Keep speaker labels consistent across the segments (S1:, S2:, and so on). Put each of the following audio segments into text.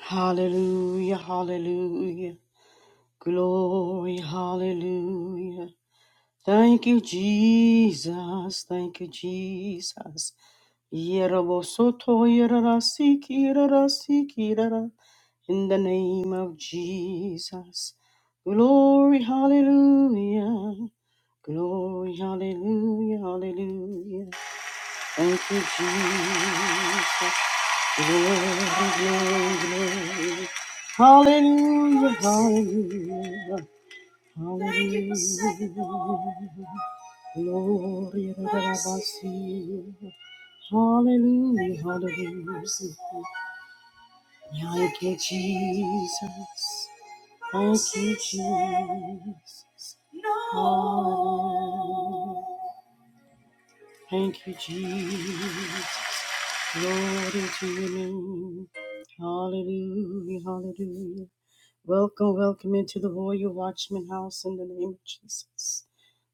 S1: Hallelujah, hallelujah. Glory, hallelujah. Thank you, Jesus. Thank you, Jesus. Yerobosoto, yerarasiki, yerarasiki, yerara. In the name of Jesus. Glory, hallelujah. Glory, hallelujah, hallelujah. Thank you, Jesus. Glory, Hallelujah, hallelujah, hallelujah. Glory to the Rabasi. Hallelujah, hallelujah. Thank you, Jesus. Thank you, Jesus. Hallelujah. Thank you, Jesus. Glory to your name. Hallelujah, hallelujah. Welcome, welcome into the Royal Watchman House in the name of Jesus.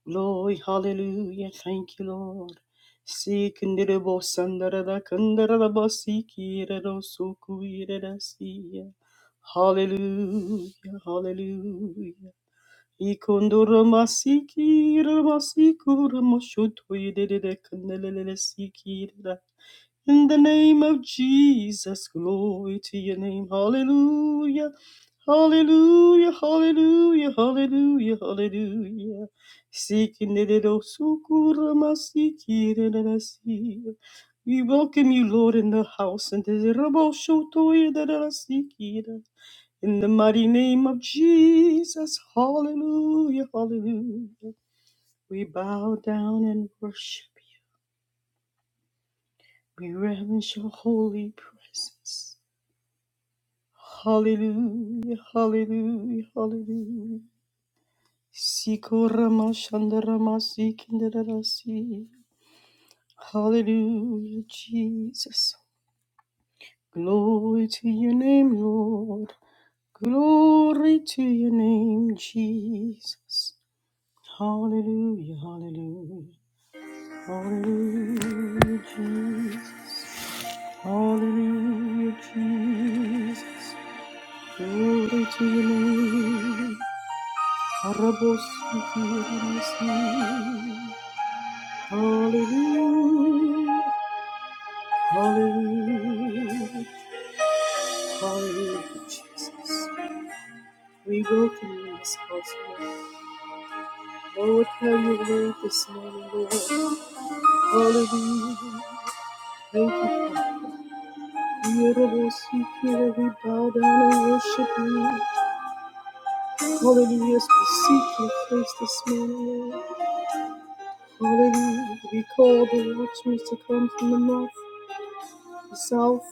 S1: Glory, hallelujah. Thank you, Lord. Sikindirebo sandarada kandaraba sikirado sukuirada siya. Hallelujah, hallelujah. Ikondorama sikirama sikurama shutuidede kandelele sikirada. In the name of Jesus, glory to your name. Hallelujah. Hallelujah, hallelujah, hallelujah, hallelujah. Seeking the little sukura masiki de si. We welcome you, Lord, in the house, and the rabo shotoya de de de siki de. in the mighty name of Jesus, hallelujah, hallelujah. We bow down and worship you. We reverence your holy presence. Hallelujah, hallelujah, hallelujah. Sikorama shandarama sikindarasi. Hallelujah, Jesus. Glory to your name, Lord. Glory to your name, Jesus. Hallelujah, hallelujah. Hallelujah, Jesus. Hallelujah, Jesus. Glory to your name. Hallelujah, hallelujah, hallelujah, Jesus. We welcome you in this house, Lord. Lord, have your way this morning, Lord. Hallelujah. Thank you, Father. We we bow down and worship you. Hallelujah, as we seek your face this morning, Lord. Hallelujah. We call the watchmen to come from the north, the south.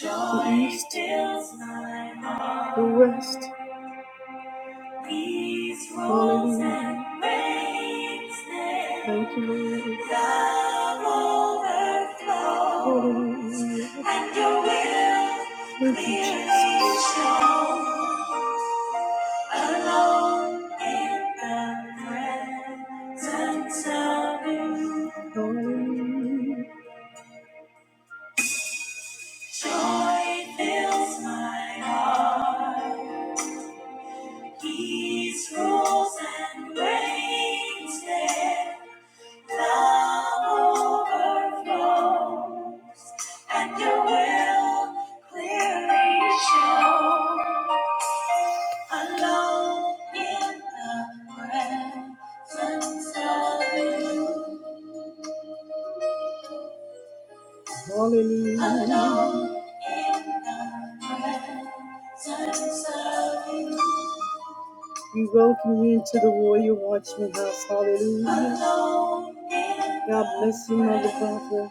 S1: Joy fills my heart. Rest. Peace rolls Hallelujah. and reigns there. Thank you, Lord. Love Hallelujah. Thank you, Jesus. Alone in the presence of you. Hallelujah. Joy fills my heart. These rules and reigns there, love overflows, and your will clearly shows. Alone in the presence of you. Hallelujah. Alone in the presence of you. We welcome you into the Warrior Watchman House. Hallelujah. God bless you, Mother Barbara.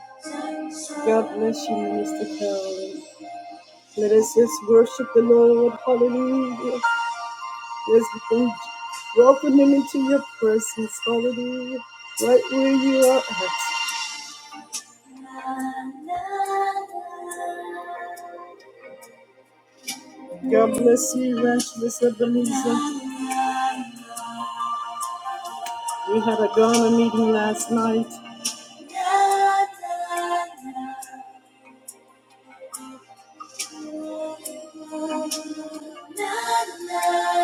S1: God bless you, Minister Carolyn. Let us just worship the Lord. Hallelujah. Let's thank- welcome Him into your presence. Hallelujah. Right where you are at. God bless you, Evangelist Ebenezer. We had a Ghana meeting last night.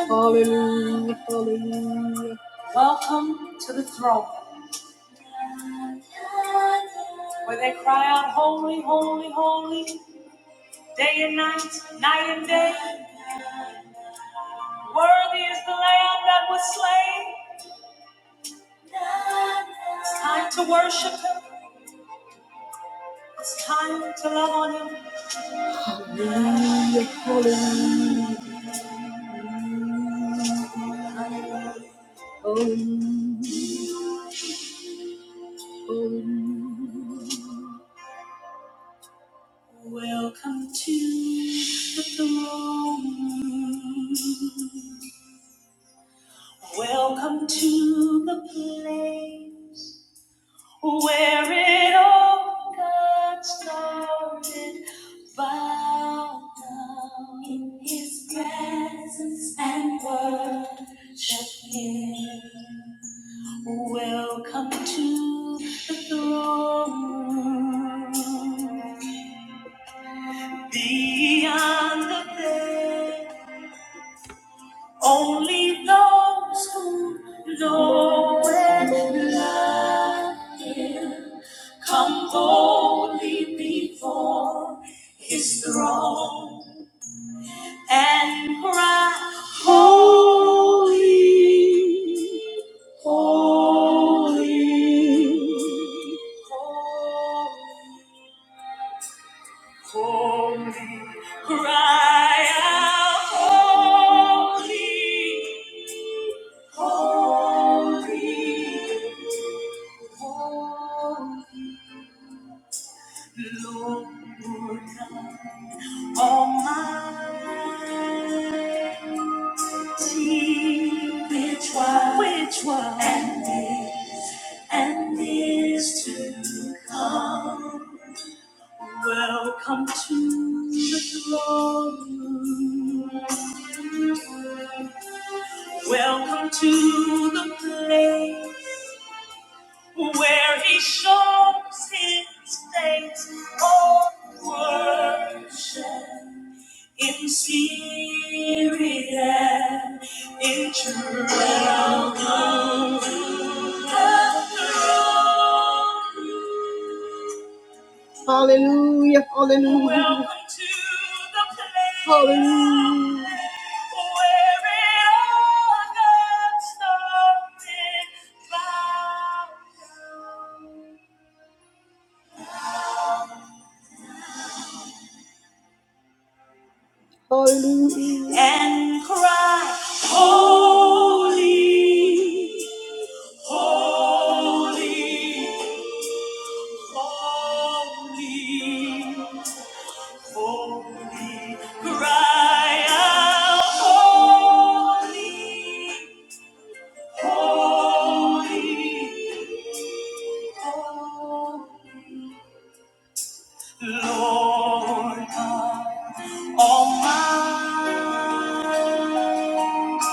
S1: Hallelujah, hallelujah. Welcome to the throne where they cry out, Holy, holy, holy, day and night, night and day. Worthy is the Lamb that was slain. It's time to worship Him, it's time to love on Him. Hallelujah, hallelujah, hallelujah, hallelujah. Welcome to the throne. Welcome to the place where it all got started. Bow down in His presence and worship Him. Welcome to the throne. Beyond the veil. Only those who know it humbly be his throne and holy, holy, holy, holy. Cry out, holy, holy, holy. Lord Almighty, which was, which was, and is to come. Welcome to the throne room. Welcome to the place where He shows His face. Oh, worship in spirit and in truth. Hallelujah, hallelujah. hallelujah. Hallelujah. And cry, holy, holy, holy. Holy, Cry out, holy, holy, holy, Lord God Almighty,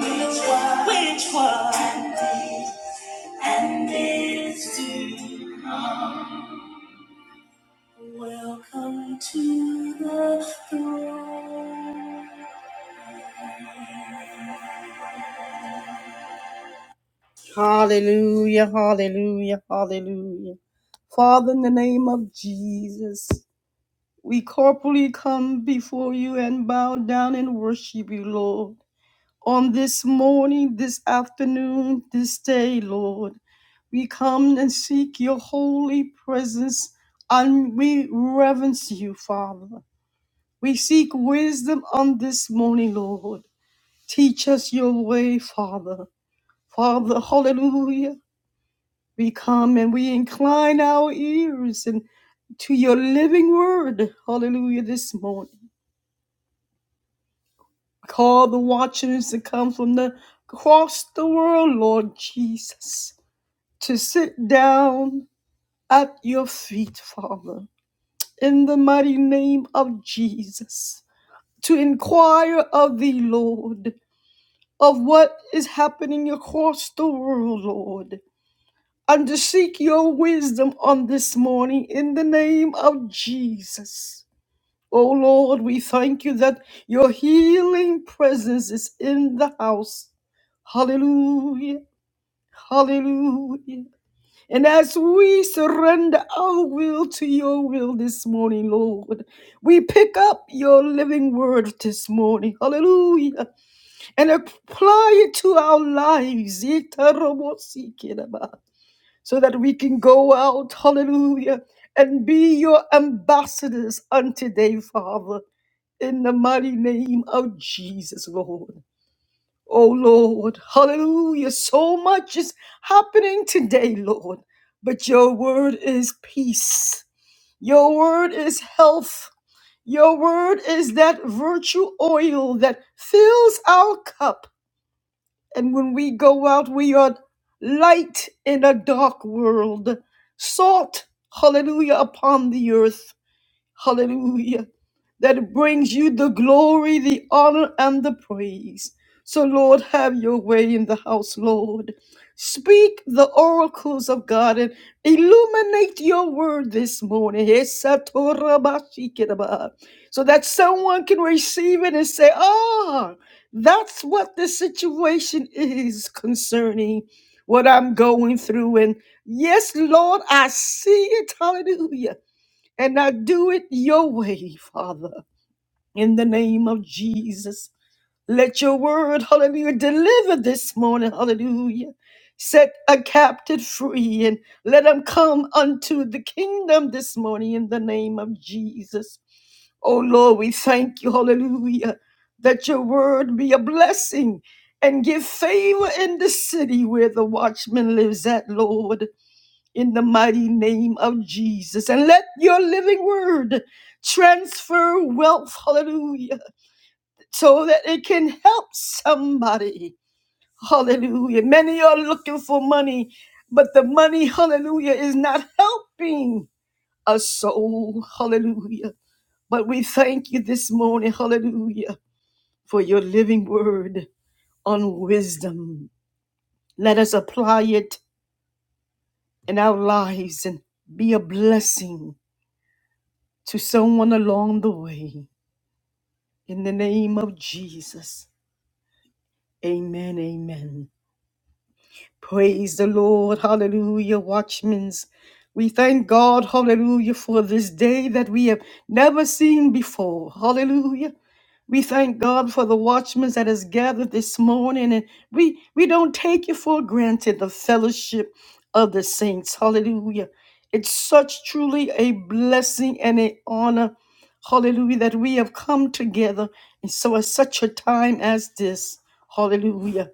S1: which one, which one, and is to welcome to the throne. Hallelujah, hallelujah, hallelujah. Father, in the name of Jesus, we corporally come before you and bow down and worship you, Lord. On this morning, this afternoon, this day, Lord, we come and seek your holy presence and we reverence you, Father. We seek wisdom on this morning, Lord. Teach us your way, Father. Father, hallelujah. We come and we incline our ears and to your living word. Hallelujah. This morning. Call the watchers to come from the across the world, Lord Jesus, to sit down at your feet, Father, in the mighty name of Jesus, to inquire of thee, Lord, of what is happening across the world, Lord. and to seek your wisdom on this morning in the name of Jesus. Oh Lord, we thank you that your healing presence is in the house. Hallelujah. Hallelujah. And as we surrender our will to your will this morning, Lord, we pick up your living word this morning. Hallelujah. And apply it to our lives. Itarobosikiraba so that we can go out, hallelujah, and be your ambassadors unto today, Father, in the mighty name of Jesus, Lord. Oh, Lord, hallelujah. So much is happening today, Lord, but your word is peace, your word is health. Your word is that virtue oil that fills our cup. And when we go out, we are light in a dark world, salt, hallelujah, upon the earth. Hallelujah. That brings you the glory, the honor, and the praise. So, Lord, have your way in the house, Lord. Speak the oracles of God and illuminate your word this morning. Esatorabashikidaba. So that someone can receive it and say, Ah, that's what the situation is concerning what I'm going through. And yes, Lord, I see it. Hallelujah and I do it your way, Father. In the name of Jesus, let your word, hallelujah, deliver this morning, hallelujah. Set a captive free and let them come unto the kingdom this morning in the name of Jesus. Oh Lord, we thank you, hallelujah, that your word be a blessing and give favor in the city where the watchman lives at, Lord in the mighty name of Jesus. And let your living word transfer wealth, hallelujah, so that it can help somebody. Hallelujah. Many are looking for money, but the money, hallelujah, is not helping a soul. Hallelujah. But we thank you this morning, hallelujah, for your living word on wisdom. Let us apply it in our lives and be a blessing to someone along the way. In the name of Jesus, amen, amen. Praise the Lord. Hallelujah. Watchmen. We thank God, hallelujah, for this day that we have never seen before. Hallelujah. We thank God for the watchmen that has gathered this morning, and we we don't take it for granted the fellowship of the saints. Hallelujah! It's such truly a blessing and an honor, Hallelujah, that we have come together, and so at such a time as this, Hallelujah.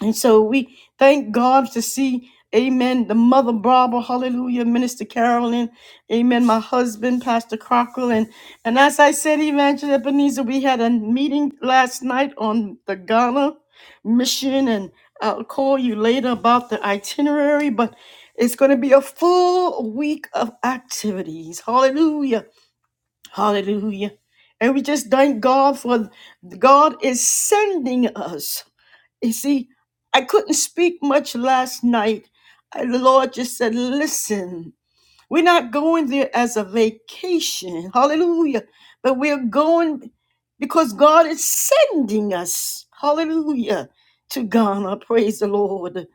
S1: And so we thank God to see, amen, the Mother Barbara, hallelujah, Minister Carolyn, amen, my husband, Pastor Crocker. And, and as I said, Evangelist Ebenezer, we had a meeting last night on the Ghana mission, and I'll call you later about the itinerary, but it's going to be a full week of activities. Hallelujah. Hallelujah. And we just thank God for God is sending us. You see, I couldn't speak much last night. I- The Lord just said, Listen, we're not going there as a vacation. Hallelujah. But we're going because God is sending us. Hallelujah. To Ghana. Praise the Lord.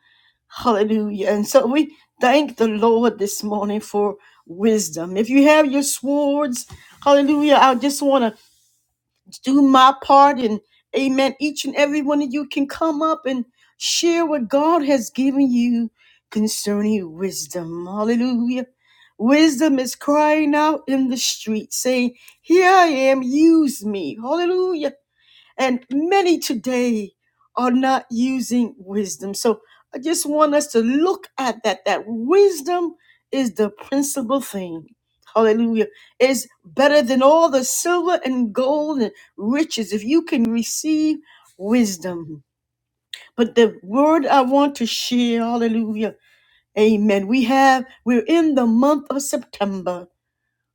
S1: Hallelujah. And so we thank the Lord this morning for wisdom. If you have your swords, hallelujah, I just want to do my part and amen each and every one of you can come up and share what god has given you concerning wisdom hallelujah wisdom is crying out in the street saying here i am use me hallelujah and many today are not using wisdom. So I just want us to look at that, that wisdom is the principal thing. Hallelujah. Is better than all the silver and gold and riches if you can receive wisdom. But the word I want to share, hallelujah. Amen. We have, we're in the month of September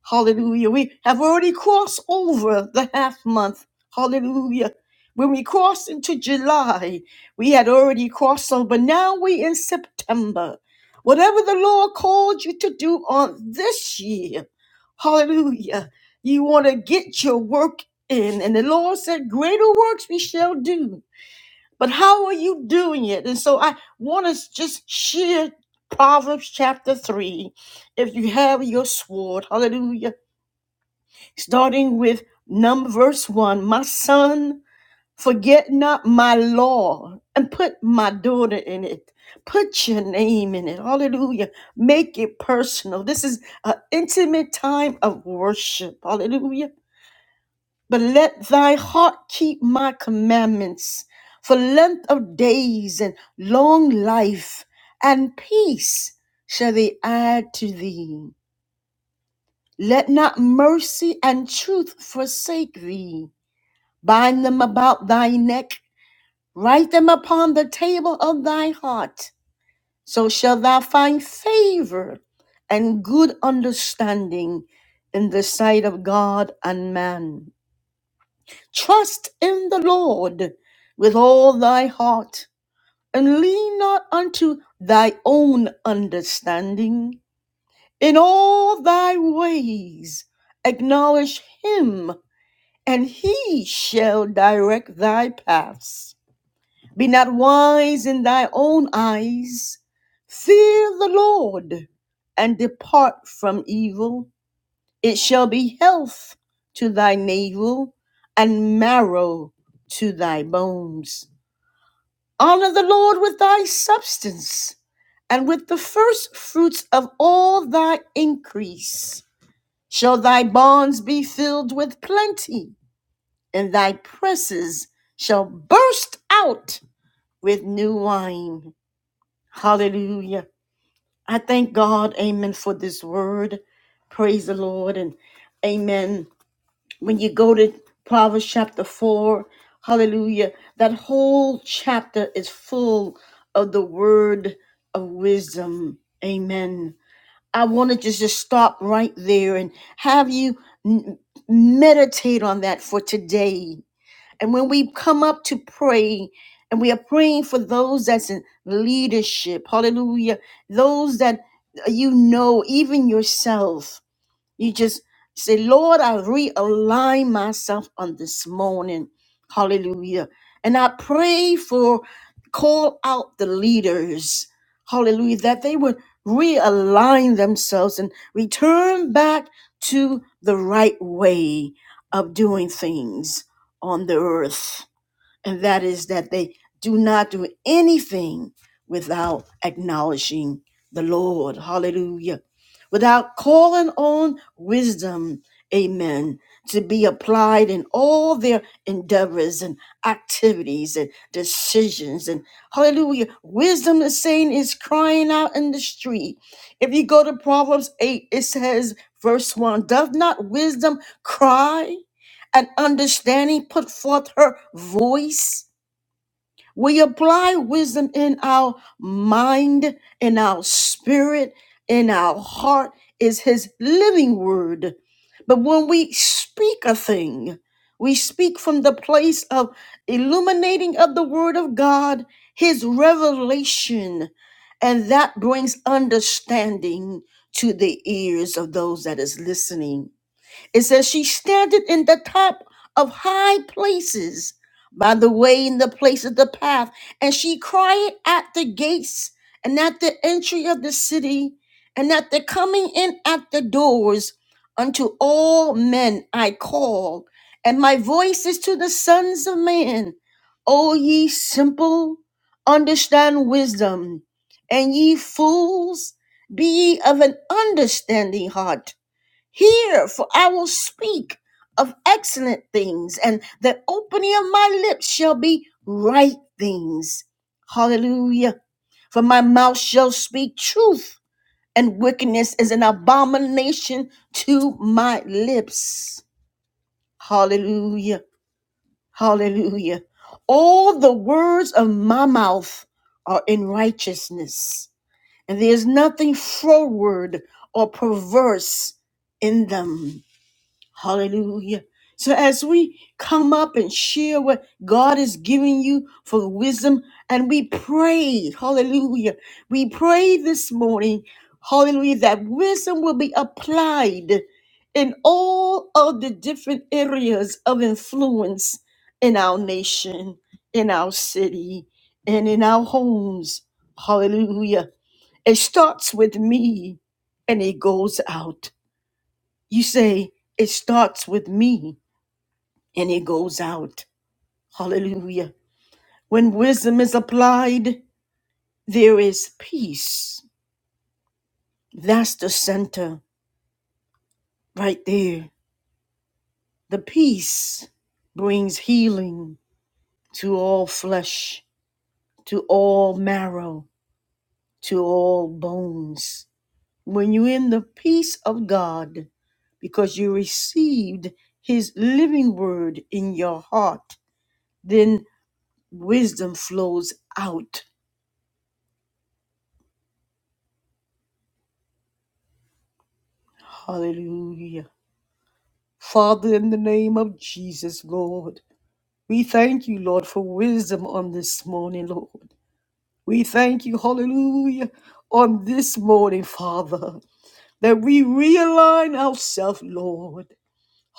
S1: Hallelujah. We have already crossed over the half month. Hallelujah. When we crossed into July, we had already crossed over. Now we in September. Whatever the Lord called you to do on this year, hallelujah. You want to get your work in. And the Lord said, Greater works we shall do. But how are you doing it? And so I want to just share Proverbs chapter 3. If you have your sword, hallelujah starting with number verse one my son forget not my law and put my daughter in it put your name in it hallelujah make it personal this is an intimate time of worship hallelujah but let thy heart keep my commandments for length of days and long life and peace shall they add to thee let not mercy and truth forsake thee bind them about thy neck, write them upon the table of thy heart. So shalt thou find favor and good understanding in the sight of God and man. Trust in the Lord with all thy heart, and lean not unto thy own understanding. In all thy ways acknowledge him, and he shall direct thy paths. Be not wise in thy own eyes. Fear the Lord and depart from evil. It shall be health to thy navel and marrow to thy bones. Honor the Lord with thy substance and with the first fruits of all thy increase. Shall thy barns be filled with plenty, and thy presses shall burst out with new wine. Hallelujah. I thank God, amen, for this word. Praise the Lord. And amen. When you go to Proverbs chapter 4, hallelujah, that whole chapter is full of the word of wisdom. Amen. I wanted to just stop right there and have you n- meditate on that for today. And when we come up to pray, and we are praying for those that's in leadership, hallelujah, those that you know, even yourself. You just say, Lord, I realign myself on this morning. Hallelujah. And I pray for call out the leaders. Hallelujah. That they would realign themselves and return back to the right way of doing things on the earth and that is that they do not do anything without acknowledging the Lord. Hallelujah. Without calling on wisdom, amen, to be applied in all their endeavors and activities and decisions. And hallelujah. Wisdom, the saying, is crying out in the street. If you go to Proverbs 8, it says, verse 1 Does not wisdom cry? and understanding put forth her voice. We apply wisdom in our mind, in our spirit, in our heart is his living word. But when we speak a thing, we speak from the place of illuminating of the word of God, his revelation, and that brings understanding to the ears of those that is listening. It says, She standeth in the top of high places by the way in the place of the path, and she crieth at the gates and at the entry of the city and at the coming in at the doors. Unto all men I call, and my voice is to the sons of men. O ye simple, understand wisdom, and ye fools, be ye of an understanding heart. Hear, for I will speak of excellent things, and the opening of my lips shall be right things. Hallelujah. For my mouth shall speak truth, and wickedness is an abomination to my lips. Hallelujah. Hallelujah. All the words of my mouth are in righteousness, and there is nothing froward or perverse in them. Hallelujah. So as we come up and share what God is giving you for wisdom, and we pray, hallelujah. We pray this morning, hallelujah, that wisdom will be applied in all of the different areas of influence in our nation, in our city, and in our homes. Hallelujah. It starts with me and it goes out. You say it starts with me and it goes out. Hallelujah. When wisdom is applied, there is peace. That's the center right there. The peace brings healing to all flesh, to all marrow, to all bones. When you're in the peace of God, because you received his living word in your heart, then. Wisdom flows out. Hallelujah. Father, in the name of Jesus, Lord, we thank you, Lord, for wisdom on this morning, Lord. We thank you, hallelujah, on this morning, Father, that we realign ourselves, Lord.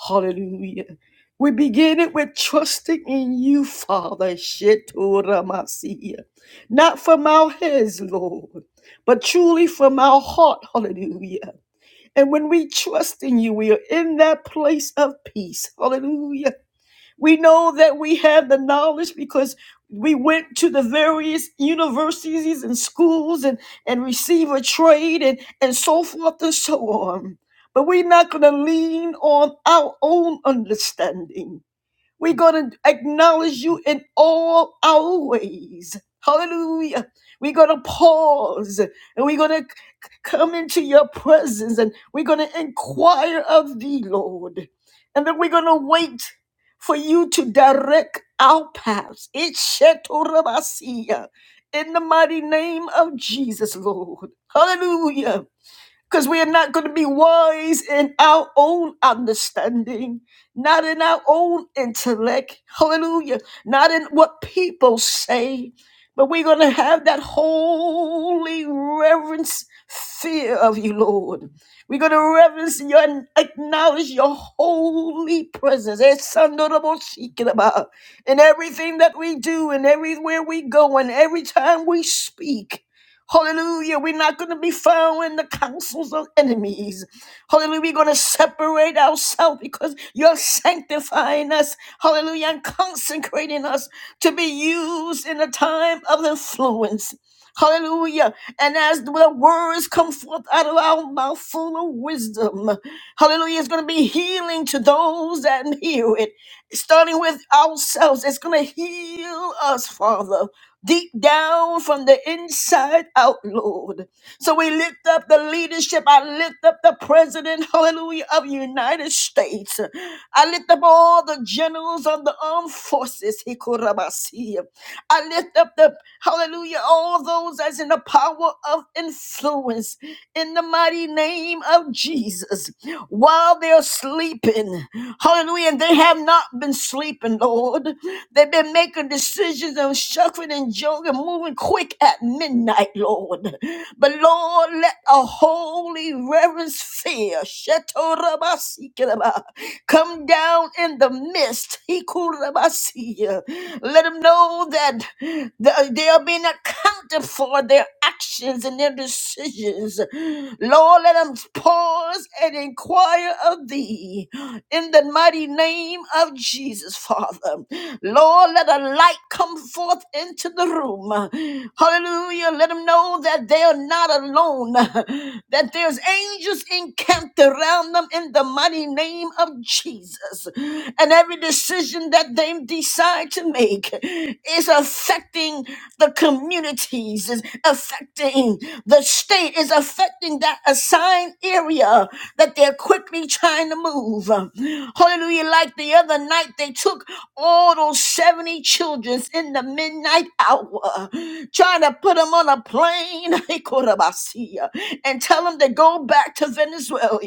S1: Hallelujah. We begin it with trusting in you, Father. Shetoramasia. Not from our heads, Lord, but truly from our heart. Hallelujah. And when we trust in you, we are in that place of peace. Hallelujah. We know that we have the knowledge because we went to the various universities and schools and, and receive a trade and, and so forth and so on. But we're not going to lean on our own understanding. We're going to acknowledge you in all our ways. Hallelujah. We're going to pause and we're going to come into your presence and we're going to inquire of thee, Lord. And then we're going to wait for you to direct our paths. Ishetorabasiya. In the mighty name of Jesus, Lord. Hallelujah because we are not going to be wise in our own understanding, not in our own intellect, hallelujah, not in what people say, but we're going to have that holy reverence fear of you, Lord. We're going to reverence you and acknowledge your holy presence. It's honorable seeking about in everything that we do and everywhere we go and every time we speak. Hallelujah. We're not going to be found in the counsels of enemies. Hallelujah. We're going to separate ourselves because you're sanctifying us. Hallelujah. And consecrating us to be used in a time of influence. Hallelujah. And as the words come forth out of our mouth full of wisdom, hallelujah, it's going to be healing to those that hear it. Starting with ourselves, it's going to heal us, Father deep down from the inside out, Lord. So we lift up the leadership. I lift up the president, hallelujah, of the United States. I lift up all the generals of the armed forces. Hikorabasi. I lift up the hallelujah, all those that's in the power of influence in the mighty name of Jesus while they're sleeping. Hallelujah. And they have not been sleeping, Lord. They've been making decisions and shuffling and joking, moving quick at midnight, Lord. But Lord, let a holy reverence fear Come down in the midst. Let them know that they are being accounted for their actions and their decisions. Lord, let them pause and inquire of thee in the mighty name of Jesus, Father. Lord, let a light come forth into the room. Hallelujah. Let them know that they are not alone, that there's angels encamped around them in the mighty name of Jesus. And every decision that they decide to make is affecting the communities, is affecting the state, is affecting that assigned area that they're quickly trying to move. Hallelujah. Like the other night night they took all those 70 children in the midnight hour, trying to put them on a plane and tell them to go back to Venezuela.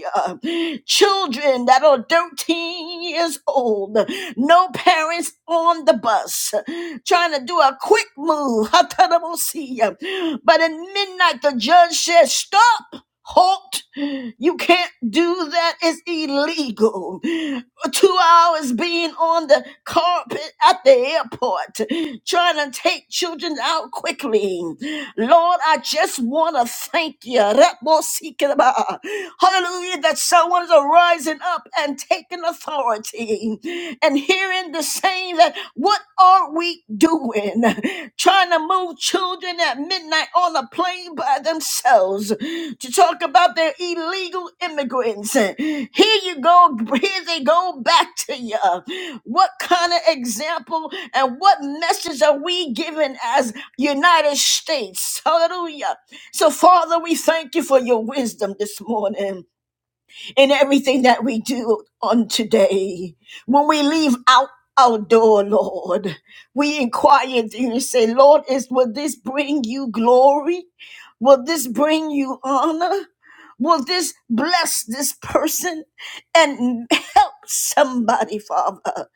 S1: Children that are 13 years old, no parents on the bus, trying to do a quick move. But at midnight, the judge said, Stop. Halt! You can't do that. It's illegal. Two hours being on the carpet at the airport, trying to take children out quickly. Lord, I just want to thank you. Rebo-sikiraba. Hallelujah, that someone is arising up and taking authority and hearing the saying that, What are are we doing? Trying to move children at midnight on a plane by themselves to talk about their illegal immigrants. Here you go, here they go back to you. What kind of example and what message are we giving as United States? Hallelujah. So, Father, we thank you for your wisdom this morning in everything that we do on today. When we leave out our door, Lord, we inquire and you say, Lord, is will this bring you glory? Will this bring you honor? Will this bless this person and help somebody, Father?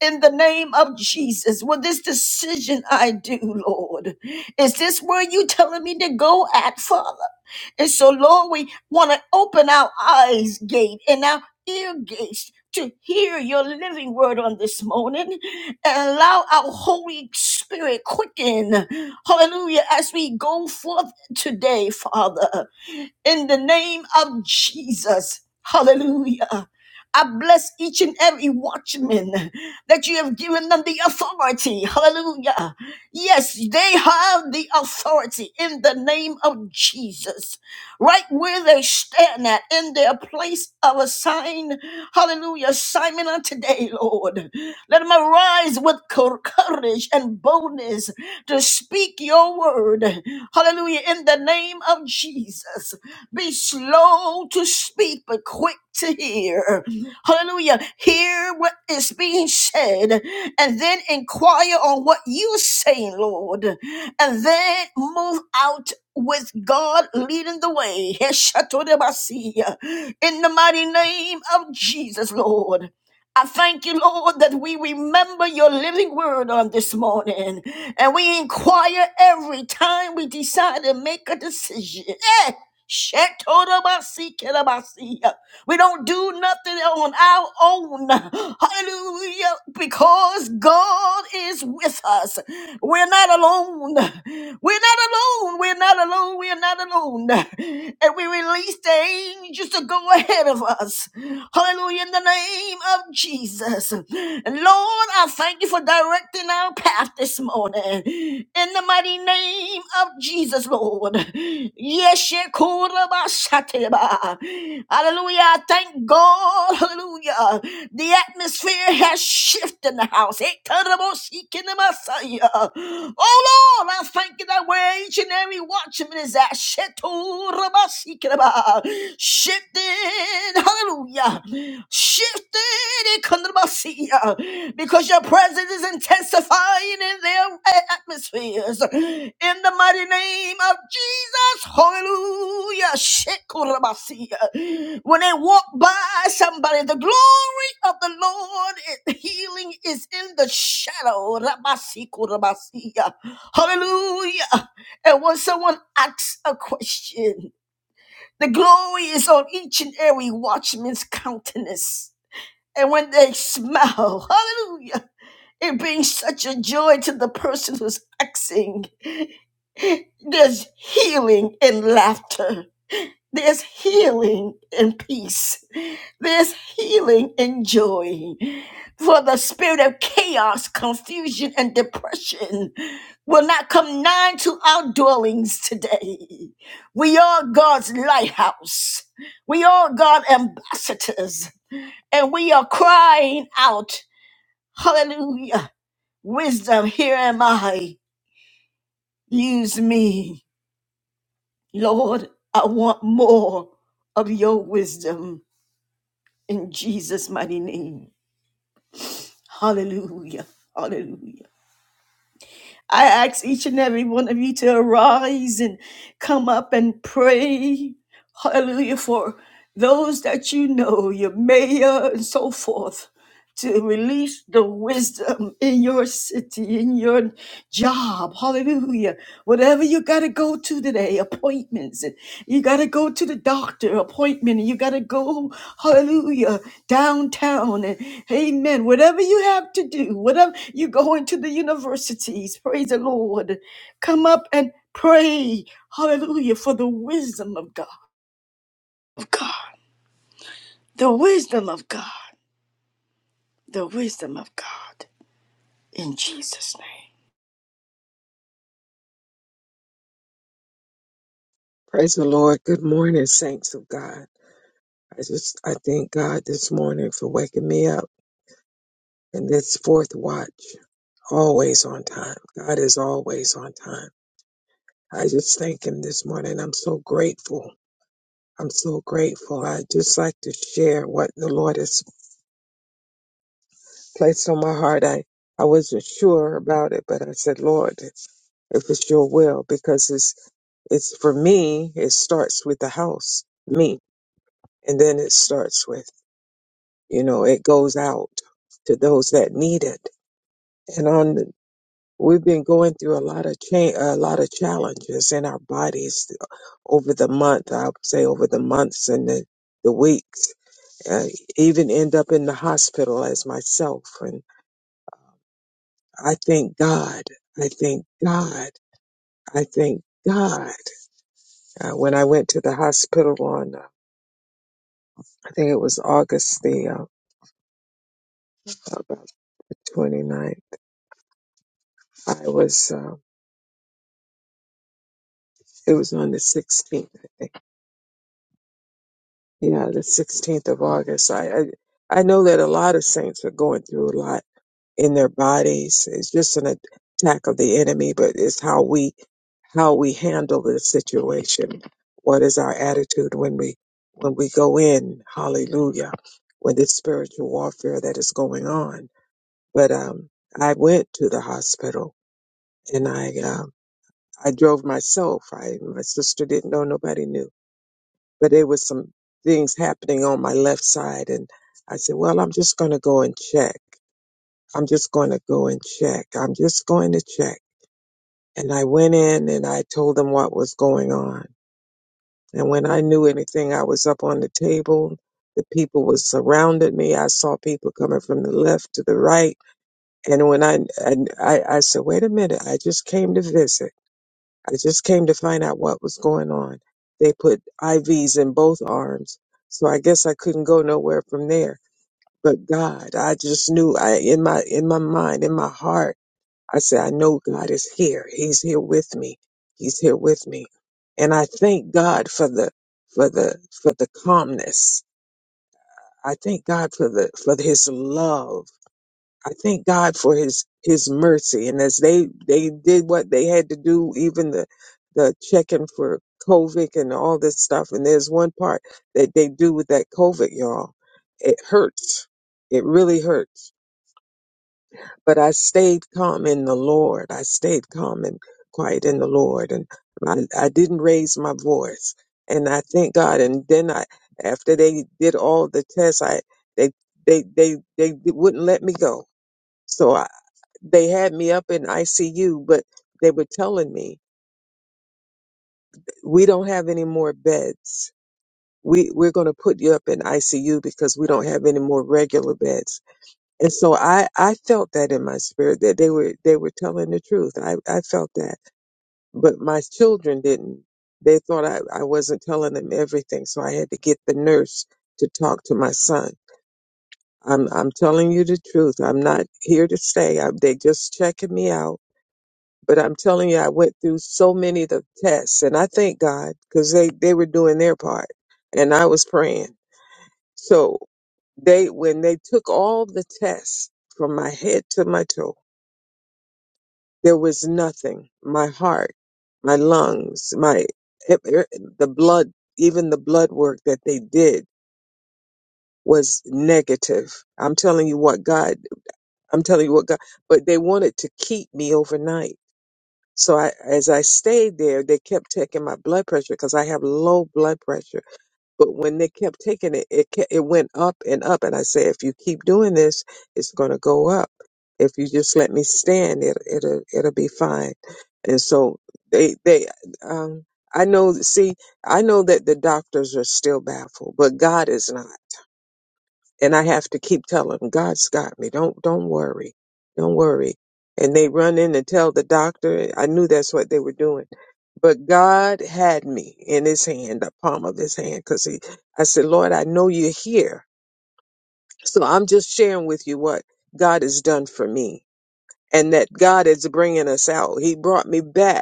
S1: In the name of Jesus, will this decision I do, Lord, is this where you telling me to go at, Father? And so, Lord, we want to open our eyes gate and our ear gates to hear your living word on this morning and allow our Holy Spirit quicken. Hallelujah. As we go forth today, Father in the name of Jesus. Hallelujah. I bless each and every watchman that you have given them the authority. Hallelujah. Yes, they have the authority in the name of Jesus. Right where they stand at in their place of assign. Hallelujah. Simon on today, Lord. Let them arise with cour- courage and boldness to speak your word. Hallelujah. In the name of Jesus. Be slow to speak, but quick to hear. Hallelujah. Hear what is being said and then inquire on what you're saying, Lord. And then move out with God leading the way. Heshatorebasiya. In the mighty name of Jesus, Lord. I thank you, Lord, that we remember your living word on this morning and we inquire every time we decide to make a decision. Eh, Shetorabasikerabasi. We don't do nothing on our own. Hallelujah. Because God is with us. We're not alone. We're not alone. We're not alone. We're not alone. And we release the angels to go ahead of us. Hallelujah. In the name of Jesus. Lord, I thank you for directing our path this morning. In the mighty name of Jesus, Lord. Yes, shekurabashateba. Hallelujah. I Thank God. Hallelujah. The atmosphere has shifted in the house. Ekarabosikinamasa. Oh, Lord, I thank you that we're each and every watchman judgment is at. Shetorabasikraba. Shifted, hallelujah. Shifted, because your presence is intensifying in their atmospheres. In the mighty name of Jesus, hallelujah. Shekorabasia. When they walk by somebody, the glory of the Lord, is- healing is in the shadow. Rabasikorabasia. Hallelujah. And when someone asks a question, the glory is on each and every watchman's countenance. And when they smile, hallelujah, it brings such a joy to the person who's asking. There's healing and laughter. There's healing and peace. There's healing and joy. For the spirit of chaos, confusion, and depression will not come nigh to our dwellings today. We are God's lighthouse. We are God's ambassadors. And we are crying out, Hallelujah. Wisdom, here am I. Use me. Lord, I want more of your wisdom. in Jesus' mighty name. Hallelujah. Hallelujah. I ask each and every one of you to arise and come up and pray. Hallelujah. For those that you know, your mayor and so forth to release the wisdom in your city, in your job. Hallelujah. Whatever you got to go to today, appointments. and You got to go to the doctor appointment. and You got to go, hallelujah, downtown. And amen. Whatever you have to do, whatever you go into the universities, praise the Lord. Come up and pray, hallelujah, for the wisdom of God. Of God. The wisdom of God. The wisdom of God. In Jesus' name.
S2: Praise the Lord. Good morning, saints of God. I just I thank God this morning for waking me up in this fourth watch. Always on time. God is always on time. I just thank him this morning. I'm so grateful. I'm so grateful. I just like to share what the Lord has placed on my heart. I, I wasn't sure about it, but I said, Lord, if it's your will because it's it's for me it starts with the house me and then it starts with You know, it goes out to those that need it. And on, the- we've been going through a lot of change, a lot of challenges in our bodies over the month. I would say over the months and the, the weeks, uh, even end up in the hospital as myself. And I thank God. I thank God. I thank God. Uh, when I went to the hospital on, uh, I think it was August the, uh, about the 29th, I was, uh, it was on the 16th Yeah, the 16th of August. So I, I, I know that a lot of saints are going through a lot in their bodies. It's just an attack of the enemy, but it's how we, how we handle the situation. What is our attitude when we, when we go in? Hallelujah. With this spiritual warfare that is going on. But, um, I went to the hospital and I, um, I drove myself. I, my sister didn't know, nobody knew but there was some things happening on my left side and I said, well, I'm just going to go and check. I'm just going to go and check. I'm just going to check. And I went in and I told them what was going on. And when I knew anything, I was up on the table. The people was surrounded me. I saw people coming from the left to the right. And when I, and I, I said, wait a minute, I just came to visit. I just came to find out what was going on. They put IVs in both arms, so I guess I couldn't go nowhere from there. But God, I just knew I in my in my mind, in my heart, I said, I know God is here. He's here with me. He's here with me. And I thank God for the for the for the calmness. I thank God for the for his love I thank God for his his mercy. And as they they did what they had to do, even the the checking for COVID and all this stuff. And there's one part that they do with that COVID, y'all. It hurts. It really hurts. But I stayed calm in the Lord. I stayed calm and quiet in the Lord. And I, I didn't raise my voice. And I thank God. And then I, after they did all the tests, I, they, they, they, they wouldn't let me go. So they had me up in ICU, but they were telling me, we don't have any more beds. We, we're going to put you up in ICU because we don't have any more regular beds. And so I, I felt that in my spirit that they were, they were telling the truth. I, I felt that, but my children didn't. They thought I, I wasn't telling them everything. So I had to get the nurse to talk to my son. I'm, I'm telling you the truth. I'm not here to stay. I, they just checking me out But I'm telling you, I went through so many of the tests, and I thank God because they, they were doing their part, and I was praying. So they when they took all the tests from my head to my toe, there was nothing. My heart, my lungs, my the blood, even the blood work that they did was negative. I'm telling you what God, I'm telling you what God, but they wanted to keep me overnight So I, as I stayed there, they kept taking my blood pressure because I have low blood pressure. But when they kept taking it, it ke- it went up and up. And I said, if you keep doing this, it's going to go up. If you just let me stand, it it'll it'll be fine. And so they they um I know see I know that the doctors are still baffled, but God is not and I have to keep telling them, God's got me. Don't don't worry, don't worry. And they run in and tell the doctor. I knew that's what they were doing, but God had me in His hand, the palm of His hand, because He. I said, Lord, I know you're here, so I'm just sharing with you what God has done for me, and that God is bringing us out. He brought me back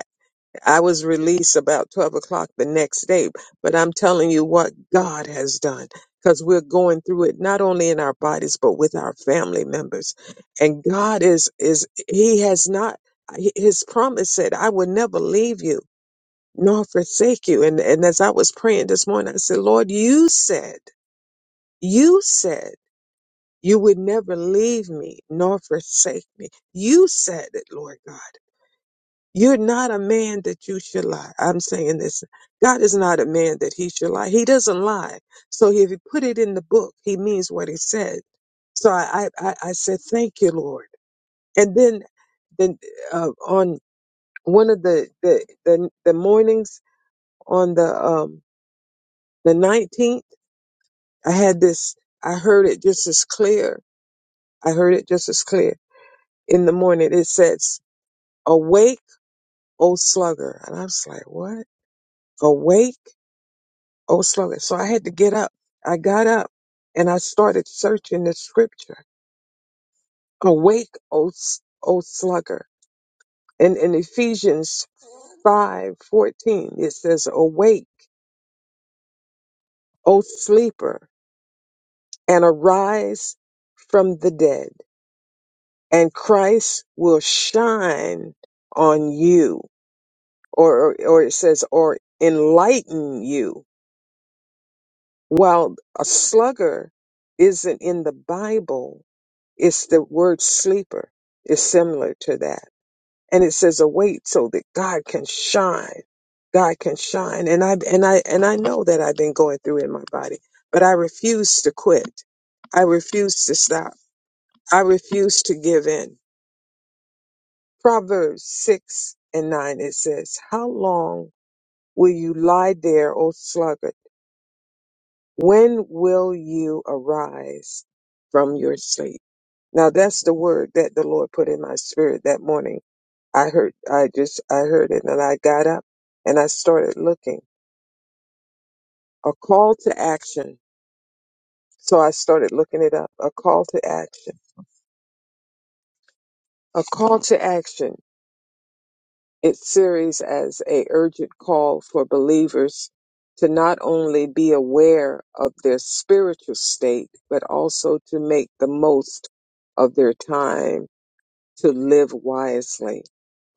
S2: I was released about 12 o'clock the next day, but I'm telling you what God has done because we're going through it not only in our bodies, but with our family members. And God is, is, He has not, His promise said, I will never leave you nor forsake you. And, and as I was praying this morning, I said, Lord, you said, you said, you would never leave me nor forsake me. You said it, Lord God. You're not a man that you should lie. I'm saying this. God is not a man that he should lie. He doesn't lie. So if he put it in the book, he means what he said. So I, I, I I said, thank you, Lord. And then, then uh, on one of the, the, the, the mornings on the, um, the 19th, I had this, I heard it just as clear. I heard it just as clear in the morning. It says, awake, O sluggard." And I was like, what? Awake? Oh, Oslo. So I had to get up. I got up and I started searching the scripture. Awake, O, s- o sluggard! And in Ephesians five fourteen, it says, Awake, O sleeper, and arise from the dead, and Christ will shine on you. Or, or or it says, or enlighten you. While a slugger isn't in the Bible, It's the word sleeper is similar to that. And it says await so that God can shine. God can shine. And I and I and I know that I've been going through in my body, but I refuse to quit. I refuse to stop. I refuse to give in. Proverbs six and nine it says, How long will you lie there, O sluggard? When will you arise from your sleep? Now that's the word that the Lord put in my spirit that morning I heard, I just, I heard it and I got up and I started looking. A call to action. So I started looking it up. A call to action. A call to action. Its series as a urgent call for believers to not only be aware of their spiritual state, but also to make the most of their time to live wisely,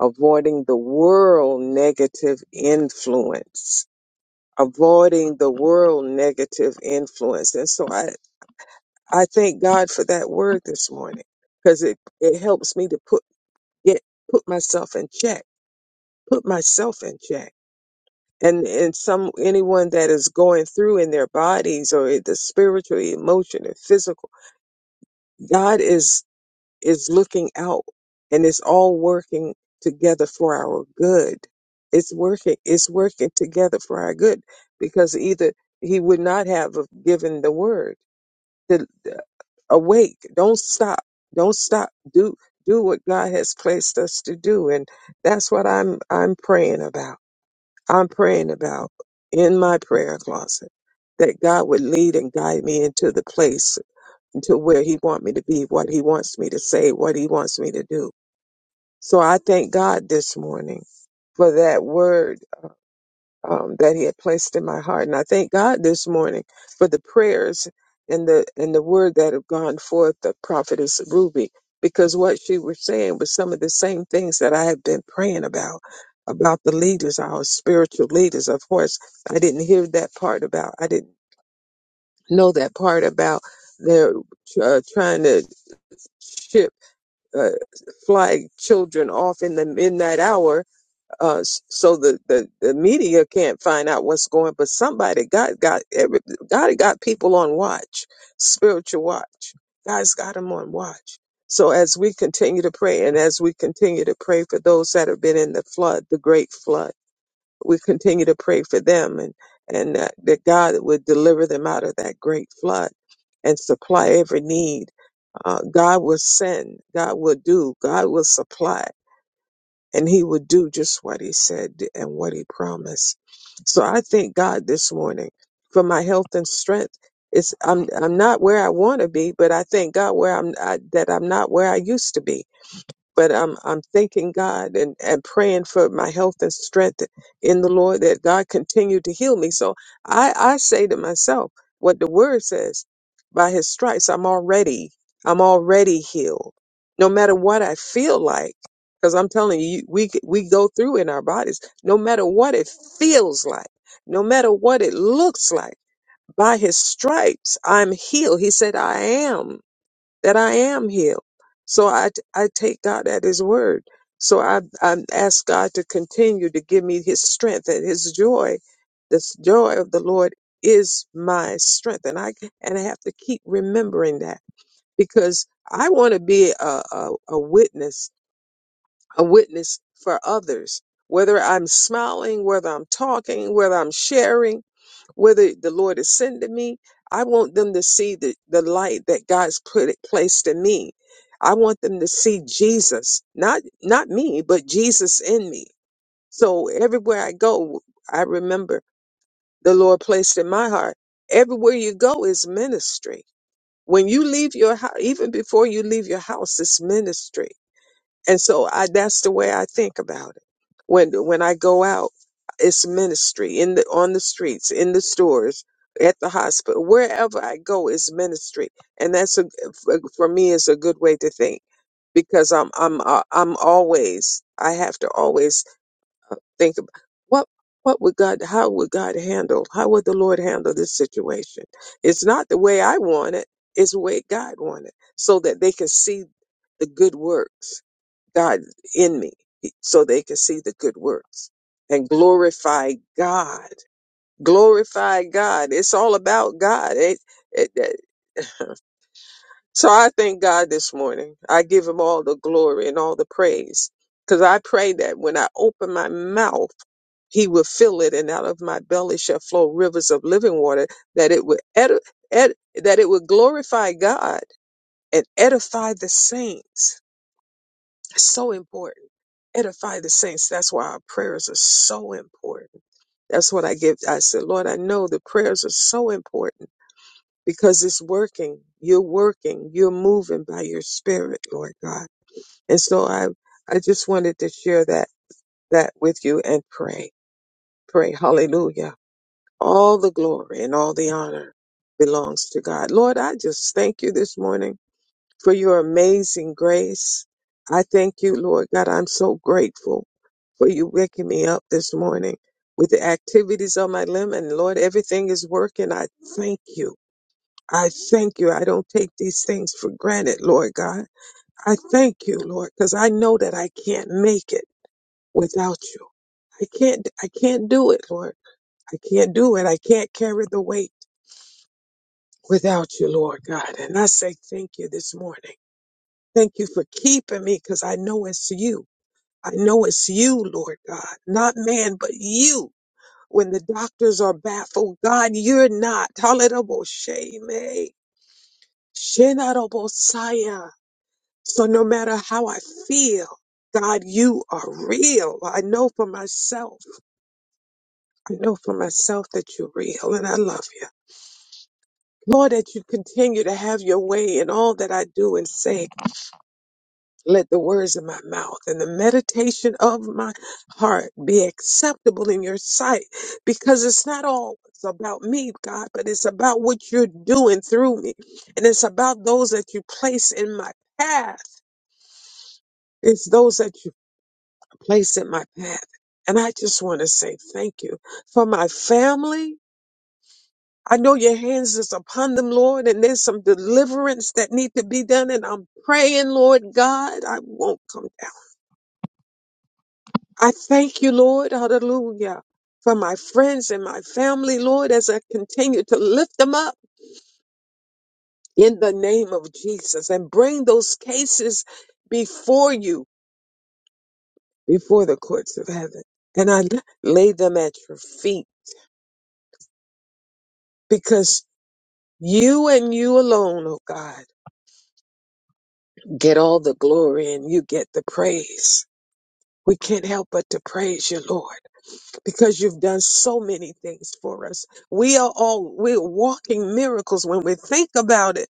S2: avoiding the world negative influence avoiding the world negative influence. And so I, I thank God for that word this morning because it, it helps me to put, get, put myself in check, put myself in check. And, and some, anyone that is going through in their bodies or the spiritual, emotional, physical, God is is looking out and it's all working together for our good. It's working, it's working together for our good because either he would not have given the word to uh, awake. Don't stop. Don't stop. Do, do what God has placed us to do. And that's what I'm, I'm praying about. I'm praying about in my prayer closet that God would lead and guide me into the place to where he wants me to be, what he wants me to say, what he wants me to do. So I thank God this morning for that word um, that he had placed in my heart. And I thank God this morning for the prayers and the and the word that have gone forth of prophetess Ruby, because what she was saying was some of the same things that I have been praying about, about the leaders, our spiritual leaders. Of course, I didn't hear that part about I didn't know that part about their uh, trying to shift uh, flag children off in the midnight hour uh, s- so the, the, the media can't find out what's going but somebody god got every god got people on watch spiritual watch god's got them on watch so as we continue to pray and as we continue to pray for those that have been in the flood the great flood we continue to pray for them and and that, that god would deliver them out of that great flood and supply every need uh, God will send, God will do, God will supply, and He will do just what He said and what He promised. So I thank God this morning for my health and strength. It's I'm I'm not where I want to be, but I thank God where I'm I, that I'm not where I used to be but I'm I'm thanking God and, and praying for my health and strength in the Lord that God continue to heal me. So I, I say to myself what the word says by his stripes, I'm already, I'm already healed. No matter what I feel like, because I'm telling you, you- we we go through in our bodies, no matter what it feels like, no matter what it looks like, by his stripes, I'm healed. He said, I am that I am healed. So I, I take God at His word. So I, I ask God to continue to give me His strength and His joy. This joy of the Lord is my strength, and I and I have to keep remembering that because I want to be a, a, a witness, a witness for others. Whether I'm smiling, whether I'm talking, whether I'm sharing, whether the Lord is sending me, I want them to see the, the light that God's put it placed in me. I want them to see Jesus, not not me, but Jesus in me. So everywhere I go, I remember the Lord placed in my heart. Everywhere you go is ministry. When you leave your house, even before you leave your house, it's ministry and so I, that's the way I think about it. When when I go out, it's ministry in the on the streets, in the stores, at the hospital, wherever I go is ministry, and that's a for for me is a good way to think because I'm I'm uh, I'm always I have to always think about what what would God how would God handle how would the Lord handle this situation? It's not the way I want it; it's the way God wanted, so that they can see the good works God in me so they can see the good works and glorify God. Glorify God. It's all about God. It, it, it- so I thank God this morning. I give him all the glory and all the praise because I pray that when I open my mouth, he will fill it and out of my belly shall flow rivers of living water that it would edi- ed- that it would glorify God and edify the saints. So important edify the saints. That's why our prayers are so important. That's what I give. I said, Lord, I know the prayers are so important because it's working. You're working. You're moving by your spirit, Lord God. And so I, I just wanted to share that, that with you and pray, pray. Hallelujah. All the glory and all the honor belongs to God. Lord, I just thank you this morning for your amazing grace. I thank you, Lord God. I'm so grateful for you waking me up this morning with the activities on my limb. And Lord, everything is working. I thank you. I thank you. I don't take these things for granted, Lord God. I thank you, Lord, because I know that I can't make it without you. I can't, I can't do it, Lord. I can't do it. I can't carry the weight without you, Lord God. And I say thank you this morning. Thank you for keeping me because I know it's you. I know it's you, Lord God, not man, but you when the doctors are baffled. God, you're not. Tolerable shame. eh? Shinarabo So no matter how I feel, God, you are real. I know for myself. I know for myself that you're real and I love you. Lord, that you continue to have your way in all that I do and say. Let the words of my mouth and the meditation of my heart be acceptable in your sight because it's not all about me, God, but it's about what you're doing through me. And it's about those that you place in my path. It's those that you place in my path. And I just want to say thank you for my family. I know your hands is upon them, Lord, and there's some deliverance that need to be done. And I'm praying, Lord God, I won't come down. I thank you, Lord, hallelujah, for my friends and my family, Lord, as I continue to lift them up in the name of Jesus and bring those cases before you, before the courts of heaven. And I lay them at your feet because you and you alone, oh God, get all the glory and you get the praise. We can't help but to praise you, Lord. because you've done so many things for us. We are all, we're walking miracles when we think about it.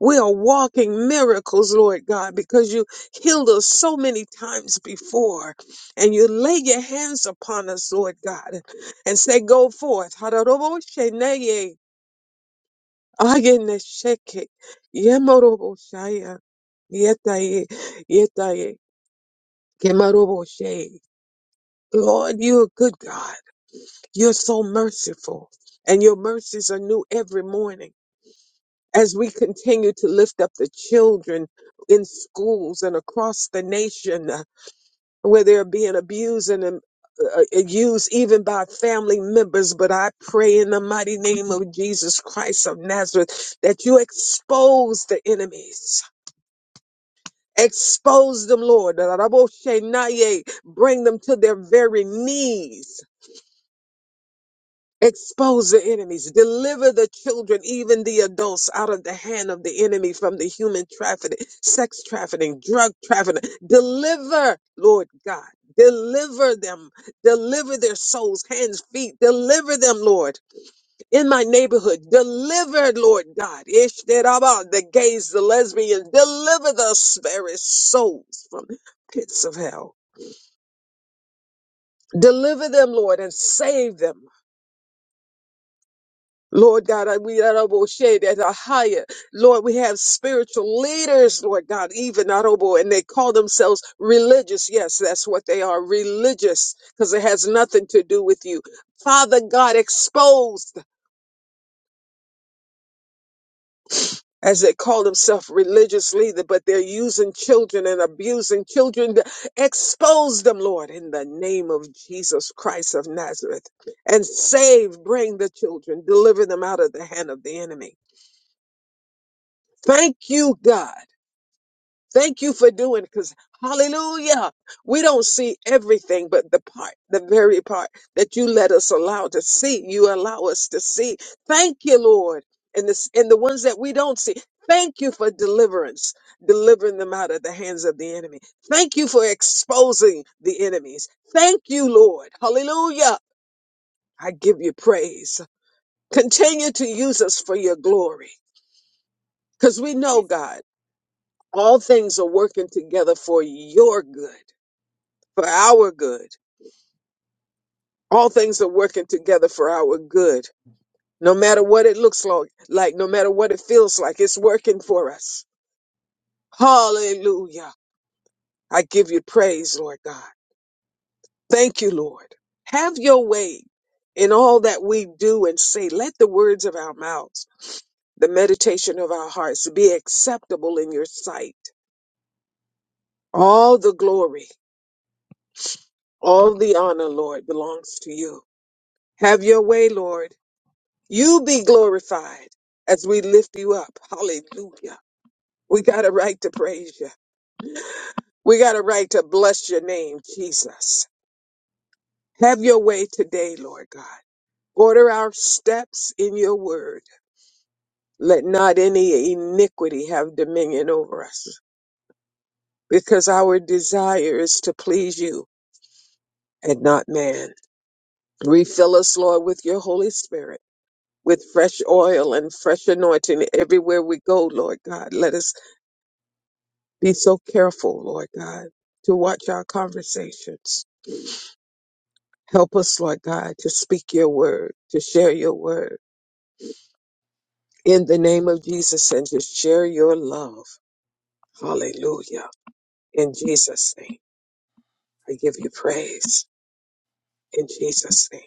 S2: We are walking miracles, Lord God, because you healed us so many times before. And you lay your hands upon us, Lord God, and say, Go forth. Hararobosheneye, ayenesheke, yemoroboshaya, yetaye, yetaye, kemaroboshe. Lord, you're a good God. You're so merciful, and your mercies are new every morning. As we continue to lift up the children in schools and across the nation uh, where they're being abused and um, uh, uh, used even by family members, but I pray in the mighty name of Jesus Christ of Nazareth that you expose the enemies. Expose them, Lord. Bring them to their very knees Expose the enemies. Deliver the children, even the adults, out of the hand of the enemy from the human trafficking, sex trafficking, drug trafficking. Deliver, Lord God. Deliver them. Deliver their souls, hands, feet. Deliver them, Lord, in my neighborhood. Deliver, Lord God. Ishtaraba, The gays, the lesbians. Deliver the spirit souls from pits of hell. Deliver them, Lord, and save them. Lord God, I- we Adobo, that are higher. Lord, we have spiritual leaders, Lord God, even Adobo, and they call themselves religious. Yes, that's what they are, religious, because it has nothing to do with you. Father God exposed as they call themselves religious leader, but they're using children and abusing children. Expose them, Lord, in the name of Jesus Christ of Nazareth, and save, bring the children, deliver them out of the hand of the enemy. Thank you, God. Thank you for doing it, because hallelujah. We don't see everything, but the part, the very part that you let us allow to see, you allow us to see. Thank you, Lord. And this and the ones that we don't see. Thank you for deliverance, delivering them out of the hands of the enemy. Thank you for exposing the enemies. Thank you, Lord. Hallelujah. I give you praise. Continue to use us for your glory. Because we know, God, all things are working together for your good for our good. All things are working together for our good. No matter what it looks lo- like, no matter what it feels like, it's working for us. Hallelujah. I give you praise, Lord God. Thank you, Lord. Have your way in all that we do and say. Let the words of our mouths, the meditation of our hearts be acceptable in your sight. All the glory, all the honor, Lord, belongs to you. Have your way, Lord. You be glorified as we lift you up. Hallelujah. We got a right to praise you. We got a right to bless your name, Jesus. Have your way today, Lord God. Order our steps in your word. Let not any iniquity have dominion over us, because our desire is to please you and not man. Refill us, Lord, with your Holy Spirit, with fresh oil and fresh anointing everywhere we go, Lord God. Let us Be so careful, Lord God, to watch our conversations. Help us, Lord God, to speak your word, to share your word in the name of Jesus and to share your love. Hallelujah. In Jesus' name, I give you praise. In Jesus' name,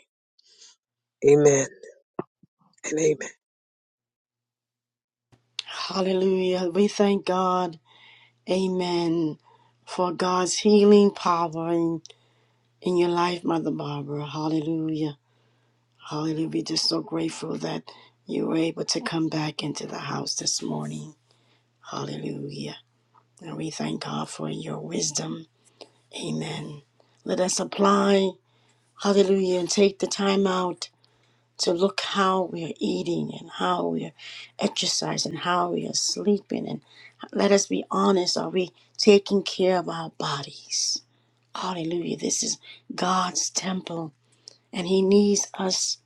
S2: amen and amen.
S1: Hallelujah. We thank God. Amen. For God's healing power in, in your life, Mother Barbara. Hallelujah. Hallelujah. We're just so grateful that you were able to come back into the house this morning. Hallelujah. And we thank God for your wisdom. Amen. Let us apply. Hallelujah. And take the time out to look how we're eating and how we're exercising, how we are sleeping. And let us be honest are we taking care of our bodies? Hallelujah. This is God's temple, and He needs us,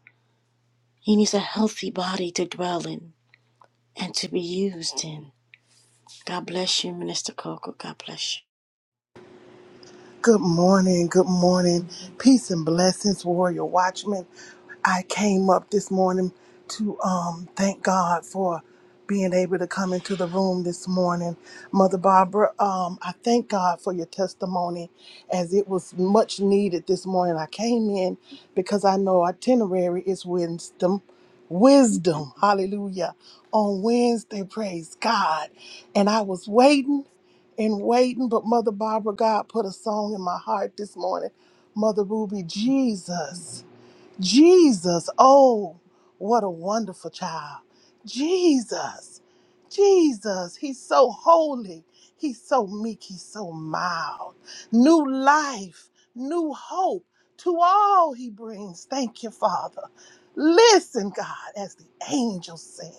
S1: He needs a healthy body to dwell in and to be used in. God bless you, Minister Coco. God bless you.
S3: Good morning, good morning. Peace and blessings, warrior Watchman. I came up this morning to um thank God for being able to come into the room this morning. Mother Barbara, um, I thank God for your testimony as it was much needed this morning. I came in because I know itinerary is wisdom. Wisdom, hallelujah. On Wednesday, praise God. And I was waiting and waiting, but Mother Barbara, God put a song in my heart this morning. Mother Ruby, Jesus. Jesus, oh, what a wonderful child. Jesus, Jesus, he's so holy. He's so meek. He's so mild. New life, new hope to all he brings. Thank you, Father. Listen, God, as the angels sing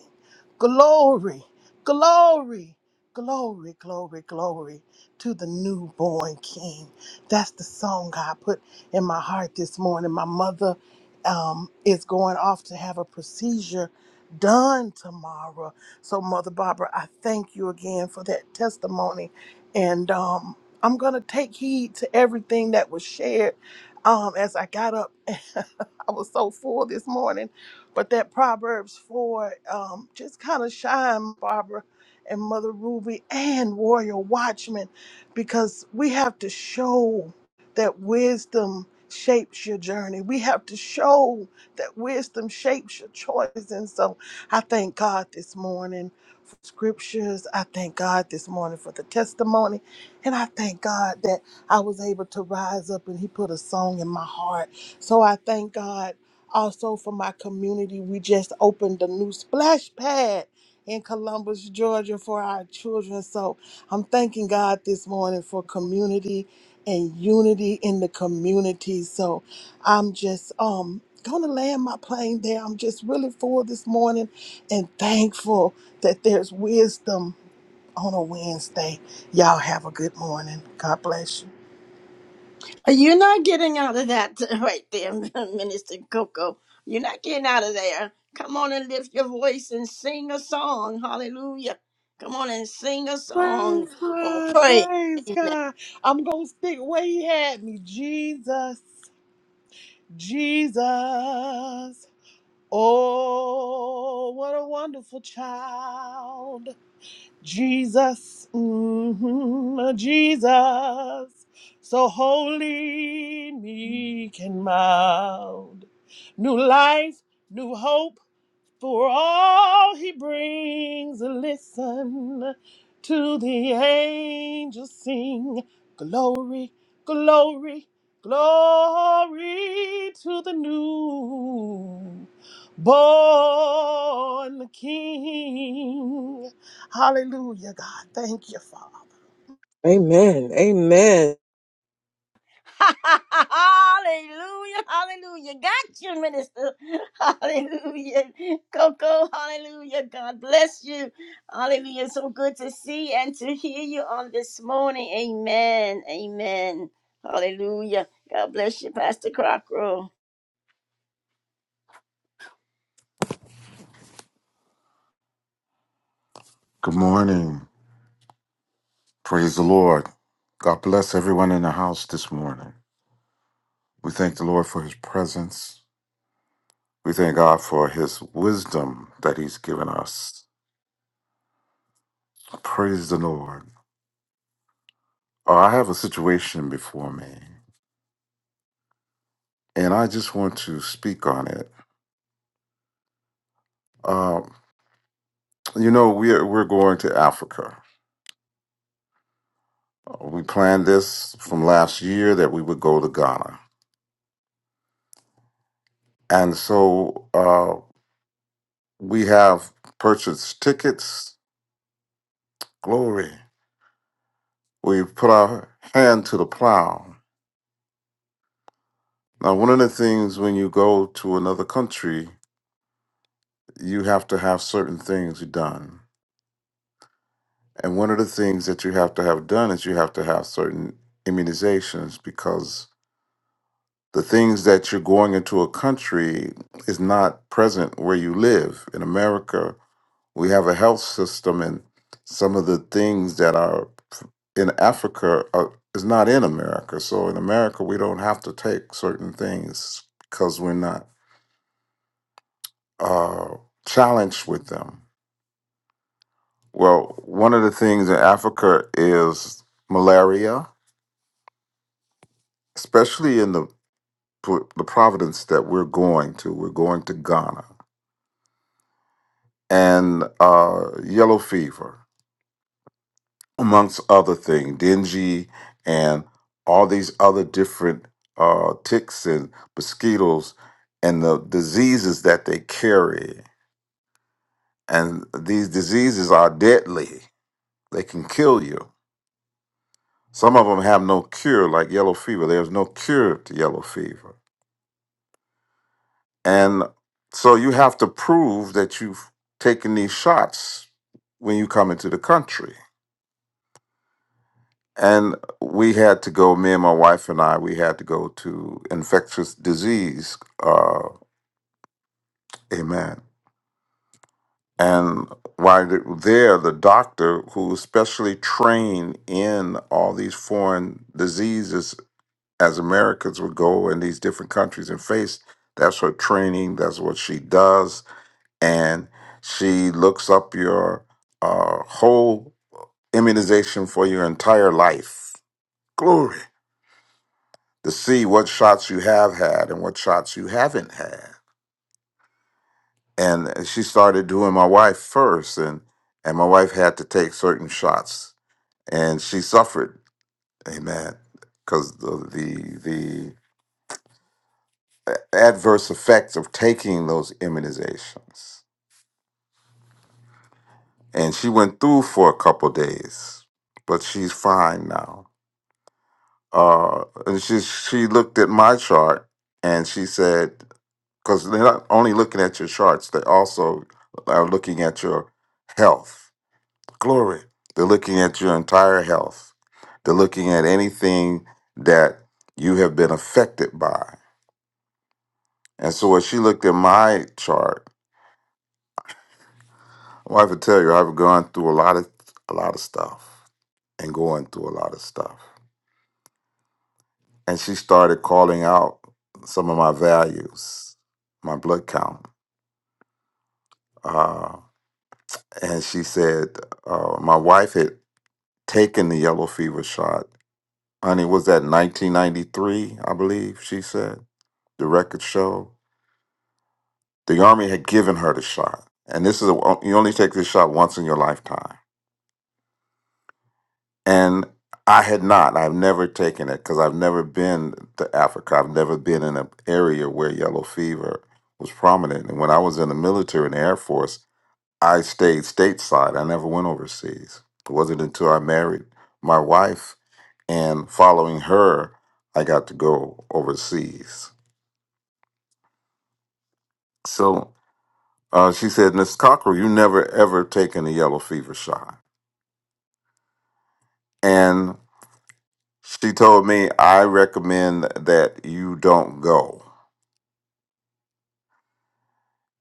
S3: glory, glory, glory, glory, glory to the newborn king. That's the song God put in my heart this morning. My mother um, is going off to have a procedure done tomorrow. So, Mother Barbara, I thank you again for that testimony. And um, I'm going to take heed to everything that was shared um, as I got up. I was so full this morning. But that Proverbs 4 um, just kind of shine, Barbara and Mother Ruby and Warrior Watchman, because we have to show that wisdom shapes your journey. We have to show that wisdom shapes your choice. And so I thank God this morning for scriptures. I thank God this morning for the testimony. And I thank God that I was able to rise up and He put a song in my heart. So I thank God also for my community. We just opened a new splash pad. In Columbus, Georgia, for our children. So I'm thanking God this morning for community and unity in the community. So I'm just um gonna land my plane there. I'm just really full this morning and thankful that there's wisdom on a Wednesday. Y'all have a good morning. God bless you.
S1: You're not getting out of that right there, Minister Coco. You're not getting out of there. Come on and lift your voice and sing a song. Hallelujah. Come on and sing a song
S3: Praise
S1: or
S3: God,
S1: pray.
S3: praise God. I'm gonna stick where he had me. Jesus, Jesus. Oh, what a wonderful child. Jesus, mhm, Jesus, so holy, meek, and mild. New life, new hope for all he brings, listen to the angels sing. Glory, glory, glory to the new born King. Hallelujah, God. Thank you, Father.
S2: Amen. Amen.
S1: hallelujah. Hallelujah. Got you, Minister. Hallelujah. Coco, hallelujah. God bless you. Hallelujah. So good to see and to hear you on this morning. Amen. Amen. Hallelujah. God bless you, Pastor Crocker.
S4: Good morning. Praise the Lord. God bless everyone in the house this morning. We thank the Lord for his presence. We thank God for his wisdom that he's given us. Praise the Lord. Uh, I have a situation before me, and I just want to speak on it. Uh, you know, we're, we're going to Africa. Uh, We planned this from last year that we would go to Ghana. And so uh, we have purchased tickets. Glory. we put our hand to the plow. Now, one of the things when you go to another country, you have to have certain things done. And one of the things that you have to have done is you have to have certain immunizations because the things that you're going into a country is not present where you live. In America, We have a health system, and some of the things that are in Africa are, is not in America. So in America, we don't have to take certain things because we're not uh, challenged with them. Well, one of the things in Africa is malaria, especially in the the province that we're going to. We're going to Ghana and uh, yellow fever. amongst other things, dingy and all these other different uh, ticks and mosquitoes and the diseases that they carry. And these diseases are deadly. They can kill you. Some of them have no cure, like yellow fever. There's no cure to yellow fever. And so you have to prove that you've taken these shots when you come into the country. And we had to go, me and my wife and I, we had to go to infectious disease. Uh, amen. And while th- there, the doctor who is specially trained in all these foreign diseases, as Americans would go in these different countries and face, that's her training, that's what she does. And she looks up your uh, whole immunization for your entire life. Glory. to see what shots you have had and what shots you haven't had. And she started doing my wife first, and and my wife had to take certain shots, and she suffered, amen, because the, the the adverse effects of taking those immunizations. And she went through for a couple days, but she's fine now. Uh, and she she looked at my chart and she said because they're not only looking at your charts, they also are looking at your health. Glory. They're looking at your entire health. They're looking at anything that you have been affected by. And so when she looked at my chart, well, I have to tell you, I've gone through a lot of a lot of stuff and going through a lot of stuff. And she started calling out some of my values, my blood count. Uh, and she said, uh, my wife had taking the yellow fever shot. Honey, was that 1993, I believe she said? The record show. The Army had given her the shot. And this is, a, you only take this shot once in your lifetime. And I had not. I've never taken it because I've never been to Africa. I've never been in an area where yellow fever was prominent. And when I was in the military and the Air Force, I stayed stateside. I never went overseas. It wasn't until I married my wife and following her, I got to go overseas. So uh, she said, Miss Cockrell, you never ever taken a yellow fever shot. And she told me, I recommend that you don't go.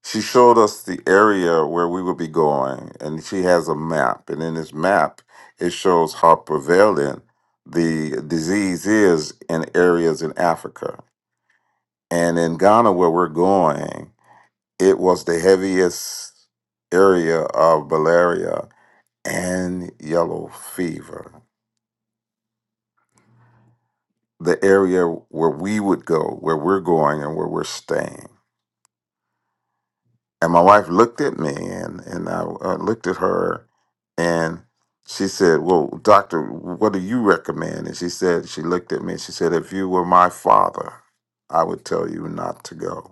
S4: She showed us the area where we would be going, and she has a map. And in this map, it shows how prevalent the disease is in areas in Africa. And in Ghana, where we're going, It was the heaviest area of malaria and yellow fever, the area where we would go, where we're going, and where we're staying. And my wife looked at me, and, and I uh, looked at her, and she said, Well, doctor, what do you recommend? And she said, She looked at me, she said, If you were my father, I would tell you not to go.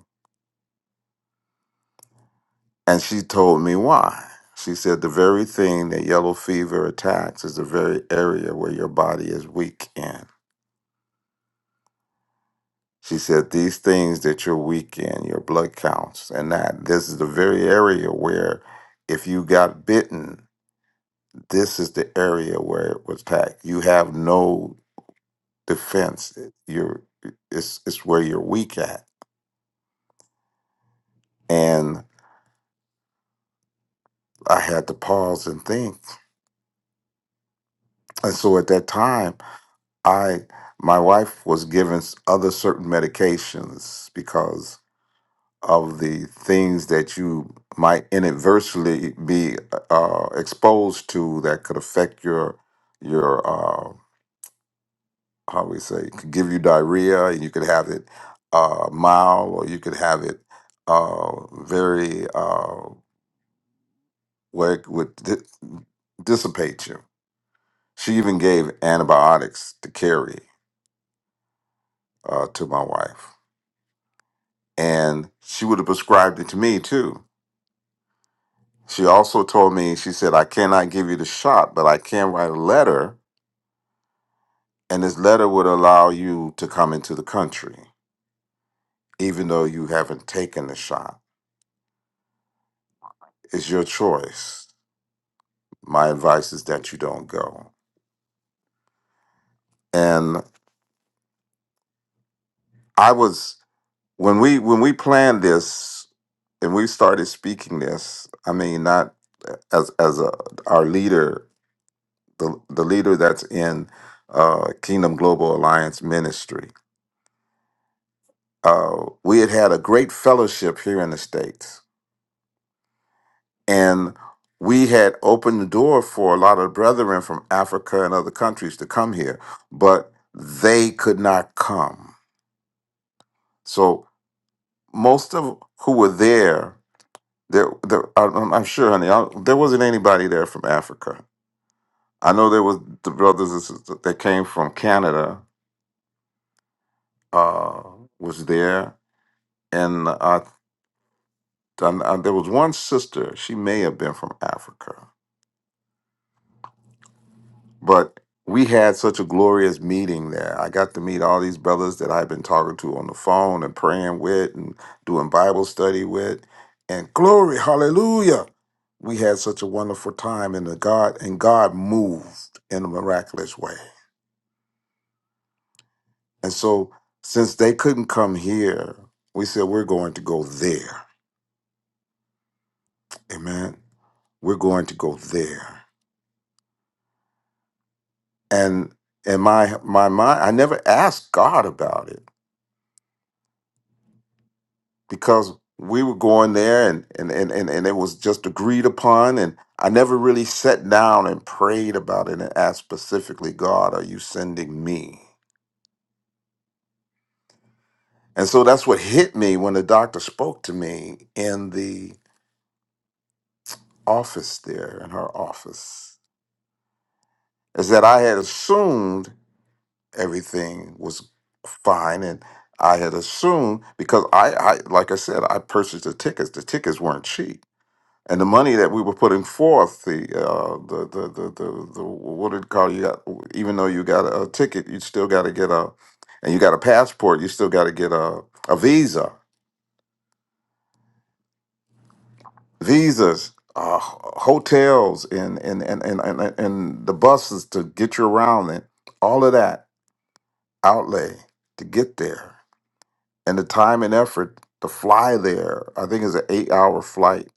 S4: And she told me why. She said the very thing that yellow fever attacks is the very area where your body is weak in. She said these things that you're weak in, your blood counts, and that this is the very area where if you got bitten, this is the area where it was attacked. You have no defense. You're it's it's where you're weak at. And I had to pause and think. And so at that time, I my wife was given s- other certain medications because of the things that you might inadvertently be uh, uh, exposed to that could affect your your uh, how we say could give you diarrhea and you could have it uh, mild or you could have it uh, very uh, where it would di- dissipate you. She even gave antibiotics to carry uh, to my wife and she would have prescribed it to me too. She also told me, she said, I cannot give you the shot, but I can write a letter, and this letter would allow you to come into the country, even though you haven't taken the shot. It's your choice. My advice is that you don't go. And I was when we when we planned this and we started speaking this, I mean, not as as a, our leader the, the leader that's in uh, Kingdom Global Alliance Ministry. Uh, we had had a great fellowship here in the States, and we had opened the door for a lot of brethren from Africa and other countries to come here, but they could not come. So most of who were there, there, there I- am I'm sure, honey, I, there wasn't anybody there from Africa. I know there was the brothers and sisters that came from Canada uh, was there, and I And, uh, there was one sister, she may have been from Africa, but we had such a glorious meeting there. I got to meet all these brothers that I've been talking to on the phone and praying with and doing Bible study with. And glory, hallelujah. We had such a wonderful time in the God and God moved in a miraculous way. And so since they couldn't come here, we said we're going to go there. Amen. We're going to go there. and and my my mind i never asked god about it because we were going there and and and, and, and it was just agreed upon and i never really sat down and prayed about it and asked specifically god are you sending me and so that's what hit me when the doctor spoke to me in the office there in her office is that i had assumed everything was fine and i had assumed because I, I like i said i purchased the tickets the tickets weren't cheap and the money that we were putting forth the uh the the the, the, the what did it call you got even though you got a ticket you still got to get a and you got a passport you still got to get a a visa visas uh hotels and and and and and, and the buses to get you around and all of that outlay to get there and the time and effort to fly there, I think it's an eight hour flight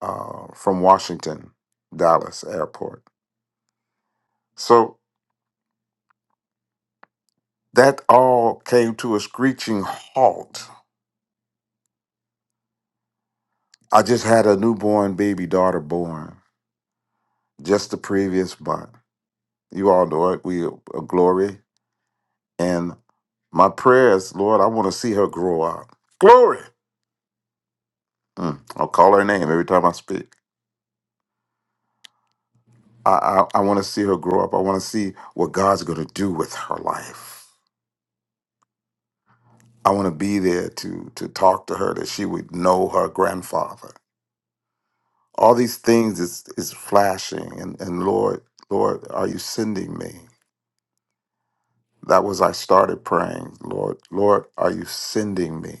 S4: uh, from Washington, Dallas airport. So that all came to a screeching halt. I just had a newborn baby daughter born just the previous month. You all know it. We a glory. And my prayers, Lord, I want to see her grow up. Glory. Mm, I'll call her name every time I speak. I, I, I want to see her grow up. I want to see what God's going to do with her life. I want to be there to to talk to her that she would know her grandfather. All these things is is flashing and and Lord, Lord, are you sending me? That was I started praying, Lord, Lord, are you sending me?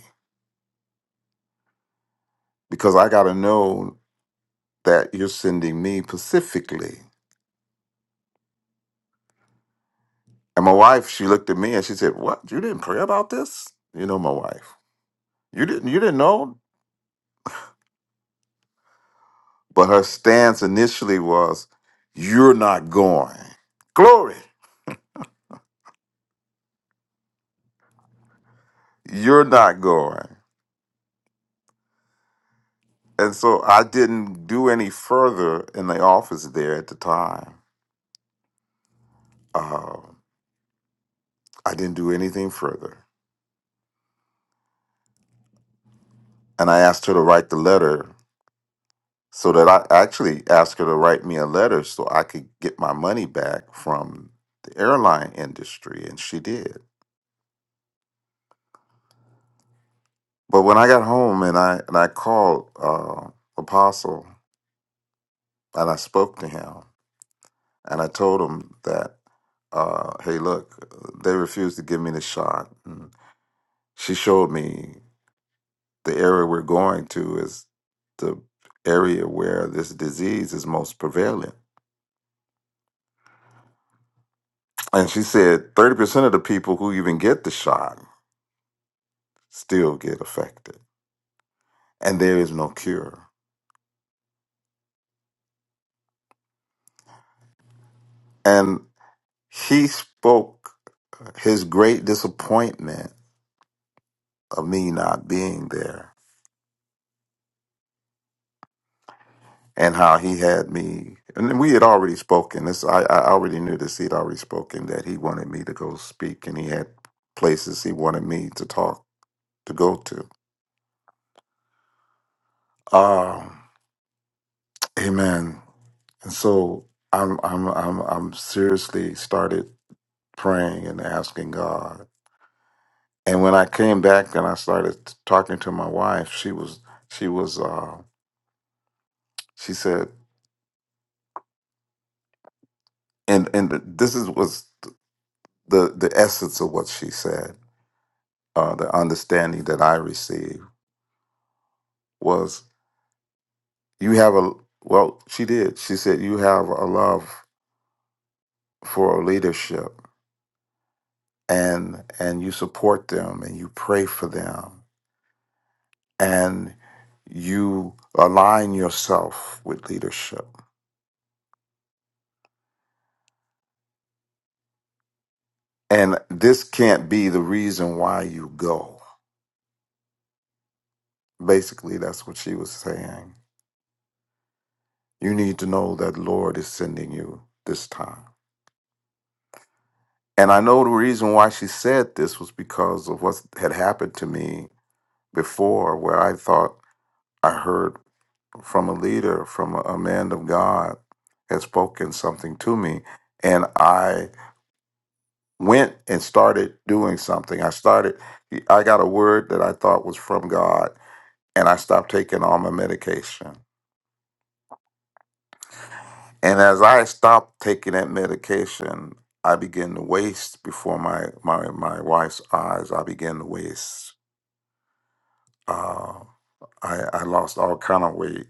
S4: Because I got to know that you're sending me specifically. And my wife, she looked at me and she said, "What? You didn't pray about this?" You know my wife. You didn't you didn't know? But her stance initially was, "You're not going." Glory. You're not going. And so I didn't do any further in the office there at the time. Um, I didn't do anything further. And I asked her to write the letter so that I I actually asked her to write me a letter so I could get my money back from the airline industry. And she did. But when I got home and I, and I called uh, Apostle and I spoke to him and I told him that, uh, hey, look, they refused to give me the shot She showed me the area we're going to is the area where this disease is most prevalent. And she said 30% of the people who even get the shot still get affected, and there is no cure. And he spoke his great disappointment of me not being there and how he had me. And we had already spoken. This I, I already knew this. He'd already spoken that he wanted me to go speak, and he had places he wanted me to talk to go to. Um, amen. And so I'm I'm I'm I'm seriously started praying and asking God. And when I came back and I started t- talking to my wife, she was she was uh, she said, and and this is was the the essence of what she said. Uh, the understanding that I received was you have a well. She did. She said you have a love for leadership and and you support them and you pray for them and you align yourself with leadership and this can't be the reason why you go basically that's what she was saying you need to know that lord is sending you this time and i know the reason why she said this was because of what had happened to me before where i thought i heard from a leader, from a, a man of God, had spoken something to me, and I went and started doing something. I started. I got a word that I thought was from God, and I stopped taking all my medication. And as I stopped taking that medication, I began to waste before my my my wife's eyes. I began to waste. Uh, I I lost all kind of weight,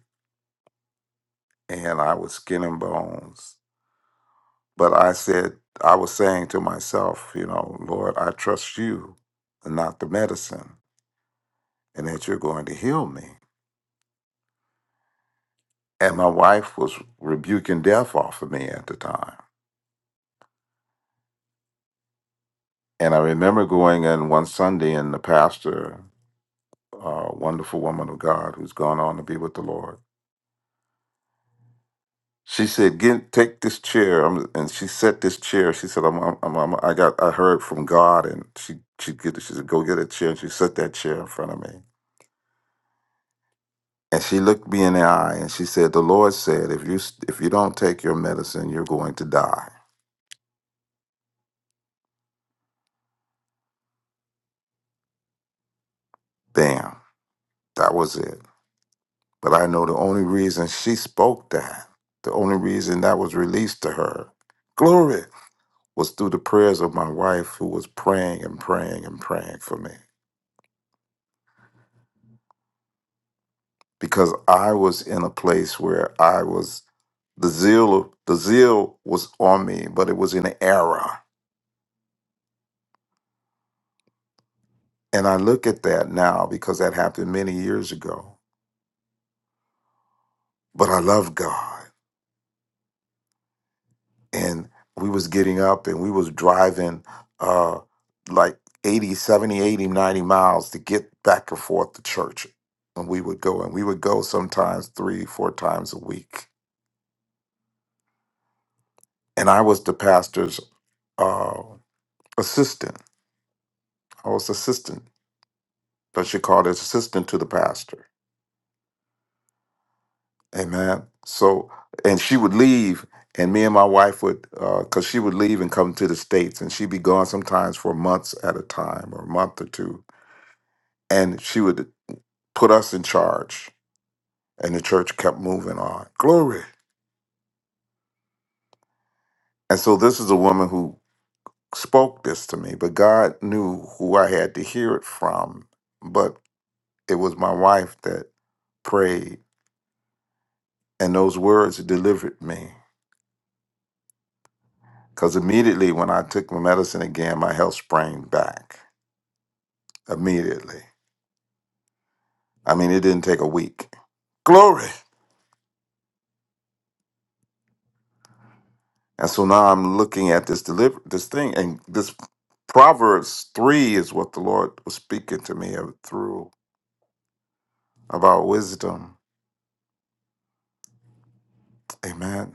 S4: and I was skin and bones But I said, I was saying to myself, you know, Lord, I trust you and not the medicine, and that you're going to heal me. And my wife was rebuking death off of me at the time. And I remember going in one Sunday, and the pastor, a wonderful woman of God who's gone on to be with the Lord, she said, Get, take this chair. I'm, and she set this chair. She said, I'm, I'm, I'm, I got, I heard from God. And she, she, get, she said, Go get a chair. And she set that chair in front of me. And she looked me in the eye and she said, "The Lord said, if you if you don't take your medicine, you're going to die." Bam. That was it. But I know the only reason she spoke that, the only reason that was released to her, glory, was through the prayers of my wife who was praying and praying and praying for me because I was in a place where I was the zeal the zeal was on me, but it was in error. And I look at that now because that happened many years ago. but I love God. And we was getting up and we was driving uh like 80, 70, 80, 90 miles to get back and forth to church. And we would go and we would go sometimes three, four times a week. And I was the pastor's uh assistant. I was assistant, but she called it assistant to the pastor. Amen. So, and she would leave, and me and my wife would, because she would leave and come to the States, and she'd be gone sometimes for months at a time or a month or two. And she would put us in charge, and the church kept moving on. Glory. And so, this is a woman who spoke this to me, but God knew who I had to hear it from. But it was my wife that prayed, and those words delivered me. Because immediately when I took my medicine again, my health sprang back immediately. I mean, it didn't take a week. Glory. And so now I'm looking at this deliver this thing, and this Proverbs three is what the Lord was speaking to me of- through about wisdom. Amen.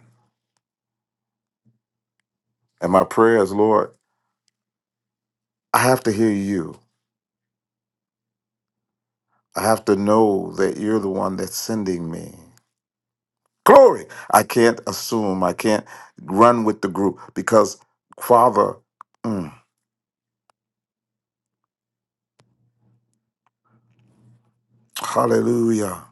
S4: And my prayer is, Lord, I have to hear you. I have to know that you're the one that's sending me. Glory. I can't assume. I can't run with the group because Father, mm, hallelujah.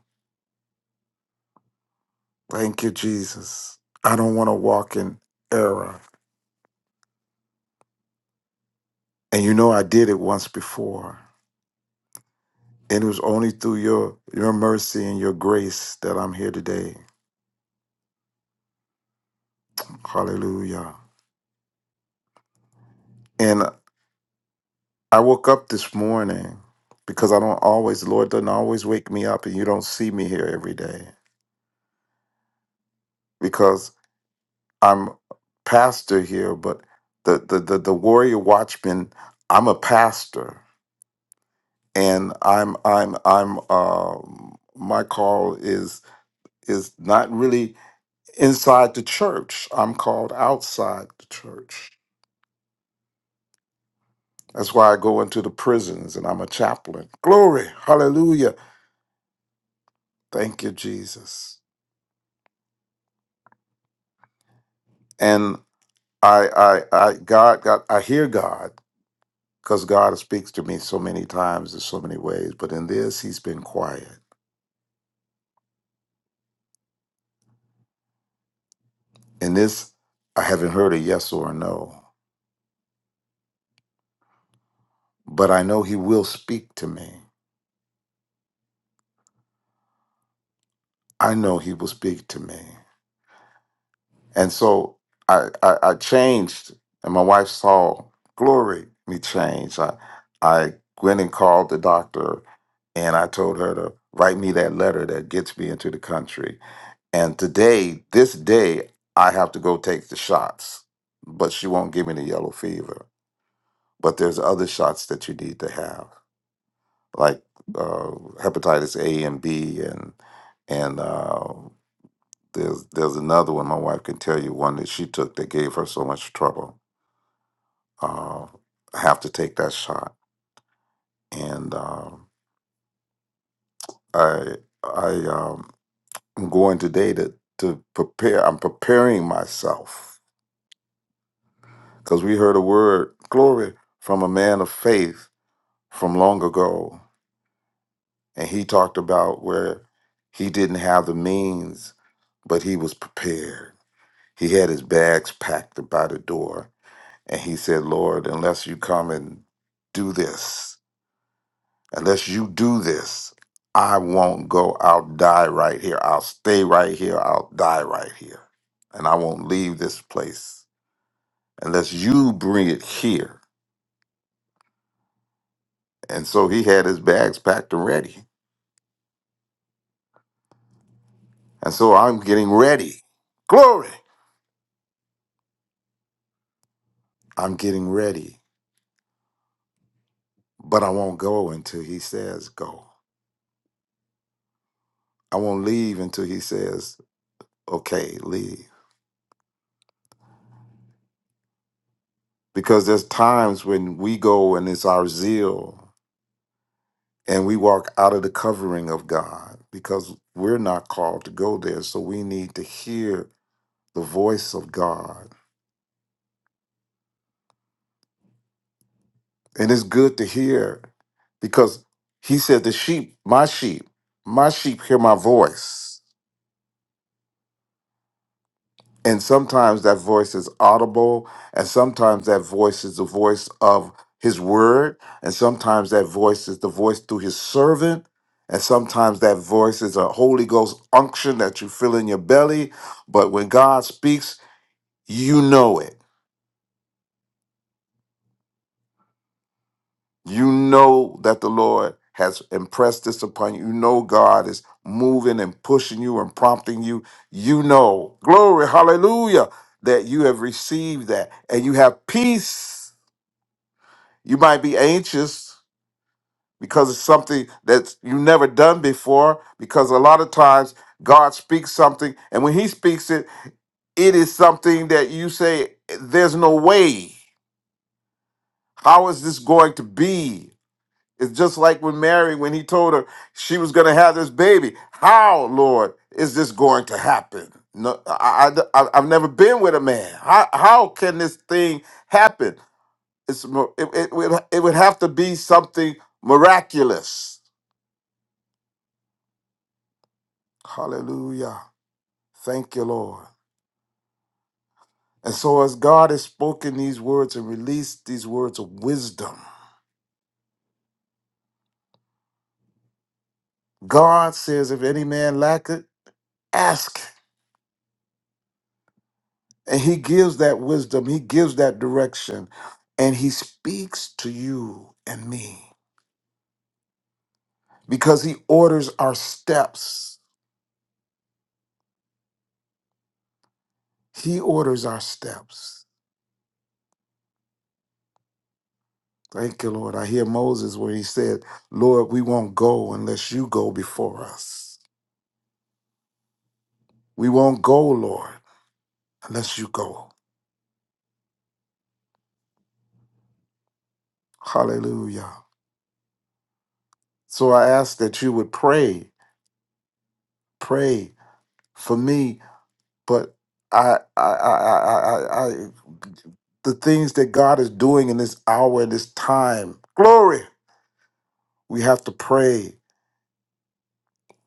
S4: Thank you, Jesus. I don't want to walk in error. And you know, I did it once before. And it was only through your, your mercy and your grace that I'm here today. Hallelujah. And I woke up this morning because I don't always, Lord doesn't always wake me up, and you don't see me here every day because I'm pastor here, but the, the, the, the warrior watchman, I'm a pastor. And I'm I'm I'm uh, my call is is not really inside the church. I'm called outside the church. That's why I go into the prisons and I'm a chaplain. Glory, hallelujah. Thank you, Jesus. And I I I God God I hear God because God speaks to me so many times in so many ways, but in this he's been quiet. In this I haven't heard a yes or a no, but I know he will speak to me. I know he will speak to me. And so I, I, I changed, and my wife saw glory me change. I, I went and called the doctor, and I told her to write me that letter that gets me into the country. And today, this day, I have to go take the shots, but she won't give me the yellow fever. But there's other shots that you need to have, like uh, hepatitis A and B, and and uh, there's there's another one my wife can tell you one that she took that gave her so much trouble. Uh, I have to take that shot, and um, I I um, am going today to to prepare. I'm preparing myself because we heard a word glory from a man of faith from long ago, and he talked about where he didn't have the means, but he was prepared. He had his bags packed by the door And he said, Lord, unless you come and do this, unless you do this, I won't go. I'll die right here. I'll stay right here. I'll die right here. And I won't leave this place unless you bring it here. And so he had his bags packed and ready. And so I'm getting ready. Glory. I'm getting ready, but I won't go until he says go. I won't leave until he says, okay, leave. because there's times when we go and it's our zeal and we walk out of the covering of God because we're not called to go there. So we need to hear the voice of God. And it's good to hear because he said, The sheep, my sheep, my sheep hear my voice. And sometimes that voice is audible, and sometimes that voice is the voice of his word, and sometimes that voice is the voice through his servant, and sometimes that voice is a Holy Ghost unction that you feel in your belly. But when God speaks, you know it. You know that the Lord has impressed this upon you. You know God is moving and pushing you and prompting you. You know, glory, hallelujah, that you have received that, and you have peace You might be anxious because it's something that you've never done before, because a lot of times God speaks something, and when He speaks it, it is something that you say, There's no way. How is this going to be? It's just like when Mary, when he told her she was going to have this baby. How, Lord, is this going to happen? No, I, I, I- I've never been with a man. How, how can this thing happen? It's mi- it, it, would, it would have to be something miraculous. Hallelujah. Thank you, Lord. And so, as God has spoken these words and released these words of wisdom, God says, if any man lack it, ask. And He gives that wisdom, He gives that direction, and He speaks to you and me because He orders our steps. He orders our steps. Thank you, Lord. I hear Moses where he said, Lord, we won't go unless you go before us. We won't go, Lord, unless you go. Hallelujah. So I ask that you would pray, pray for me, but I, I, I, I, I, I the things that God is doing in this hour and this time. Glory. We have to pray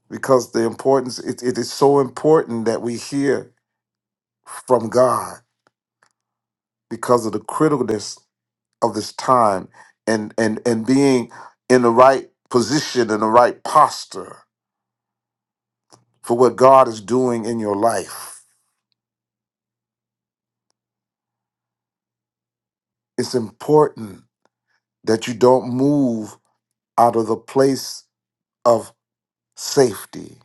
S4: because the importance, it, it is so important that we hear from God because of the criticalness of this time and and and being in the right position in the right posture for what God is doing in your life. It's important that you don't move out of the place of safety.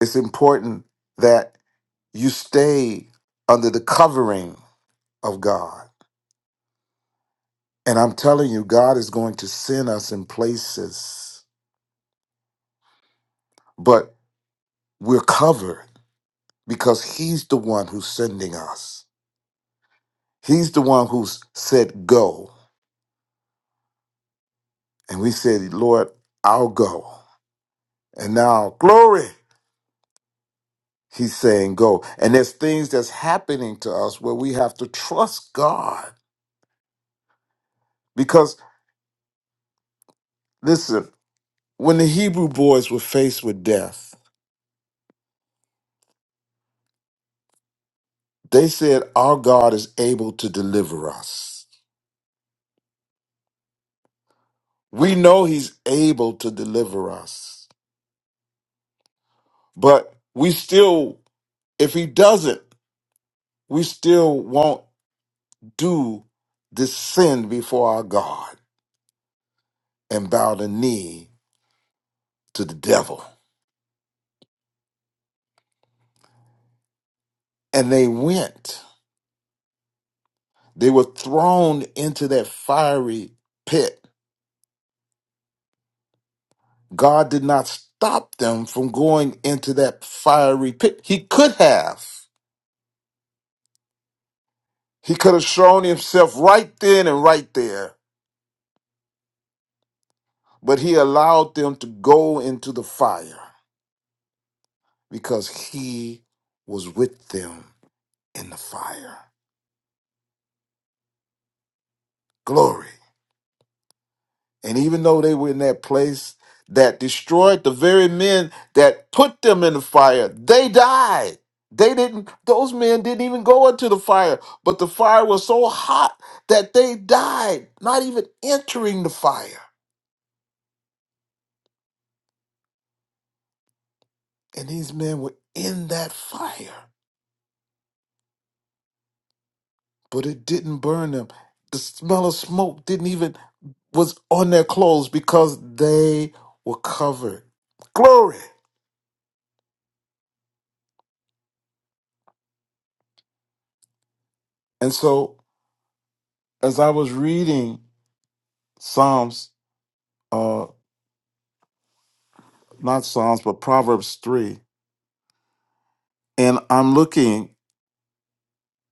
S4: It's important that you stay under the covering of God. And I'm telling you God is going to send us in places but we're covered because he's the one who's sending us. He's the one who said, Go. And we said, Lord, I'll go. And now, glory, he's saying, Go. And there's things that's happening to us where we have to trust God. Because, listen, when the Hebrew boys were faced with death, they said, Our God is able to deliver us. We know he's able to deliver us. But we still, if he doesn't, we still won't do this sin before our God. and bowed a knee to the devil. And they went. They were thrown into that fiery pit. God did not stop them from going into that fiery pit. He could have. He could have shown himself right then and right there, but he allowed them to go into the fire because he was with them in the fire. Glory. And even though they were in that place that destroyed the very men that put them in the fire, they died. They didn't, those men didn't even go into the fire, but the fire was so hot that they died, not even entering the fire. And these men were in that fire, but it didn't burn them. The smell of smoke didn't even, was on their clothes because they were covered. Glory. And so, as I was reading Psalms uh not Psalms, but Proverbs 3. And I'm looking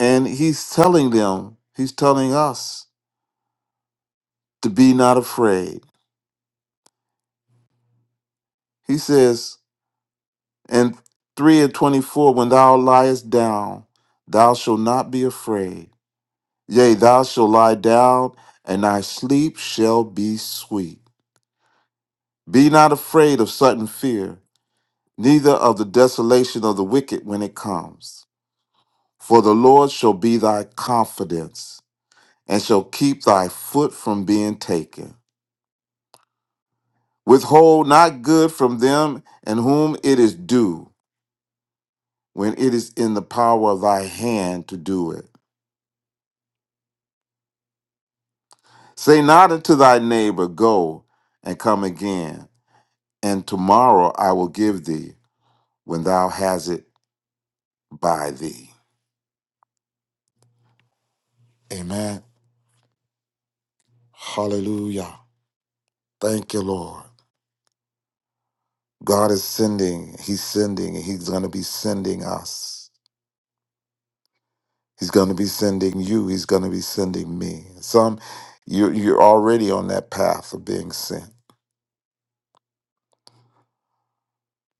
S4: and he's telling them, he's telling us to be not afraid. He says in 3 and 24, when thou liest down, thou shalt not be afraid. Yea, thou shalt lie down, and thy sleep shall be sweet. Be not afraid of sudden fear, neither of the desolation of the wicked when it comes. For the Lord shall be thy confidence and shall keep thy foot from being taken. Withhold not good from them in whom it is due, when it is in the power of thy hand to do it. Say not unto thy neighbor, Go and come again, and tomorrow I will give thee when thou hast it by thee. Amen. Hallelujah. Thank you, Lord. God is sending, He's sending, and He's going to be sending us. He's going to be sending you. He's going to be sending me. Some, you're, you're already on that path of being sent.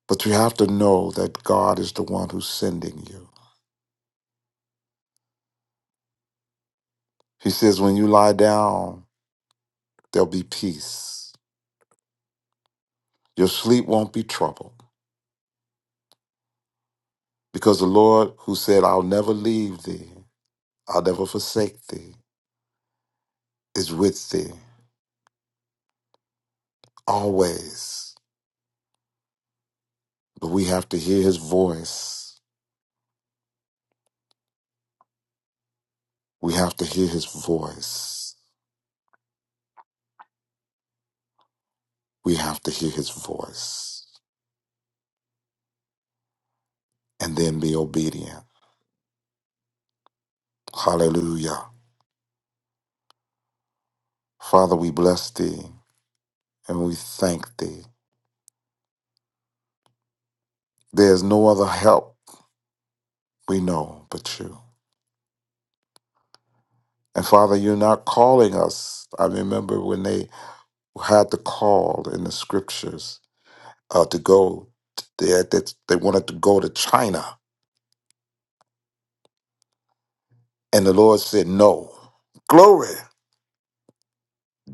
S4: But you have to know that God is the one who's sending you. He says, when you lie down, there'll be peace. Your sleep won't be troubled. Because the Lord, who said, I'll never leave thee, I'll never forsake thee, is with thee always. But we have to hear his voice. We have to hear his voice. We have to hear his voice. and then be obedient. Hallelujah. Father, we bless thee and we thank thee. There's no other help we know but you. And Father, you're not calling us. I remember when they had the call in the scriptures uh, to go, they, had that they wanted to go to China. And the Lord said, No, glory,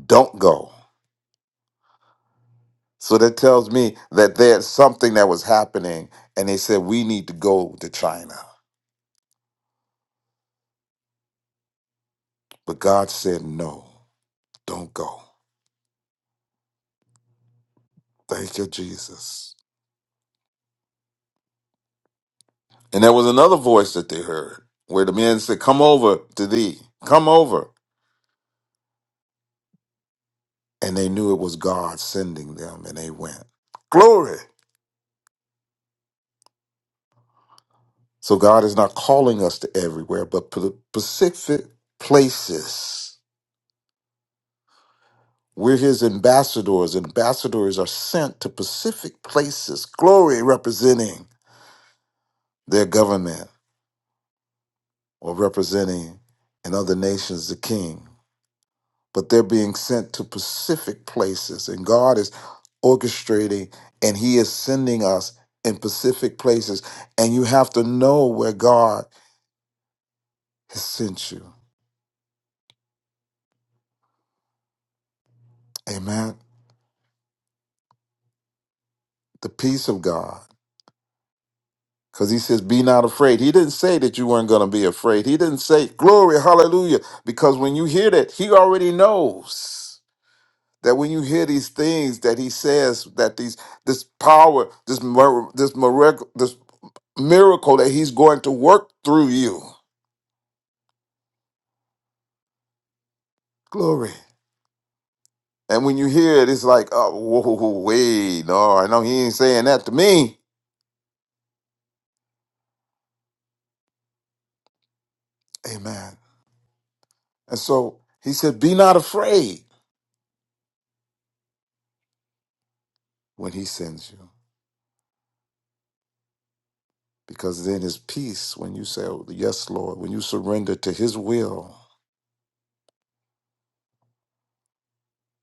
S4: don't go. So that tells me that there's something that was happening. And they said, We need to go to China. But God said, No. Don't go. Thank you, Jesus. And there was another voice that they heard where the men said, Come over to thee. Come over. And they knew it was God sending them and they went. Glory. So God is not calling us to everywhere, but p- specific places. We're his ambassadors. and Ambassadors are sent to specific places. Glory representing their government or representing in other nations the king. but they're being sent to specific places. And God is orchestrating and He is sending us in specific places. And you have to know where God has sent you. Amen. The peace of God. Because he says, Be not afraid. He didn't say that you weren't going to be afraid. He didn't say, Glory, hallelujah. Because when you hear that, he already knows that when you hear these things that he says, that these this power, this, mir- this miracle, miracle that he's going to work through you. Glory. And when you hear it, it's like, oh, whoa, whoa, whoa, wait, no, I know he ain't saying that to me. Amen. And so he said, Be not afraid when he sends you, because then his peace, when you say, oh, Yes, Lord, when you surrender to his will,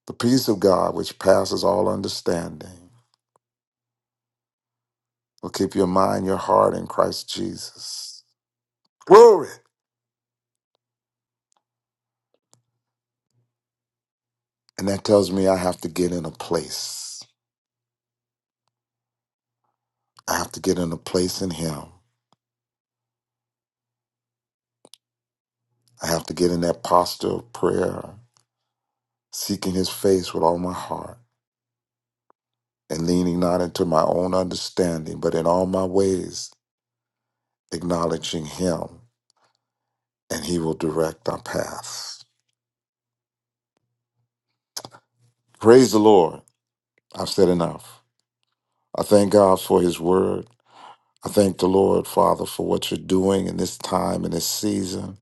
S4: the peace of God, which passes all understanding, will keep your mind, your heart in Christ Jesus. Glory. And that tells me I have to get in a place. I have to get in a place in him. I have to get in that posture of prayer, seeking his face with all my heart, and leaning not into my own understanding, but in all my ways, acknowledging him, and he will direct our paths. Praise the Lord. I've said enough. I thank God for his word. I thank the Lord, Father, for what you're doing in this time, in this season.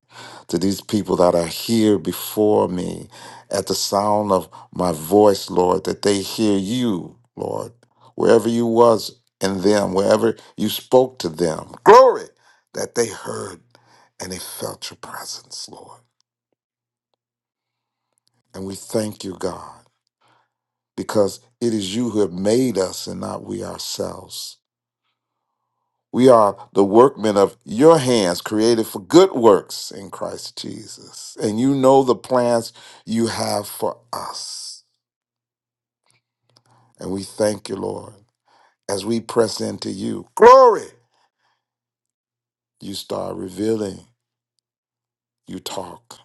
S4: To these people that are here before me, at the sound of my voice, Lord, that they hear you, Lord, wherever you was in them, wherever you spoke to them. Glory! That they heard and they felt your presence, Lord. And we thank you, God, because it is you who have made us and not we ourselves. We are the workmen of your hands, created for good works in Christ Jesus. And you know the plans you have for us. And we thank you, Lord, as we press into you. Glory! You start revealing, you talk.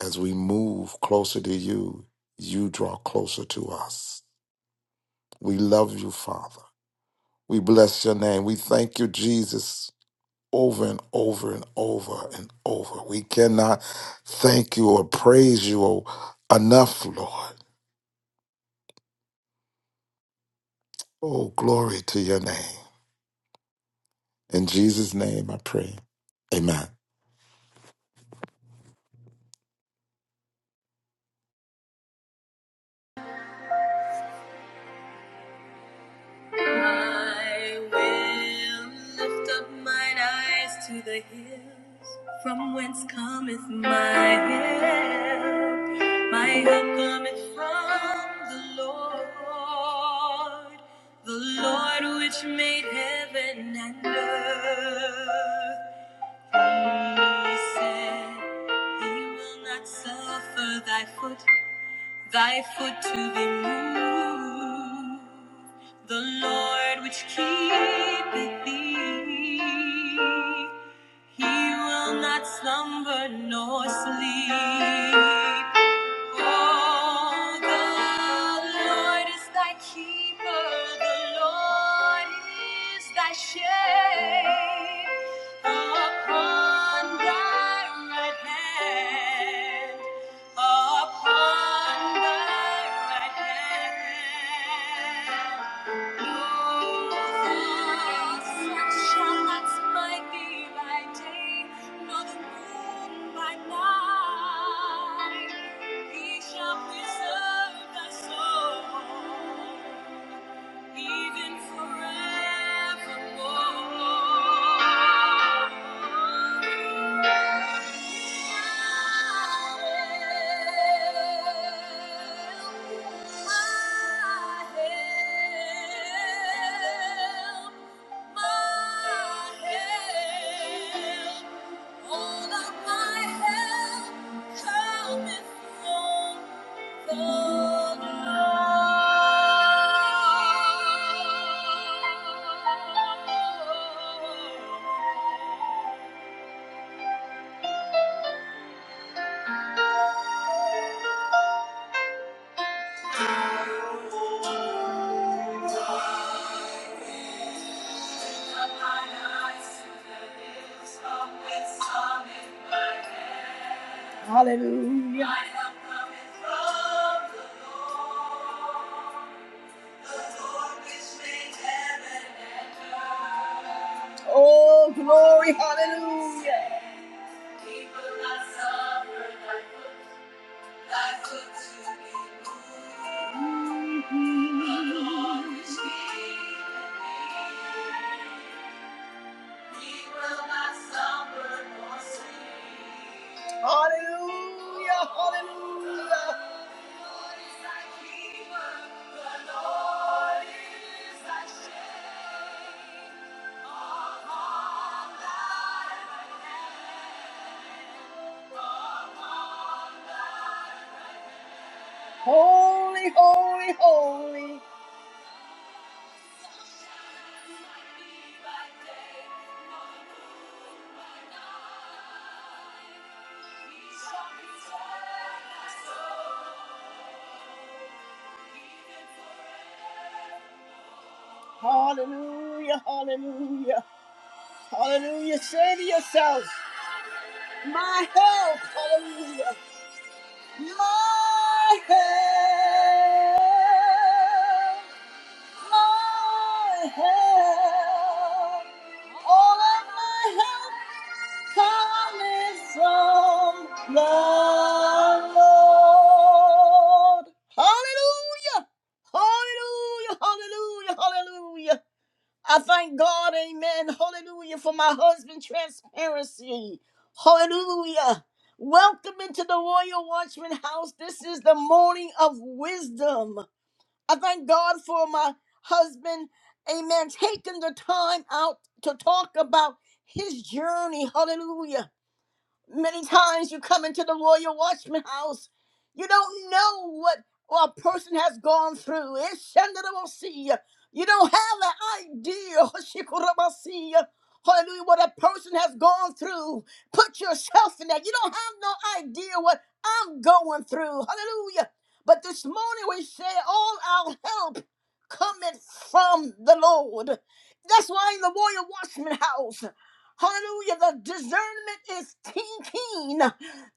S4: As we move closer to you, you draw closer to us. We love you, Father. We bless your name. We thank you, Jesus, over and over and over and over. We cannot thank you or praise you o- enough, Lord. Oh, glory to your name. In Jesus' name I pray. Amen.
S1: I will lift up mine eyes to the hills, from whence cometh my help. My help cometh from the Lord, the Lord which made heaven and earth. He said, He will not suffer thy foot, thy foot to be moved. The Lord which keepeth thee, he will not slumber nor sleep. Oh, the Lord is thy keeper, the Lord is thy shade upon thy right hand, upon thy right hand. He shall preserve thy soul. Even forevermore. Hallelujah. Oh, glory, hallelujah. People Hallelujah, hallelujah. Holy, holy, holy. Hallelujah, hallelujah, hallelujah. Say to yourselves, my help, hallelujah, my help, my help. All of my help cometh from the Lord. Hallelujah! Hallelujah! Hallelujah! Hallelujah! I thank God, amen. Hallelujah for my husband's transparency. Hallelujah. Welcome into the Royal Watchman House. This is the morning of wisdom. I thank God for my husband, amen, taking the time out to talk about his journey. Hallelujah Many times you come into the royal watchman house, you don't know what a person has gone through. It's see. You don't have an idea. Hoshikurabasi, Hallelujah, what a person has gone through. Put yourself in that. You don't have no idea what I'm going through. Hallelujah. But this morning we say all our help cometh from the Lord. That's why in the royal watchman house. Hallelujah. The discernment is keen, keen.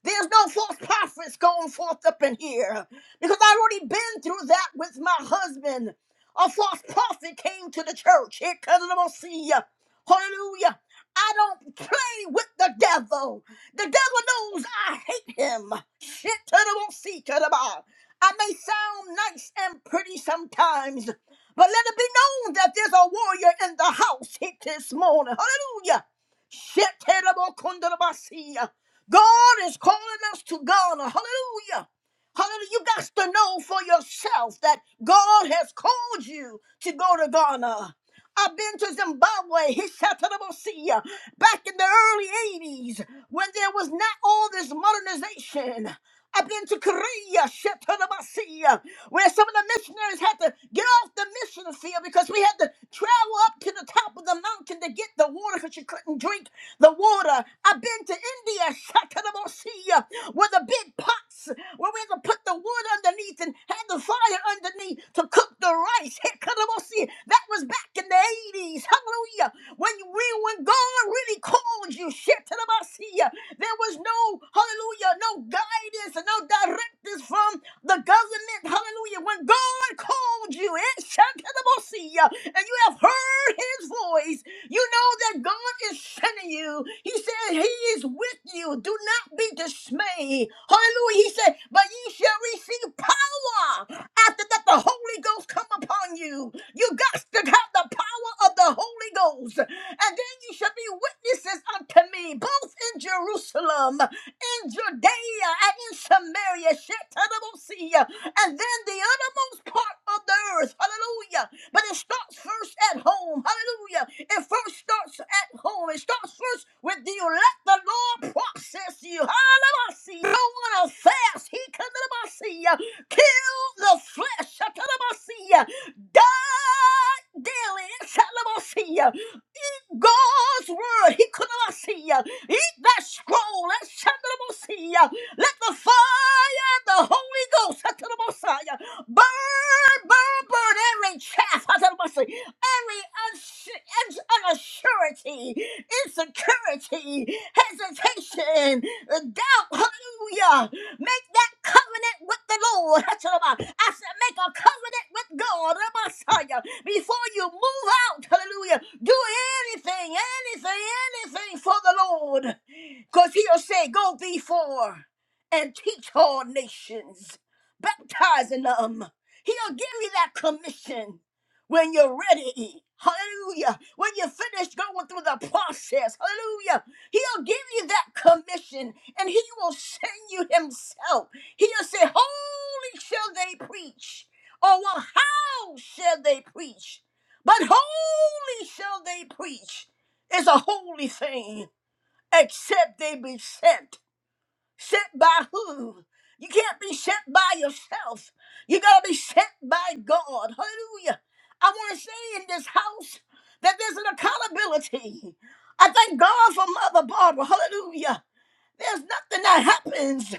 S1: There's no false prophets going forth up in here because I've already been through that with my husband. A false prophet came to the church. Here comes the Messiah. Hallelujah. I don't play with the devil. The devil knows I hate him. Shit to the Messiah, to the Ba. I may sound nice and pretty sometimes, but let it be known that there's a warrior in the house here this morning. Hallelujah. Shetelabokondalabasiya. God is calling us to God. Hallelujah. Hallelujah. You got to know for yourself that God has called you to go to Ghana. I've been to Zimbabwe, Hishatarabosia, back in the early 80s when there was not all this modernization. Up into Korea, Shetanabasia, where some of the missionaries had to get off the mission field because we had to travel up to the top of the mountain to get the water because you couldn't drink the water. I've been to India, Shatanabasia, where the big pots where we had to put the wood underneath and had the fire underneath to cook the rice. Hekanamosi. That was back in the 80s. Hallelujah. When you really, when God really called you, shit there was no, hallelujah, no guidance and no directives from the government. Hallelujah. When God called you, it shall and you have heard his voice. You know that God is sending you. He said He is with you. Do not be dismayed. Hallelujah. He said, But ye shall receive power after that the Holy Ghost come upon you. You got to have the power of the Holy Ghost. And then you shall be witnesses unto me, both in Jerusalem, in Judea, and in Samaria, Shetanabosia, and then the uttermost part of the earth. Hallelujah. But it starts first at home. Hallelujah. It first starts at home. It starts first with you. Let the Lord process you. Hallelujah. You want to fast. He can Kill the flesh. Hallelujah. Die daily. Hallelujah. God's word. He could not see ya. Eat that scroll. That Shandanabosia. Let the fire, of the Holy Ghost, Shandanabosia, burn, burn, burn every chaff, Shandanabosia, every unsu- un- unassurity, insecurity, hesitation, doubt. Hallelujah. Make that covenant with the Lord. I'm I said, make a covenant with God, the Messiah, before you move out. Hallelujah. Do anything, anything, anything for the Lord. Because he'll say, go before and teach all nations, baptizing them. He'll give you that commission when you're ready. Hallelujah. When you finish going through the process. Hallelujah. He'll give you that commission and he will send you himself. He'll say, Holy shall they preach. Or well, how shall they preach? But holy shall they preach is a holy thing, except they be sent. Sent by who? You can't be sent by yourself. You gotta be sent by God. Hallelujah. I want to say in this house that there's an accountability. I thank God for Mother Barbara. Hallelujah. There's nothing that happens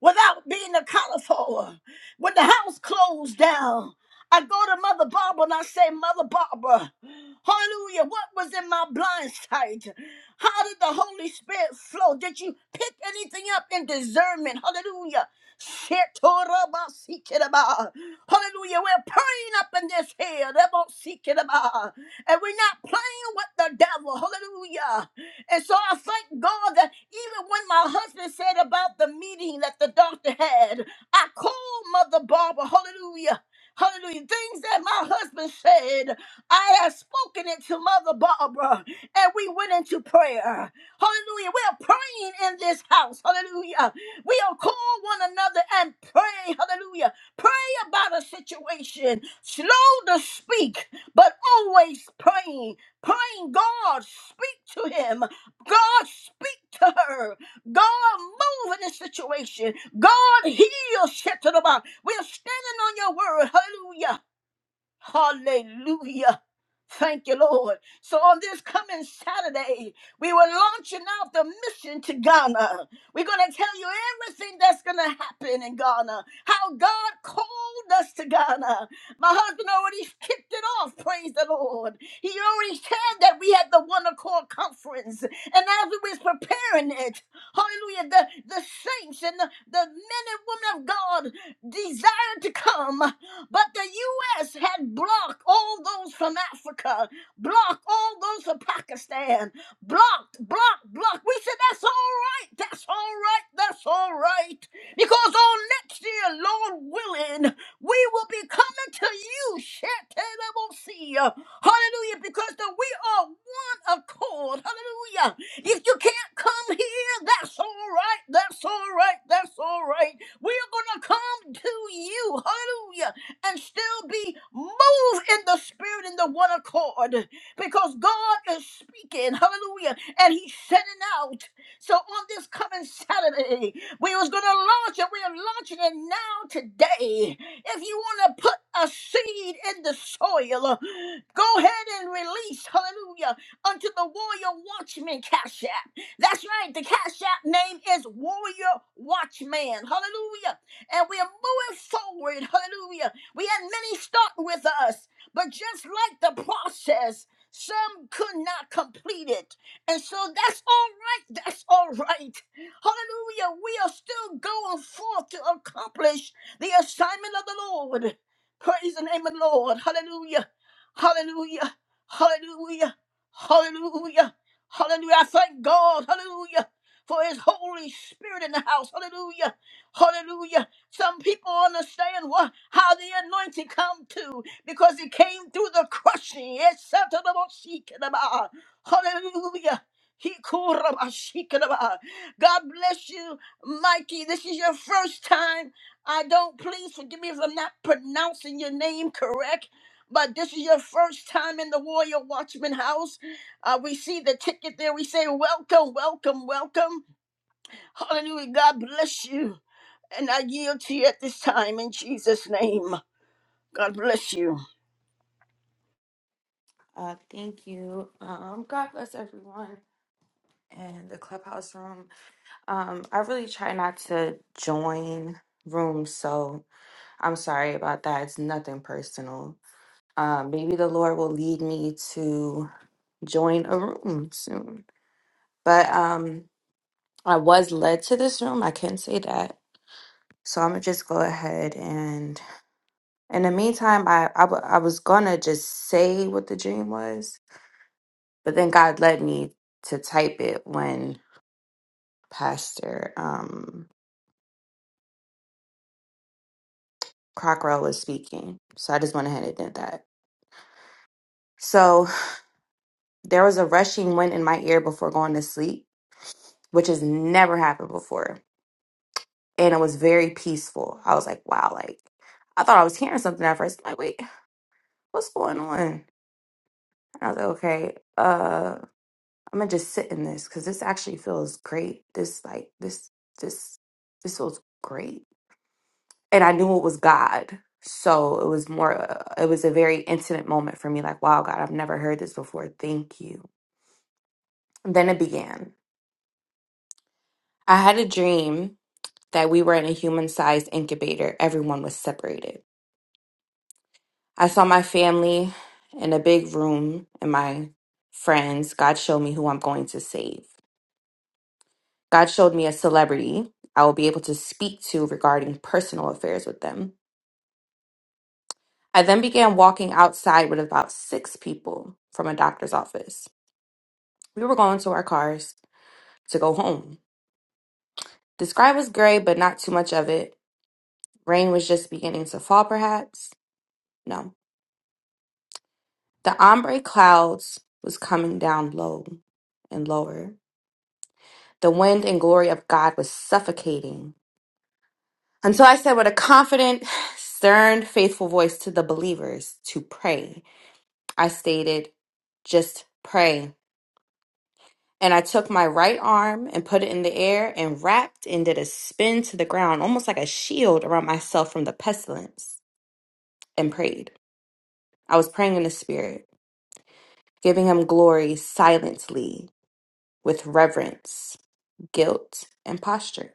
S1: without being accounted for. When the house closed down, I go to Mother Barbara and I say, Mother Barbara, hallelujah, what was in my blind sight? How did the Holy Spirit flow? Did you pick anything up in discernment? Hallelujah. Shetorabasikeraba. Hallelujah. We're praying up in this here. Rebosikeraba. And we're not playing with the devil. Hallelujah. And so I thank God that even when my husband said about the meeting that the doctor had, I called Mother Barbara, hallelujah. Hallelujah. Things that my husband said, I have spoken it to Mother Barbara, and we went into prayer. Hallelujah. We are praying in this house. Hallelujah. We are call one another and pray. Hallelujah. Pray about a situation. Slow to speak, but always praying. Praying, God, speak to him. God, speak to her. God, move in this situation. God, heal. shit to the Shetanaba. We're standing on your word. Hallelujah. Hallelujah. Thank you, Lord. So on this coming Saturday, we were launching out the mission to Ghana. We're going to tell you everything that's going to happen in Ghana, how God called us to Ghana. My husband already kicked it off, praise the Lord. He already said that we had the One Accord Conference. And as we was preparing it, hallelujah, the, the saints and the, the men and women of God desired to come. But the U.S. had blocked all those from Africa, blocked all those from Pakistan, blocked, blocked, blocked. We said, that's all right, that's all right, that's all right. Because on next year, Lord willing, we will be coming to you, Shetanabosea. Hallelujah, because the, we are one accord. Hallelujah. If you can't come here, that's all right, that's all right, that's all right. We are going to come to you. Hallelujah and still be moved in the spirit in the one accord because God is speaking, hallelujah, and he's sending out. So on this coming Saturday, we was gonna launch it. We are launching it now today. If you want to put a seed in the soil, go ahead and release, hallelujah, unto the warrior watchman cash app. That's right, the cash app name is Warrior Watchman. Hallelujah. And we are moving forward, hallelujah we had many start with us, but just like the process, some could not complete it. And so that's all right. That's all right. Hallelujah. We are still going forth to accomplish the assignment of the Lord. Praise the name of the Lord. Hallelujah. Hallelujah. Hallelujah. Hallelujah. Hallelujah. I thank God. Hallelujah. For his Holy Spirit in the house. Hallelujah. Hallelujah. Some people understand what how the anointing come to because it came through the crushing. Yes, Satanabashikadaba. Hallelujah. He kurabashikadaba. God bless you, Mikey. This is your first time. I don't please forgive me if I'm not pronouncing your name correct. But this is your first time in the Warrior Watchman house. Uh, we see the ticket there. We say, Welcome, welcome, welcome. Hallelujah. God bless you. And I yield to you at this time in Jesus' name. God bless you.
S5: Uh, thank you. Um, God bless everyone in the clubhouse room. Um, I really try not to join rooms, so I'm sorry about that. It's nothing personal. Um, maybe the Lord will lead me to join a room soon. But um, I was led to this room. I can say that. So I'm gonna just go ahead and in the meantime, I I wa- I was gonna just say what the dream was, but then God led me to type it when Pastor um, Crockrell was speaking. So I just went ahead and did that. So there was a rushing wind in my ear before going to sleep, which has never happened before. And it was very peaceful. I was like, wow, like I thought I was hearing something at first. I'm like, wait, what's going on? And I was like, okay, uh, I'm gonna just sit in this because this actually feels great. This like this this this feels great and I knew it was God. So it was more, uh, it was a very intimate moment for me like, wow, God, I've never heard this before. Thank you. then it began. I had a dream that we were in a human sized incubator, everyone was separated. I saw my family in a big room and my friends. God showed me who I'm going to save. God showed me a celebrity I will be able to speak to regarding personal affairs with them. I then began walking outside with about six people from a doctor's office. We were going to our cars to go home. The sky was gray, but not too much of it. Rain was just beginning to fall, perhaps? No. The ombre clouds was coming down low and lower. The wind and glory of God was suffocating. Until I said with a confident, stern, faithful voice to the believers to pray. I stated, just pray. And I took my right arm and put it in the air and wrapped and did a spin to the ground, almost like a shield around myself from the pestilence, and prayed. I was praying in the spirit, giving him glory silently with reverence, guilt, and posture.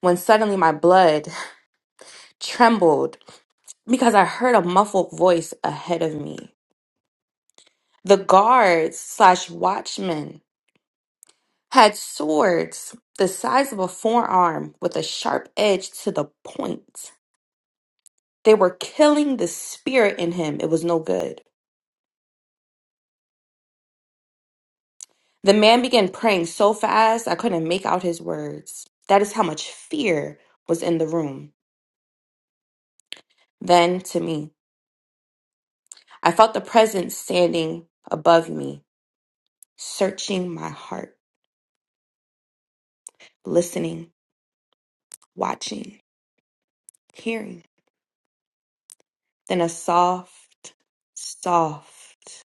S5: When suddenly my blood trembled because I heard a muffled voice ahead of me. The guards slash watchmen had swords the size of a forearm with a sharp edge to the point. They were killing the spirit in him. It was no good. The man began praying so fast I couldn't make out his words. That is how much fear was in the room. Then, to me, I felt the presence standing above me, searching my heart, listening, watching, hearing. Then a soft, soft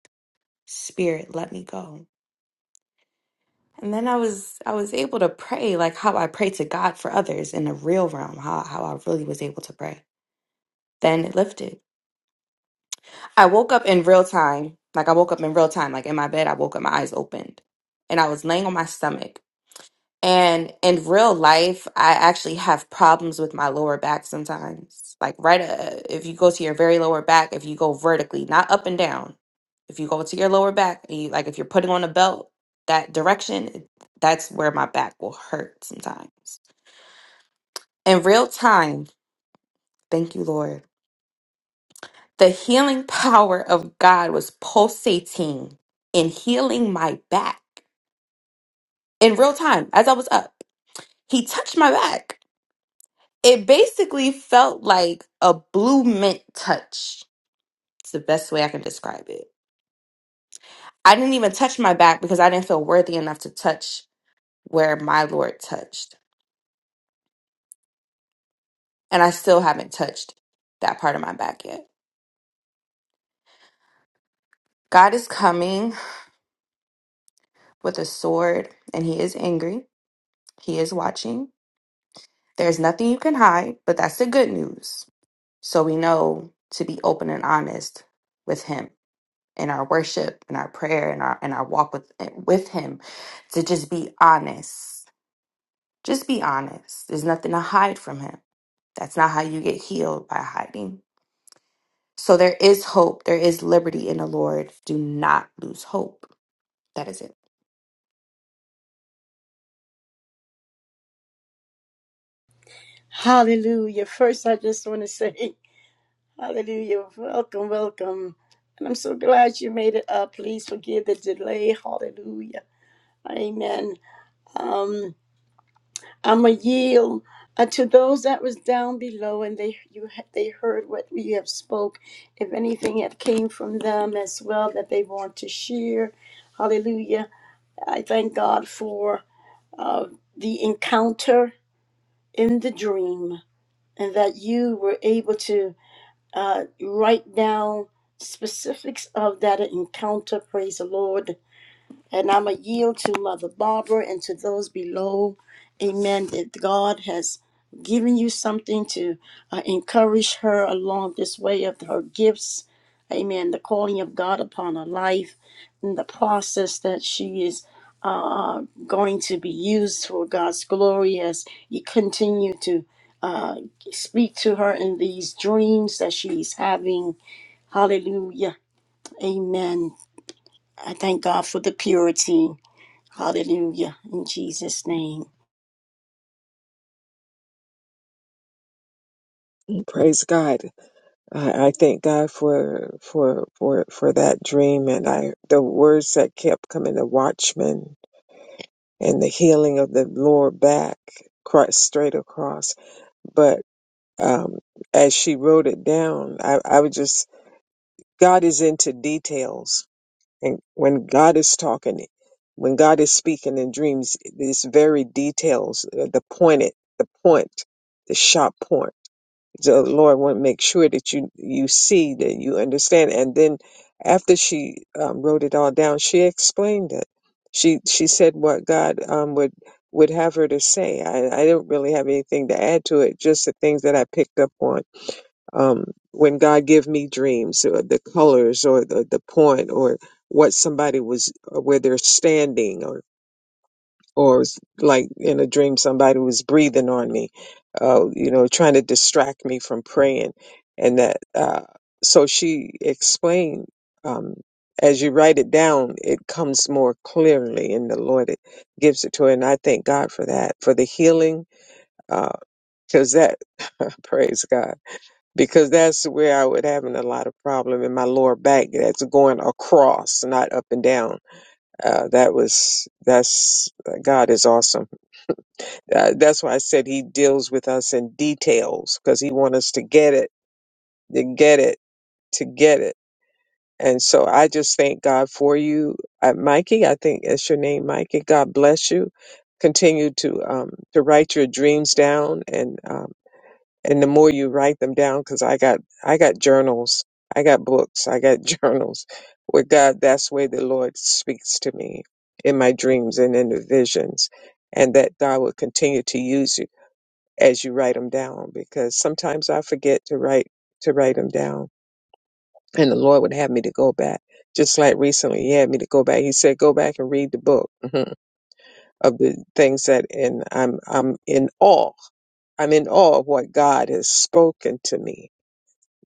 S5: spirit let me go. And then I was I was able to pray like how I pray to God for others in the real realm, how, how I really was able to pray. Then it lifted. I woke up in real time. Like I woke up in real time. Like in my bed, I woke up, my eyes opened. And I was laying on my stomach. And in real life, I actually have problems with my lower back sometimes. Like right uh, if you go to your very lower back, if you go vertically, not up and down. If you go to your lower back, and you, like if you're putting on a belt that direction, it- that's where my back will hurt sometimes. In real time, thank you, Lord. The healing power of God was pulsating and healing my back in real time as I was up. He touched my back. It basically felt like a blue mint touch. It's the best way I can describe it. I didn't even touch my back because I didn't feel worthy enough to touch where my Lord touched. And I still haven't touched that part of my back yet. God is coming with a sword and he is angry. He is watching There's nothing you can hide, but that's the good news. So we know to be open and honest with Him in our worship, in our prayer, in our in our walk with with Him, to just be honest. Just be honest. There's nothing to hide from Him. That's not how you get healed by hiding. So there is hope. There is liberty in the Lord. Do not lose hope. That is it.
S1: Hallelujah. First, I just want to say, Hallelujah. Welcome, welcome. And I'm so glad you made it up. Please forgive the delay. Hallelujah. Amen. Um, I'm a yield uh, to those that was down below, and they you ha- they heard what we have spoke. If anything had came from them as well that they want to share, Hallelujah. I thank God for uh, the encounter in the dream and that you were able to uh, write down specifics of that encounter. Praise the Lord and I'm going to yield to Mother Barbara and to those below. Amen. That God has given you something to uh, encourage her along this way of her gifts. Amen. The calling of God upon her life and the process that she is uh, going to be used for God's glory as you continue to uh, speak to her in these dreams that she's having. Hallelujah. Amen. I thank God for the purity. Hallelujah. In Jesus' name.
S2: Praise God. I, I thank God for for for for that dream and I the words that kept coming, the watchman and the healing of the lower back, cross, straight across. But um, as she wrote it down, I, I was just, God is into details. And when God is talking, when God is speaking in dreams, it's very details, uh, the pointed, the point, the sharp point. So the Lord want to make sure that you you see that you understand. And then after she um, wrote it all down, she explained it. She she said what God um, would would have her to say. I, I don't really have anything to add to it. Just the things that I picked up on um, when God give me dreams, or the colors, or the the point, or what somebody was, or where they're standing, or it's like in a dream somebody was breathing on me uh, you know trying to distract me from praying and that uh, so she explained um, as you write it down it comes more clearly and the lord it gives it to her and i thank god for that for the healing because that praise god because that's where i would having a lot of problem in my lower back that's going across not up and down uh, that was that's god is awesome uh, that's why I said he deals with us in details because he wants us to get it, to get it, to get it. And so I just thank God for you, uh, Mikey. I think that's your name, Mikey. God bless you. Continue to um, to write your dreams down, and um, and the more you write them down, because I got I got journals, I got books, I got journals. With God, that's the way the Lord speaks to me in my dreams and in the visions, and that God will continue to use you as you write them down because sometimes I forget to write to write them down and the Lord would have me to go back. Just like recently he had me to go back. He said go back and read the book mhm, of the things that and I'm I'm in awe. I'm in awe of what God has spoken to me.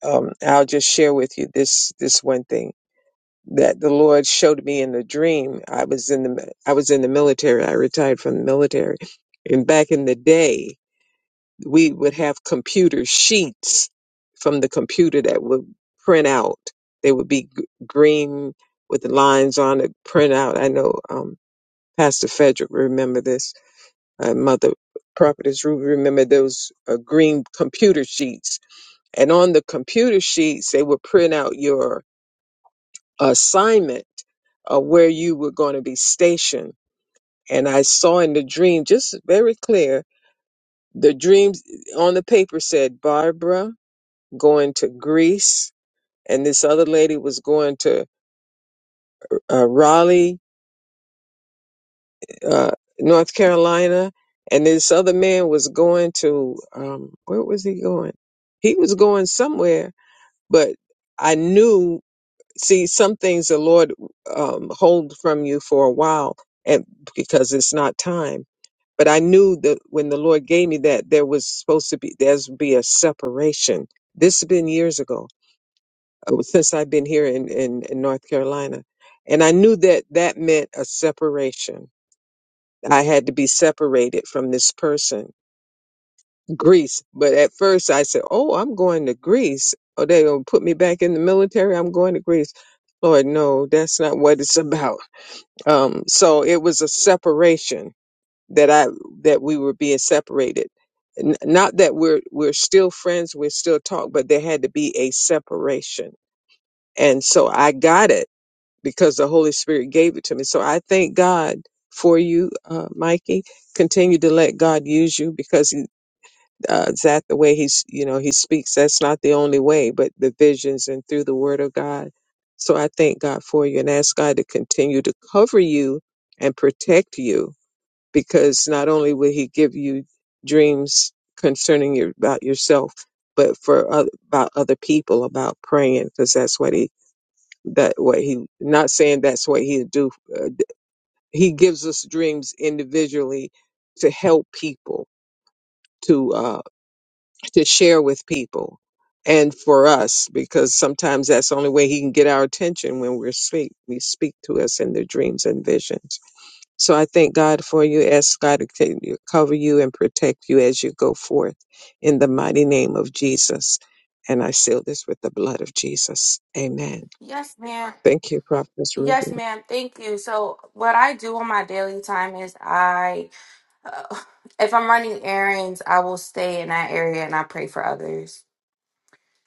S2: Um I'll just share with you this this one thing that the Lord showed me in a dream. I was in the I was in the military. I retired from the military. And back in the day, we would have computer sheets from the computer that would print out. They would be g- green with the lines on it, print out. I know um, Pastor Frederick remember this. Uh, Mother Prophetess Ruby remember those uh, green computer sheets. And on the computer sheets, they would print out your assignment of where you were going to be stationed. And I saw in the dream, just very clear, the dreams on the paper said, Barbara, going to Greece, and this other lady was going to uh, Raleigh, uh, North Carolina, and this other man was going to um, where was he going? He was going somewhere, but I knew. See, some things the Lord um, hold from you for a while, and because it's not time. But I knew that when the Lord gave me that, there was supposed to be there's be a separation. This has been years ago uh, since I've been here in, in, in North Carolina. And I knew that that meant a separation. I had to be separated from this person, Greece. But at first I said, Oh, I'm going to Greece. Oh, they going to put me back in the military. I'm going to Greece. Lord, no, that's not what it's about. Um, so it was a separation that I, that we were being separated. N- not that we're, we're still friends, we're still talk, but there had to be a separation. And so I got it because the Holy Spirit gave it to me. So I thank God for you, uh, Mikey. Continue to let God use you because he, uh, is that the way he's, you know, he speaks. That's not the only way, but the visions and through the word of God. So I thank God for you and ask God to continue to cover you and protect you because not only will he give you dreams concerning your, about yourself, but for other, about other people, about praying, because that's what he that what he not saying that's what he do uh, d- he gives us dreams individually to help people to uh to share with people and for us because sometimes that's the only way he can get our attention when we're asleep He speak to us in the dreams and visions so i thank god for you ask god to co- cover you and protect you as you go forth in the mighty name of jesus and i seal this with the blood of jesus amen
S5: Yes, ma'am.
S2: thank you prophetess ruby
S5: Yes, ma'am. Thank you. So what I do on my daily time is I Uh, if I'm running errands, I will stay in that area and I pray for others.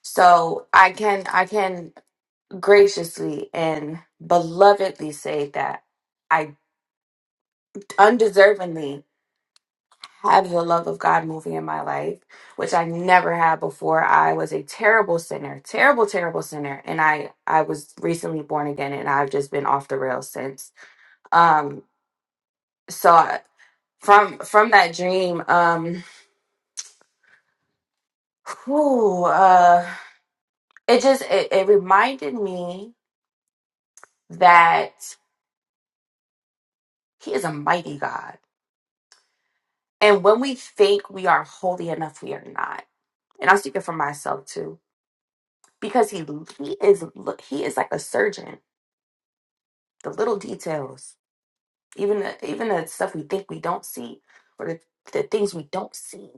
S5: So I can I can graciously and belovedly say that I undeservingly have the love of God moving in my life, which I never had before. I was a terrible sinner, terrible, terrible sinner, and I I was recently born again, and I've just been off the rails since. Um, so I- from from that dream, um, whew, uh. it just it, it reminded me that he is a mighty god and when we think we are holy enough we are not and i'm speaking for myself too because he he is look he is like a surgeon the little details even the even the stuff we think we don't see or the, the things we don't see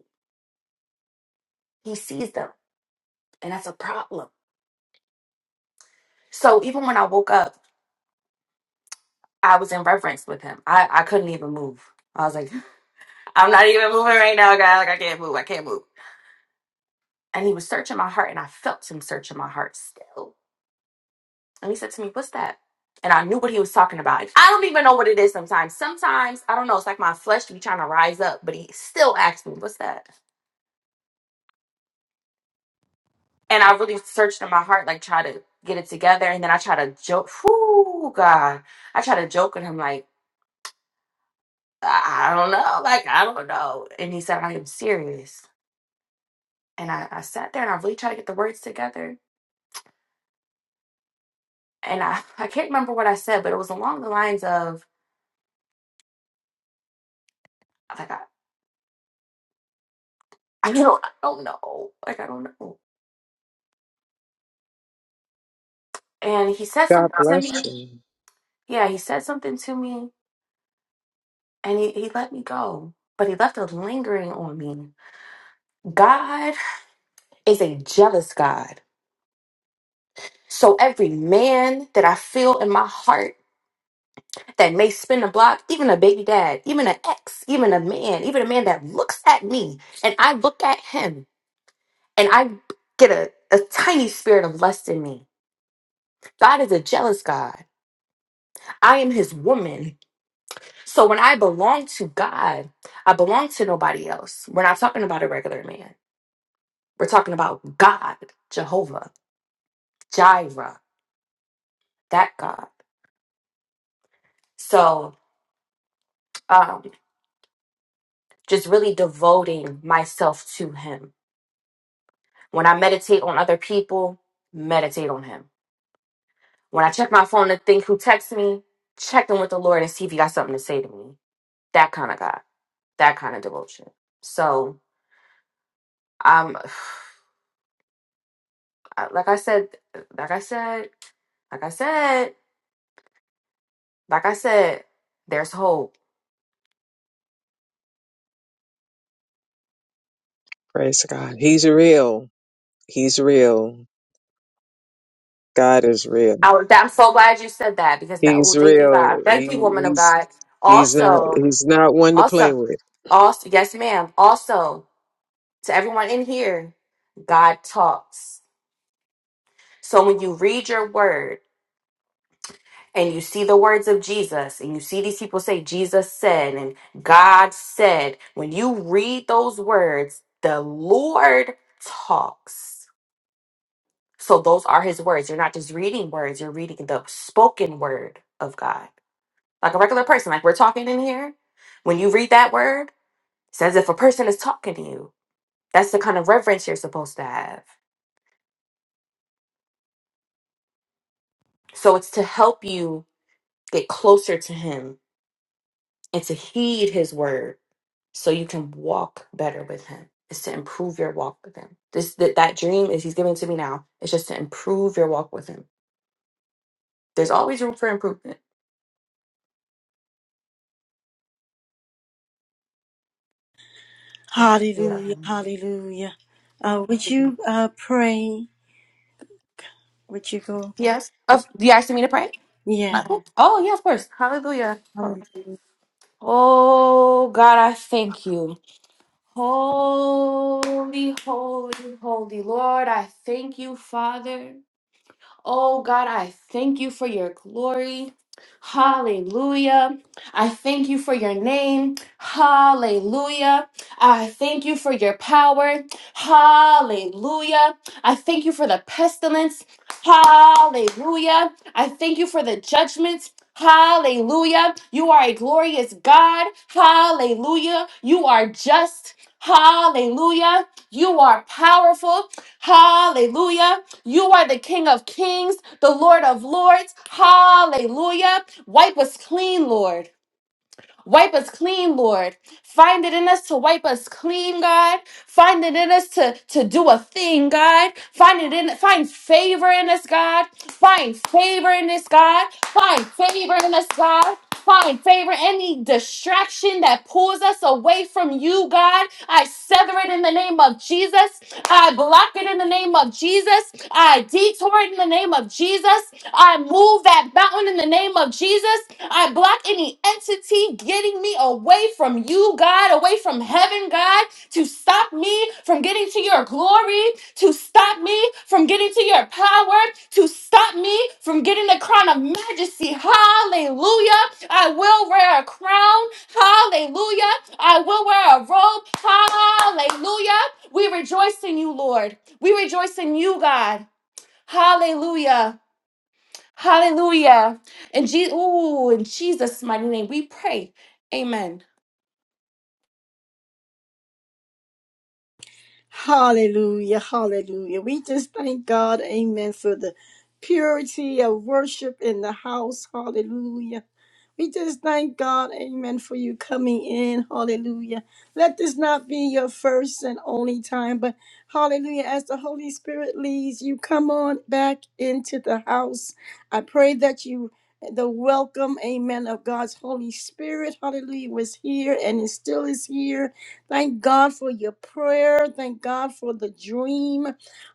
S5: he sees them and that's a problem so even when i woke up i was in reverence with him i i couldn't even move i was like i'm not even moving right now God. like i can't move i can't move and he was searching my heart and I felt him searching my heart still. And he said to me, What's that? And I knew what he was talking about. I don't even know what it is sometimes. Sometimes, I don't know, it's like my flesh be trying to rise up, but he still asked me, What's that? And I really searched in my heart, like try to get it together. And then I try to joke, whoo, God. I try to joke with him, like, I I don't know, like, I don't know. And he said, I am serious. And I, I sat there and I really tried to get the words together. And I, I can't remember what I said, but it was along the lines of, like. I don't, I don't know. Like, I don't know. And he said
S2: God
S5: something to
S2: bless
S5: me.
S2: you.
S5: Yeah, he said something to me and he, he let me go. But he left a lingering on me. God is a jealous God. So every man that I feel in my heart that may spin a block, even a baby dad, even an ex, even a man, even a man that looks at me and I look at him and I get a, a tiny spirit of lust in me. God is a jealous God. I am his woman. So when I belong to God, I belong to nobody else. We're not talking about a regular man. We're talking about God, Jehovah, Jireh, that God. So um, just really devoting myself to Him. When I meditate on other people, meditate on Him. When I check my phone to think who texts me, check in with the Lord and see if He got something to say to me. That kind of God, that kind of devotion. So um, like I said, like I said, like I said. Like I said, there's hope.
S2: Praise God. He's real. He's real. God is real.
S5: I, was- I'm so glad you said that because now,
S2: He's
S5: well, thank you,
S2: real.
S5: God. Thank
S2: He,
S5: you, woman of
S2: he's
S5: God.
S2: he's not
S5: Also,
S2: he's not one to play
S5: also,
S2: with.
S5: also, yes, ma'am. Also, to everyone in here, God talks. So when you read your word and you see the words of Jesus and you see these people say, Jesus said and God said, when you read those words, the Lord talks. So those are his words. You're not just reading words, you're reading the spoken word of God. Like a regular person, like we're talking in here. When you read that word, it's as if a person is talking to you. That's the kind of reverence you're supposed to have. So it's to help you get closer to him and to heed his word so you can walk better with him. It's to improve your walk with him. This that, that dream is he's giving to me now. It's just to improve your walk with him. There's always room for improvement. Yeah.
S1: Hallelujah. Hallelujah. Uh, would you uh, pray? Would you go?
S5: Yes. Of you asking me to pray? Uh, Oh yeah, of course. Hallelujah. Oh God, I thank you. Holy, holy, holy Lord, I thank you, Father. Oh God, I thank you for your glory. Hallelujah. I thank you for your name. Hallelujah. I thank you for your power. Hallelujah. I thank you for the pestilence. Hallelujah. I thank you for the judgments. Hallelujah. You are a glorious God. Hallelujah. You are just. Hallelujah. You are powerful. Hallelujah. You are the King of kings, the Lord of lords. Hallelujah. Wipe us clean, Lord. Wipe us clean, Lord. Find it in us to wipe us clean, God. Find it in us to, to do a thing, God. Find it in find favor in us, God. Find favor in us, God. Find favor in us, God. Find favor. Any distraction that pulls us away from you, God, I sever it in the name of Jesus. I block it in the name of Jesus. I detour it in the name of Jesus. I move that mountain in the name of Jesus. I block any entity getting me away from you, God, away from heaven, God, to stop me from getting to your glory, to stop me from getting to your power, to stop me from getting the crown of majesty. Hallelujah. I will wear a crown. Hallelujah. I will wear a robe. Hallelujah. We rejoice in you, Lord. We rejoice in you, God. Hallelujah. Hallelujah. And, Je- ooh, in Jesus' mighty name, we pray. Amen.
S1: Hallelujah, hallelujah. We just thank God, amen, for the purity of worship in the house. Hallelujah. We just thank God, amen, for you coming in. Hallelujah. Let this not be your first and only time, but hallelujah, as the Holy Spirit leads you, come on back into the house. I pray that you. The welcome, amen, of God's Holy Spirit, hallelujah, was here and it still is here. Thank God for your prayer. Thank God for the dream.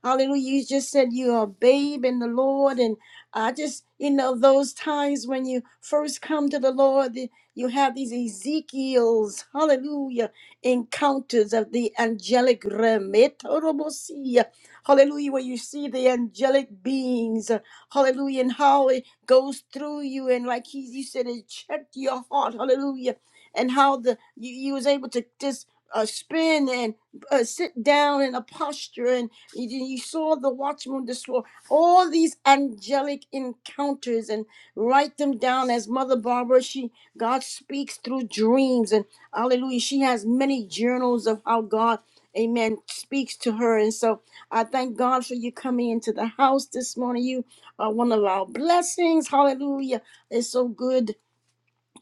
S1: Hallelujah. You just said you're a babe in the Lord. And I just, you know, those times when you first come to the Lord, the- you have these Ezekiel's, hallelujah, encounters of the angelic realm. Etorobosia. Hallelujah, where you see the angelic beings, uh, hallelujah, and how it goes through you. And like he, you said, it checked your heart, hallelujah and how the you, you was able to just uh, spin and uh, sit down in a posture, and you, you saw the watchman destroy all these angelic encounters, and write them down as Mother Barbara. She God speaks through dreams, and Hallelujah. She has many journals of how God, Amen, speaks to her, and so I thank God for you coming into the house this morning. You are one of our blessings. Hallelujah! It's so good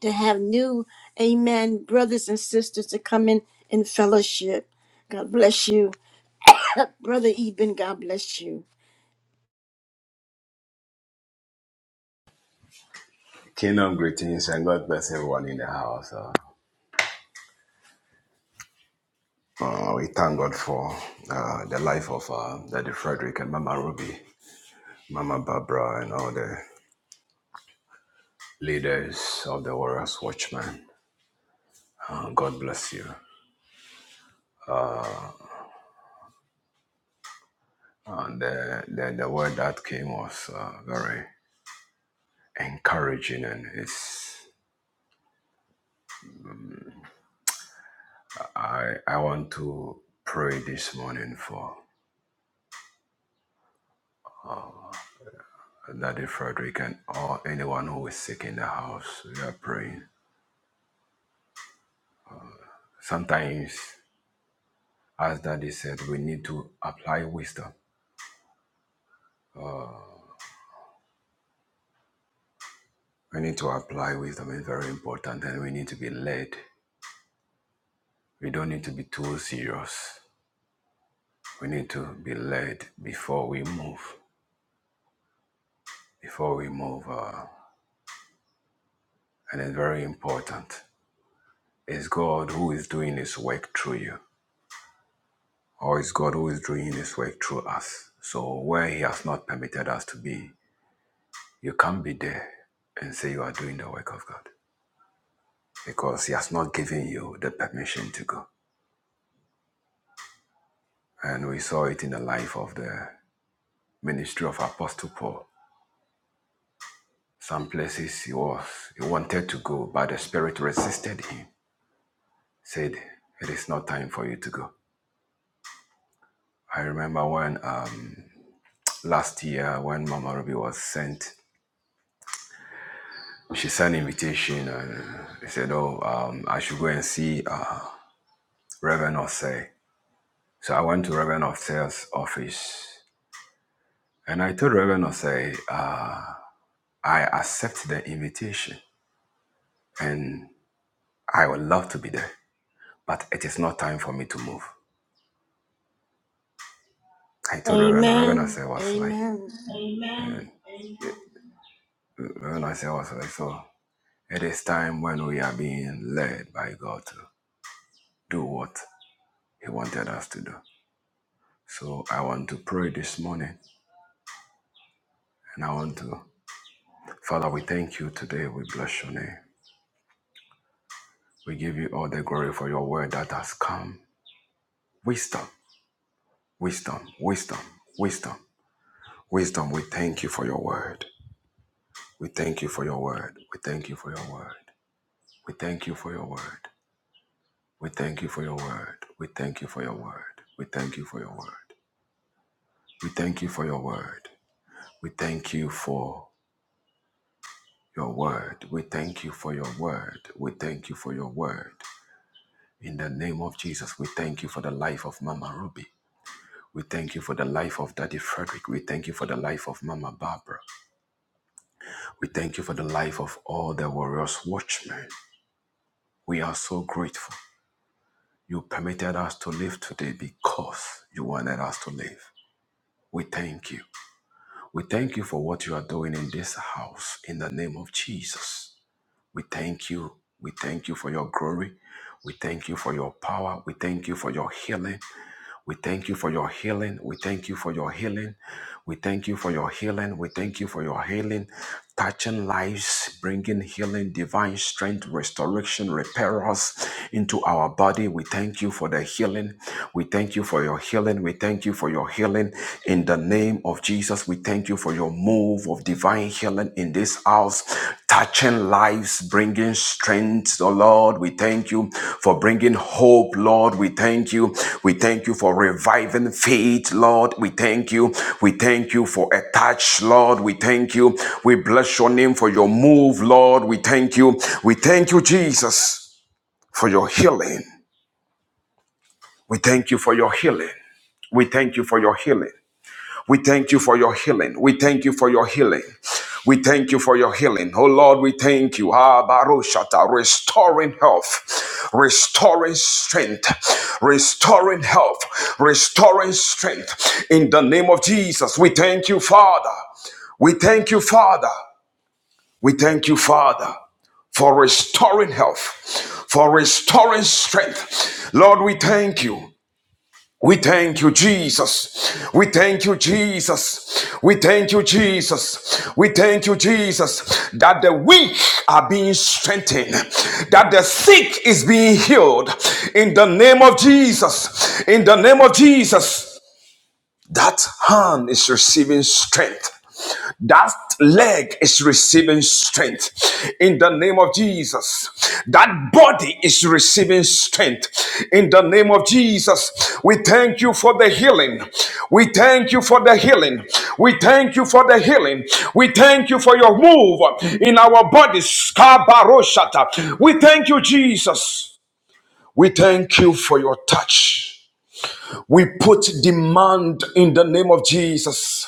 S1: to have new amen brothers and sisters to come in in fellowship god bless you brother eben god bless you
S6: Kingdom greetings and God bless everyone in the house. Uh, uh, we thank God for uh, the life of uh, Daddy Frederick and Mama Ruby, Mama Barbara, and all the leaders of the Warriors Watchmen. Uh, God bless you. And the, the, the word that came was uh, very encouraging, and it's I I want to pray this morning for Daddy Frederick and all anyone who is sick in the house. We are praying. Sometimes. As Daddy said, we need to apply wisdom. We need to apply wisdom. It's very important. And we need to be led. We don't need to be too serious. We need to be led before we move. Before we move. Uh, and it's very important. It's God who is doing His work through you, or it's God who is doing His work through us. So where He has not permitted us to be, you can't be there and say you are doing the work of God because He has not given you the permission to go. And we saw it in the life of the ministry of Apostle Paul. Some places he was, he wanted to go, but the Spirit resisted him, said, It is not time for you to go. I remember when um, last year, when Mama Ruby was sent, she sent invitation and he said, Oh, um, I should go and see uh, Reverend Osei. So I went to Reverend Osei's office and I told Reverend Osei, uh, I accept the invitation and I would love to be there. but it is not time for me to move. I told Reverend, and Reverend Ase
S1: amen
S6: was like,
S1: amen
S6: uh, Reverend Ase was like, so it is time when we are being led by God to do what He wanted us to do. So I want to pray this morning, and I want to, Father, we thank you today. We bless your name. We give you all the glory for your word that has come. Wisdom, wisdom, wisdom, wisdom, wisdom. We thank you for your word. We thank you for your word. We thank you for your word. We thank you for your word. We thank you for your word. We thank you for your word. We thank you for your word. We thank you for your word. We thank you for your word. We thank you for your word. We thank you for your word. In the name of Jesus, we thank you for the life of Mama Ruby. We thank you for the life of Daddy Frederick. We thank you for the life of Mama Barbara. We thank you for the life of all the warriors watchmen. We are so grateful. You permitted us to live today because you wanted us to live. We thank you. We thank you for what you are doing in this house in the name of Jesus. We thank you. We thank you for your glory. We thank you for your power. We thank you for your healing. We thank you for your healing. We thank you for your healing. We thank you for your healing. We thank you for your healing, touching lives, bringing healing, divine strength, restoration, repair us into our body. We thank you for the healing. We thank you for your healing. We thank you for your healing in the name of Jesus. We thank you for your move of divine healing in this house, touching lives, bringing strength, oh Lord. We thank you for bringing hope, Lord. We thank you. We thank you for reviving faith, Lord. We thank you. We thank you for a touch, Lord. We thank you. We bless your name for your move, Lord. We thank you. We thank you, Jesus, for your healing. We thank you for your healing. We thank you for your healing. We thank you for your healing. We thank you for your healing. We thank you for your healing. Oh Lord, we thank you. Ah, Barushata, restoring health, restoring strength, restoring health, restoring strength. In the name of Jesus, we thank you, Father. We thank you, Father. We thank you, Father, for restoring health, for restoring strength. Lord, we thank you. We thank you, Jesus. We thank you, Jesus. We thank you, Jesus. We thank you, Jesus, that the weak are being strengthened, that the sick is being healed. In the name of Jesus. In the name of Jesus. That hand is receiving strength. That leg is receiving strength in the name of Jesus. That body is receiving strength in the name of Jesus. We thank you for the healing. We thank you for the healing. We thank you for the healing. We thank you for your move in our bodies. Kabaroshata. We thank you, Jesus. We thank you for your touch. We put demand in the name of Jesus.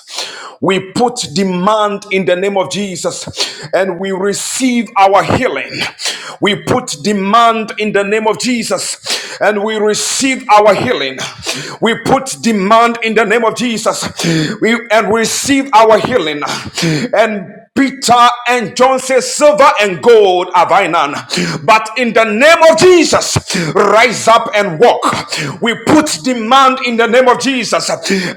S6: We put demand in the name of Jesus and we receive our healing. We put demand in the name of Jesus and we receive our healing. We put demand in the name of Jesus we, and receive our healing and Peter and John say, Silver and gold have I none. But in the name of Jesus, rise up and walk. We put demand in the name of Jesus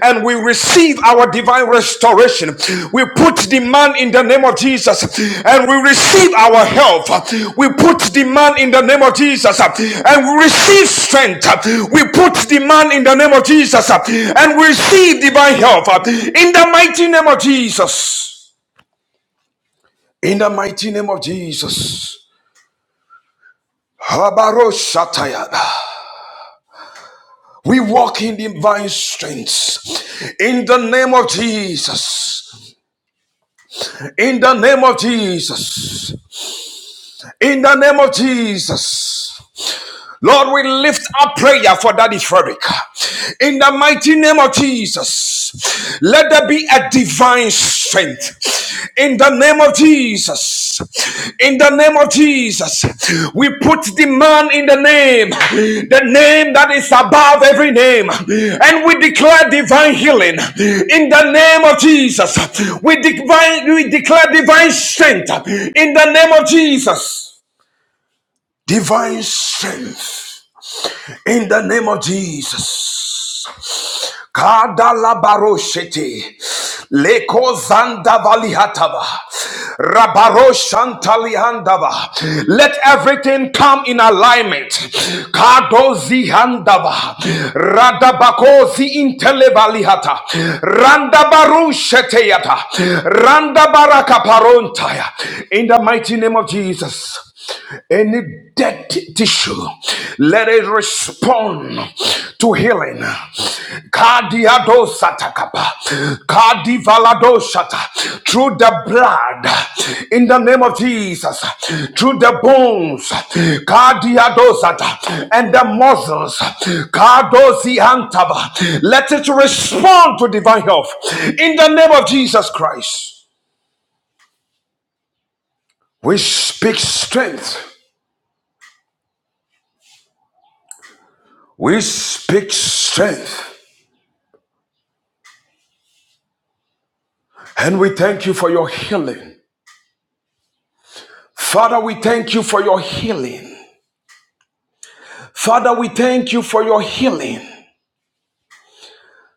S6: and we receive our divine restoration. We put demand in the name of Jesus and we receive our health. We put demand in the name of Jesus and we receive strength. We put demand in the name of Jesus and we receive divine health in the mighty name of Jesus. In the mighty name of Jesus. Habaroshatayada. We walk in divine strength. In the name of Jesus. In the name of Jesus. In the name of Jesus. Lord, we lift up prayer for Daddy Frederick. In the mighty name of Jesus, let there be a divine strength. In the name of Jesus, in the name of Jesus, we put the man in the name, the name that is above every name, and we declare divine healing. In the name of Jesus, we, divine, we declare divine strength. In the name of Jesus, divine strength in the name of Jesus. Kadalabaroshete. Leko zanda valihatava. Rabaro shantalihandava. Let everything come in alignment. Kadozi handava. Radabakozi intelevalihata. Randabarusheteyata. Randabarakaparontaya. In the mighty name of Jesus any dead tissue, let it respond to healing. Kadiadosatakapa, kadivaladosata, Through the blood, in the name of Jesus, through the bones, kadiadosata, and the muscles, kadoziantaba, let it respond to divine health. In the name of Jesus Christ, we speak strength We speak strength and we thank you for your healing. Father, we thank you for your healing. Father, we thank you for your healing.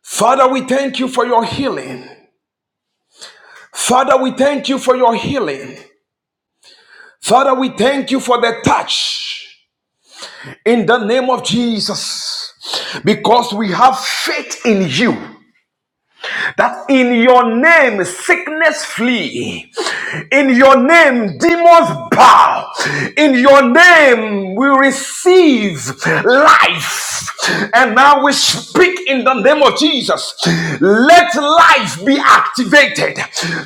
S6: Father, we thank you for your healing. Father, we thank you for your healing. Father, we thank you for the touch in the name of Jesus because we have faith in you. that in your name sickness flee in your name demons bow in your name we receive life and now we speak in the name of jesus let life be activated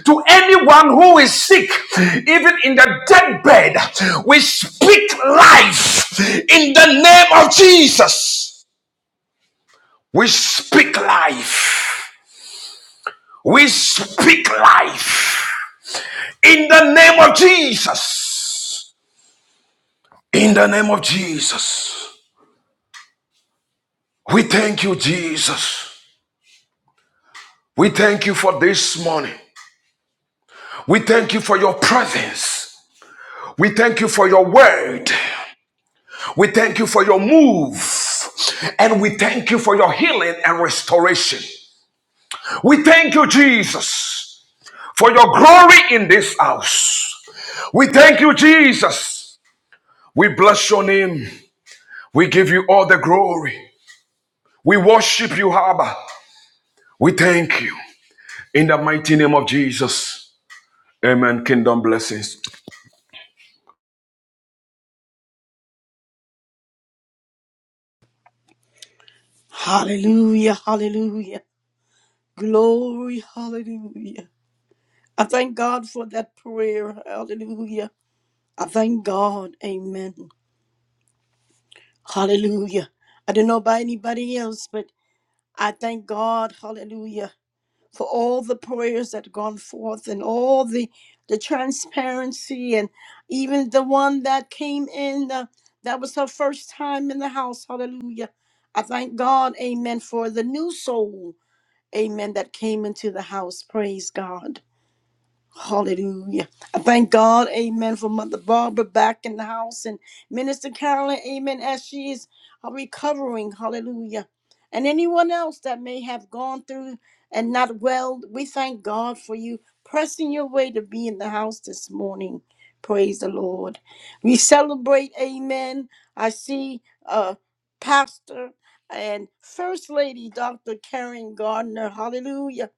S6: to anyone who is sick even in the dead bed we speak life in the name of jesus we speak life we speak life in the name of Jesus. In the name of Jesus. We thank you, Jesus. We thank you for this morning. We thank you for your presence. We thank you for your word. We thank you for your move. And we thank you for your healing and restoration. We thank you, Jesus, for your glory in this house. We thank you, Jesus. We bless your name. We give you all the glory. We worship you, Abba. We thank you. In the mighty name of Jesus. Amen. Kingdom blessings.
S1: hallelujah hallelujah glory hallelujah i thank god for that prayer hallelujah i thank god amen hallelujah i don't know about anybody else but i thank god hallelujah for all the prayers that gone forth and all the the transparency and even the one that came in uh, that was her first time in the house hallelujah i thank god amen for the new soul amen that came into the house praise god Hallelujah. I thank God, amen, for Mother Barbara back in the house and Minister Carolyn, amen, as she is uh, recovering. Hallelujah. And anyone else that may have gone through and not well, we thank God for you pressing your way to be in the house this morning. Praise the Lord. We celebrate, amen. I see uh, Pastor and First Lady Dr. Karen Gardner. Hallelujah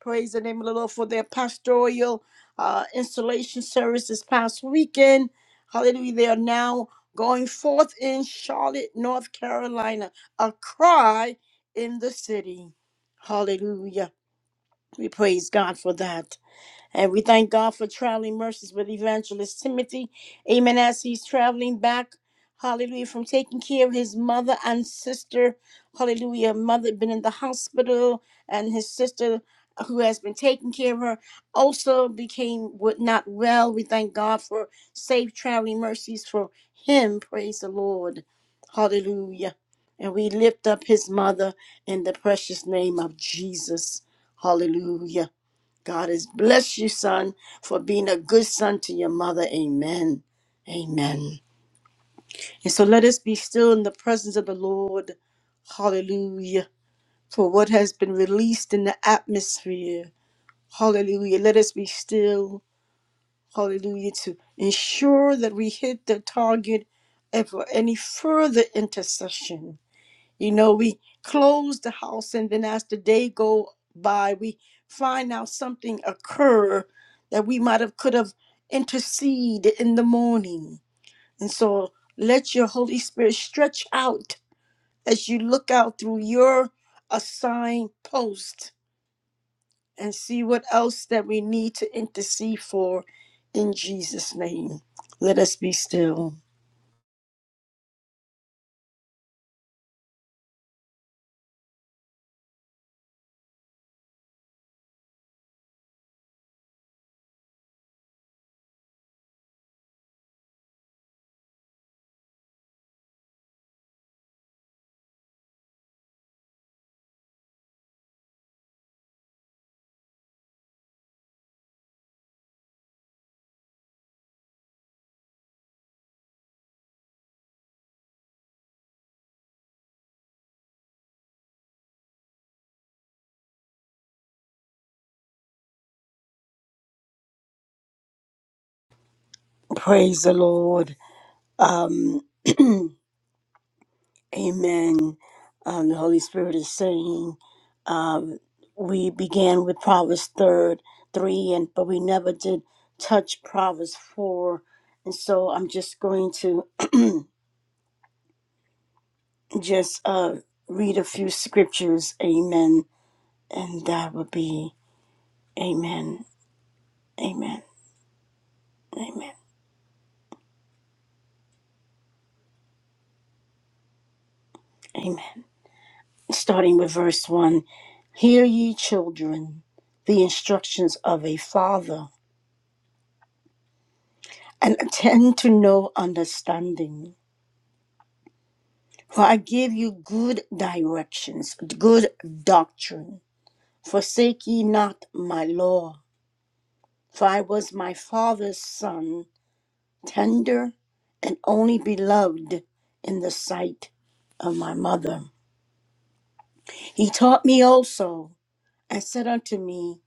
S1: Praise the name of the Lord for their pastoral uh, installation service this past weekend. Hallelujah. They are now going forth in Charlotte, North Carolina. A cry in the city. Hallelujah. We praise God for that. And we thank God for traveling mercies with Evangelist Timothy. Amen. As he's traveling back, hallelujah, from taking care of his mother and sister. Hallelujah. Mother been in the hospital, and his sister, uh, who has been taking care of her, also became wa- not well. We thank God for safe traveling mercies for him. Praise the Lord. Hallelujah. And we lift up his mother in the precious name of Jesus. Hallelujah. God has blessed you, son, for being a good son to your mother. Amen. Amen. And so let us be still in the presence of the Lord. Hallelujah. For what has been released in the atmosphere. Hallelujah. Let us be still. Hallelujah. To ensure that we hit the target and for any further intercession. You know, we close the house and then as the day go by, we find out something occur that we might have could have interceded in the morning. And so let your Holy Spirit stretch out as you look out through your assigned post and see what else that we need to intercede for in Jesus' name. Let us be still. Praise the Lord. Um Amen. Um, the Holy Spirit is saying, um, we began with Proverbs third three, and but we never did touch Proverbs four, and so I'm just going to just uh, read a few scriptures. Amen. And that would be Amen. Amen. Amen. Amen. Starting with verse one, hear ye children the instructions of a father, and attend to no understanding For I give you good directions, good doctrine. Forsake ye not my law. For I was my father's son, tender and only beloved in the sight of my mother. He taught me also, and said unto me,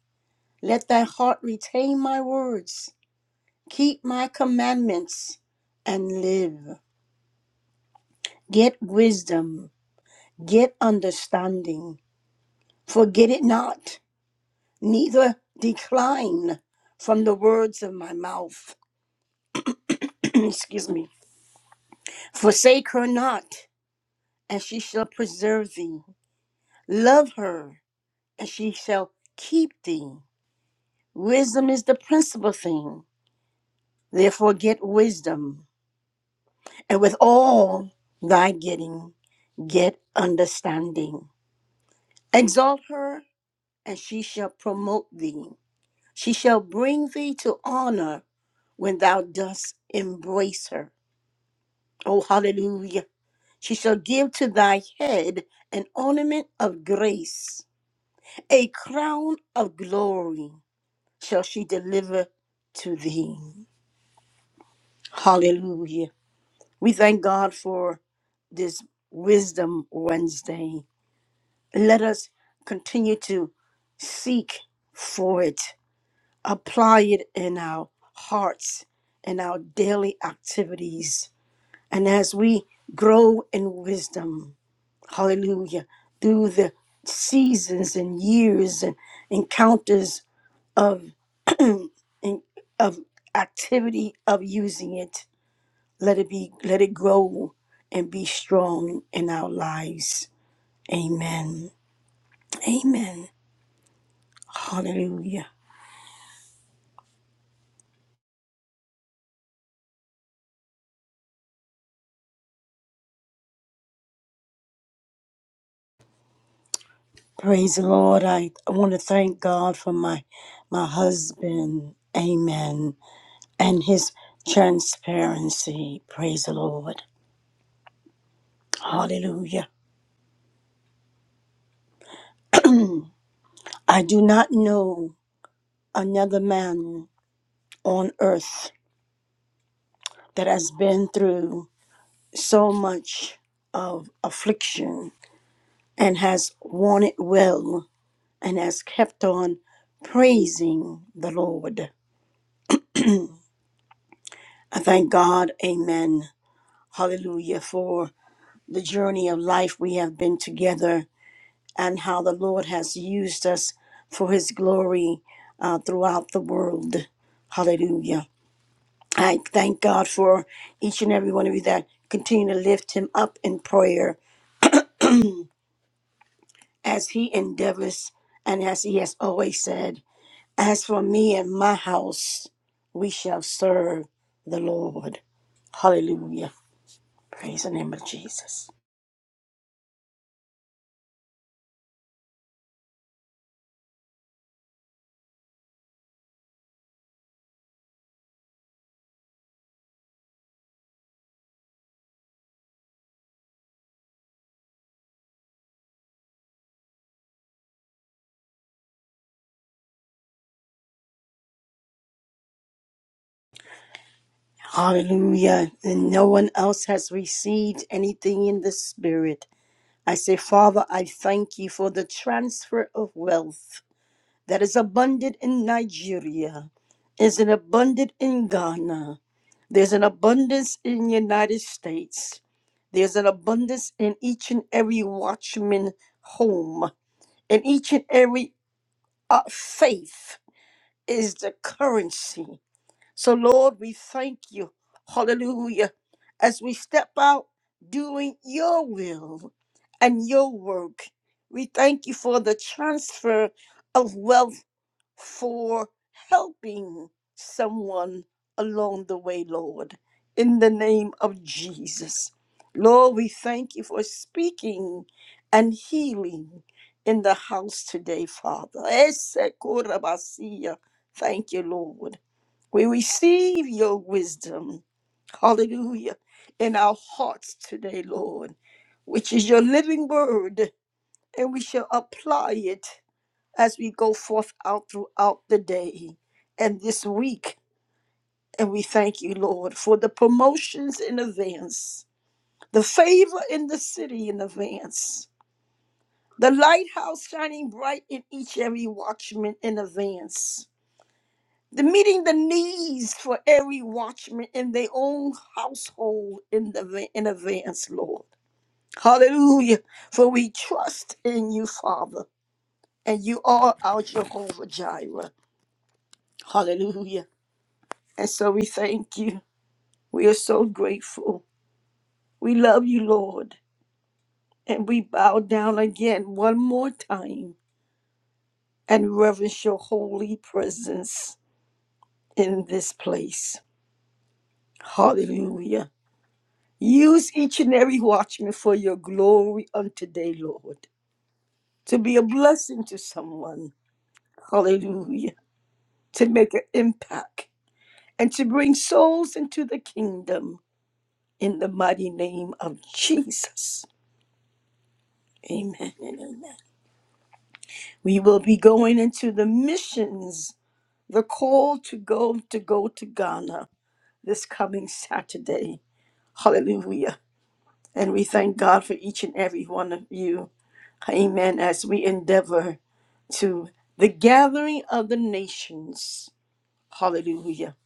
S1: Let thy heart retain my words, keep my commandments, and live. Get wisdom, get understanding, forget it not neither decline from the words of my mouth. Excuse me. Forsake her not, and she shall preserve thee. Love her, and she shall keep thee. Wisdom is the principal thing. Therefore, get wisdom, and with all thy getting, get understanding. Exalt her, and she shall promote thee. She shall bring thee to honor when thou dost embrace her. Oh, hallelujah. She shall give to thy head an ornament of grace, a crown of glory shall she deliver to thee. Hallelujah. We thank God for this Wisdom Wednesday. Let us continue to seek for it, apply it in our hearts, in our daily activities. And as we grow in wisdom, hallelujah, through the seasons and years and encounters of in- of activity of using it. Let it be, let it grow and be strong in our lives. Amen. Amen. Hallelujah. Praise the Lord. I, I want to thank God for my my husband. Amen. And his transparency. Praise the Lord. Hallelujah. I do not know. another man on earth that has been through so much of affliction and has won it well and has kept on praising the Lord. I thank God, amen, hallelujah, for the journey of life we have been together and how the Lord has used us for his glory uh, throughout the world. Hallelujah. I thank God for each and every one of you that continue to lift him up in prayer as he endeavors and as he has always said, as for me and my house, we shall serve the Lord. Hallelujah. Praise the name of Jesus. Hallelujah. And no one else has received anything in the spirit. I say, Father, I thank you for the transfer of wealth that is abundant in Nigeria, is an abundant in Ghana. There's an abundance in United States. There's an abundance in each and every watchman home. And each and every uh, faith is the currency. So, Lord, we thank you. Hallelujah. As we step out doing your will and your work, we thank you for the transfer of wealth for helping someone along the way, Lord, in the name of Jesus. Lord, we thank you for speaking and healing in the house today, Father. Esekorabasia. Thank you, Lord. We receive your wisdom, hallelujah, in our hearts today, Lord, which is your living word, and we shall apply it as we go forth out throughout the day and this week. And we thank you, Lord, for the promotions in advance, the favor in the city in advance, the lighthouse shining bright in each every watchman in advance, the meeting the needs for every watchman in their own household in, the, in advance, Lord. Hallelujah. For we trust in you, Father, and you are our Jehovah Jireh. Hallelujah. And so we thank you. We are so grateful. We love you, Lord. And we bow down again one more time and reverence your holy presence in this place. Hallelujah. Use each and every watchman for your glory on today, Lord, to be a blessing to someone. Hallelujah. To make an impact and to bring souls into the kingdom in the mighty name of Jesus. Amen and amen. We will be going into the missions, the call to go to go to Ghana this coming Saturday. Hallelujah. And we thank God for each and every one of you. Amen. As we endeavor to the gathering of the nations. Hallelujah.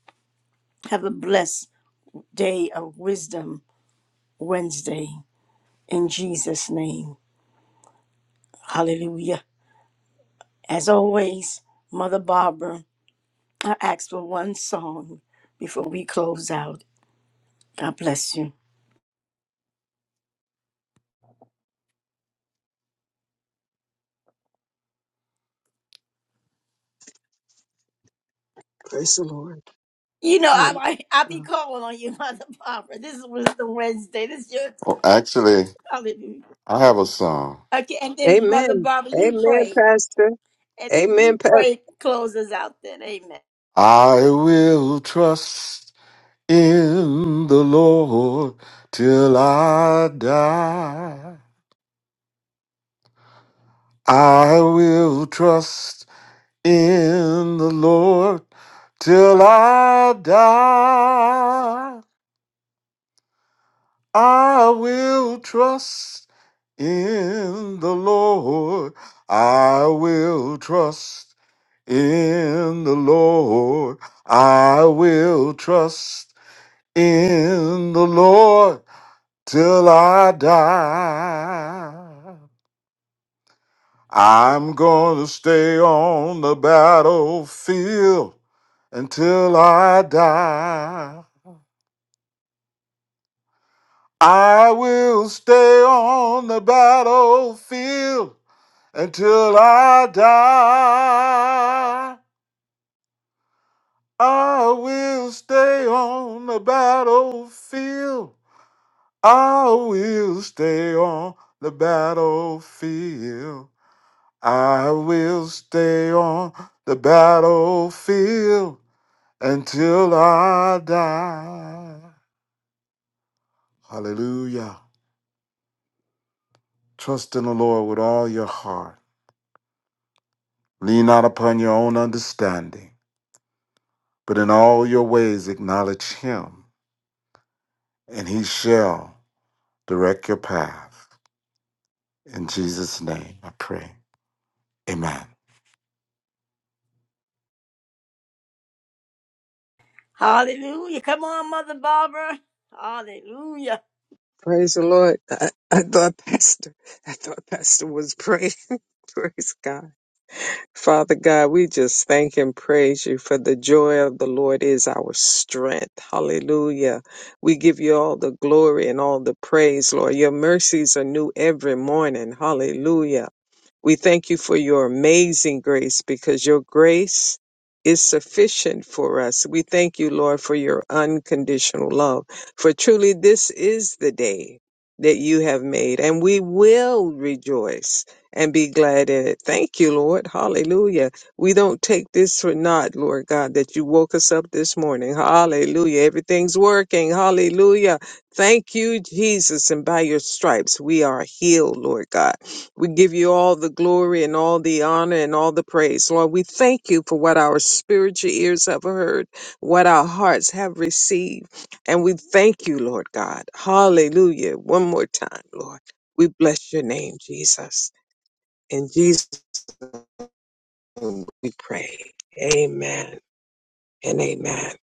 S1: Have a blessed day of wisdom Wednesday in Jesus' name. Hallelujah. As always, Mother Barbara, I ask for one song before we close out. God bless you.
S2: Praise the Lord.
S1: You know, I,
S2: Oh,
S1: I I
S2: uh,
S1: be calling on you, Mother Barbara. This is Wisdom Wednesday. This is your
S4: Well, actually,
S1: hallelujah.
S4: I have a song.
S1: Okay, and then Mother
S2: Amen.
S1: Barbara, you
S2: Amen,
S1: pray,
S2: Pastor.
S1: and then
S2: Amen,
S1: you
S2: pa-
S1: pray. Close us out, then. Amen.
S4: I will trust in the Lord till I die. I will trust in the Lord till I die. I will trust in the Lord. I will trust in the Lord. I will trust in the Lord till I die. I'm gonna stay on the battlefield until I die. I will stay on the battlefield Until I die, I will stay on the battlefield. I will stay on the battlefield. I will stay on the battlefield until I die. Hallelujah. Trust in the Lord with all your heart. Lean not upon your own understanding, but in all your ways acknowledge Him and he shall direct your path. In Jesus' name, I pray. Amen.
S1: Hallelujah. Come on, Mother Barbara. Hallelujah.
S2: Praise the Lord. I, I thought Pastor. I thought Pastor was praying. Praise God. Father God, we just thank and praise you for the joy of the Lord is our strength. Hallelujah. We give you all the glory and all the praise, Lord. Your mercies are new every morning. Hallelujah. We thank you for your amazing grace because your grace is sufficient for us. We thank you, Lord, for your unconditional love. For truly, this is the day that you have made, and we will rejoice and be glad in it. Thank you, Lord. Hallelujah. We don't take this for naught, Lord God, that you woke us up this morning. Hallelujah. Everything's working. Hallelujah. Thank you, Jesus. And by your stripes, we are healed, Lord God. We give you all the glory and all the honor and all the praise. Lord, we thank you for what our spiritual ears have heard, what our hearts have received. And we thank you, Lord God. Hallelujah. One more time, Lord. We bless your name, Jesus. In Jesus' name we pray. Amen and amen.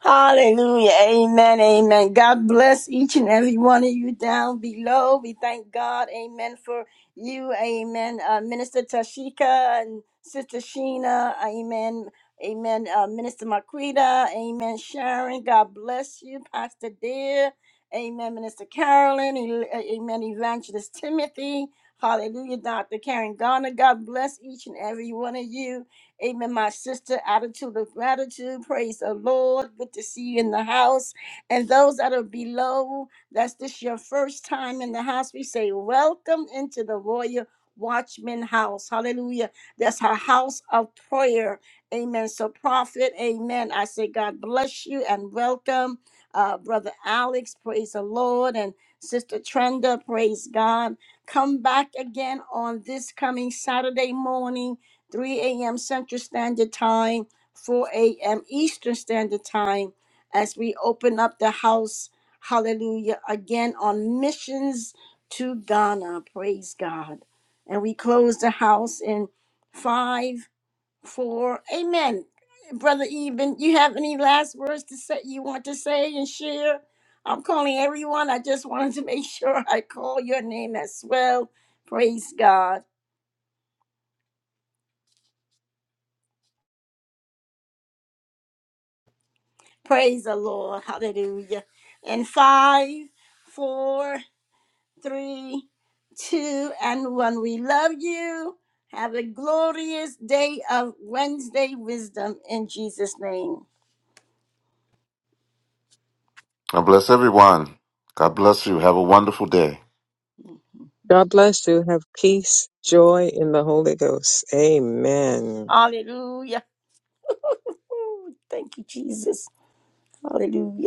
S1: Hallelujah. Amen. Amen. God bless each and every one of you down below. We thank God. Amen. For you. Amen. Uh, Minister Tashika and Sister Sheena. Amen. Amen. Uh, Minister Marquita. Amen. Sharon. God bless you. Pastor Dear. Amen. Minister Carolyn. E- Amen. Evangelist Timothy. Hallelujah. Dr. Karen Garner. God bless each and every one of you. Amen. My sister, attitude of gratitude. Praise the Lord. Good to see you in the house. And those that are below, that's this your first time in the house. We say, Welcome into the Royal Watchman house. Hallelujah. That's our house of prayer. Amen. So, prophet, amen. I say, God bless you and welcome, uh, Brother Alex. Praise the Lord. And Sister Trenda, praise God. Come back again on this coming Saturday morning. 3 a.m. Central Standard Time, 4 a.m. Eastern Standard Time, as we open up the house, hallelujah, again on missions to Ghana. Praise God. And we close the house in 5, 4, amen. Brother Eben, you have any last words to say you want to say and share? I'm calling everyone. I just wanted to make sure I call your name as well. Praise God. Praise the Lord. Hallelujah. In five, four, three, two, and one. We love you. Have a glorious day of Wednesday wisdom in Jesus' name.
S4: God bless everyone. God bless you. Have a wonderful day.
S2: God bless you. Have peace, joy in the Holy Ghost. Amen.
S1: Hallelujah. Ooh, thank you, Jesus. Hallelujah.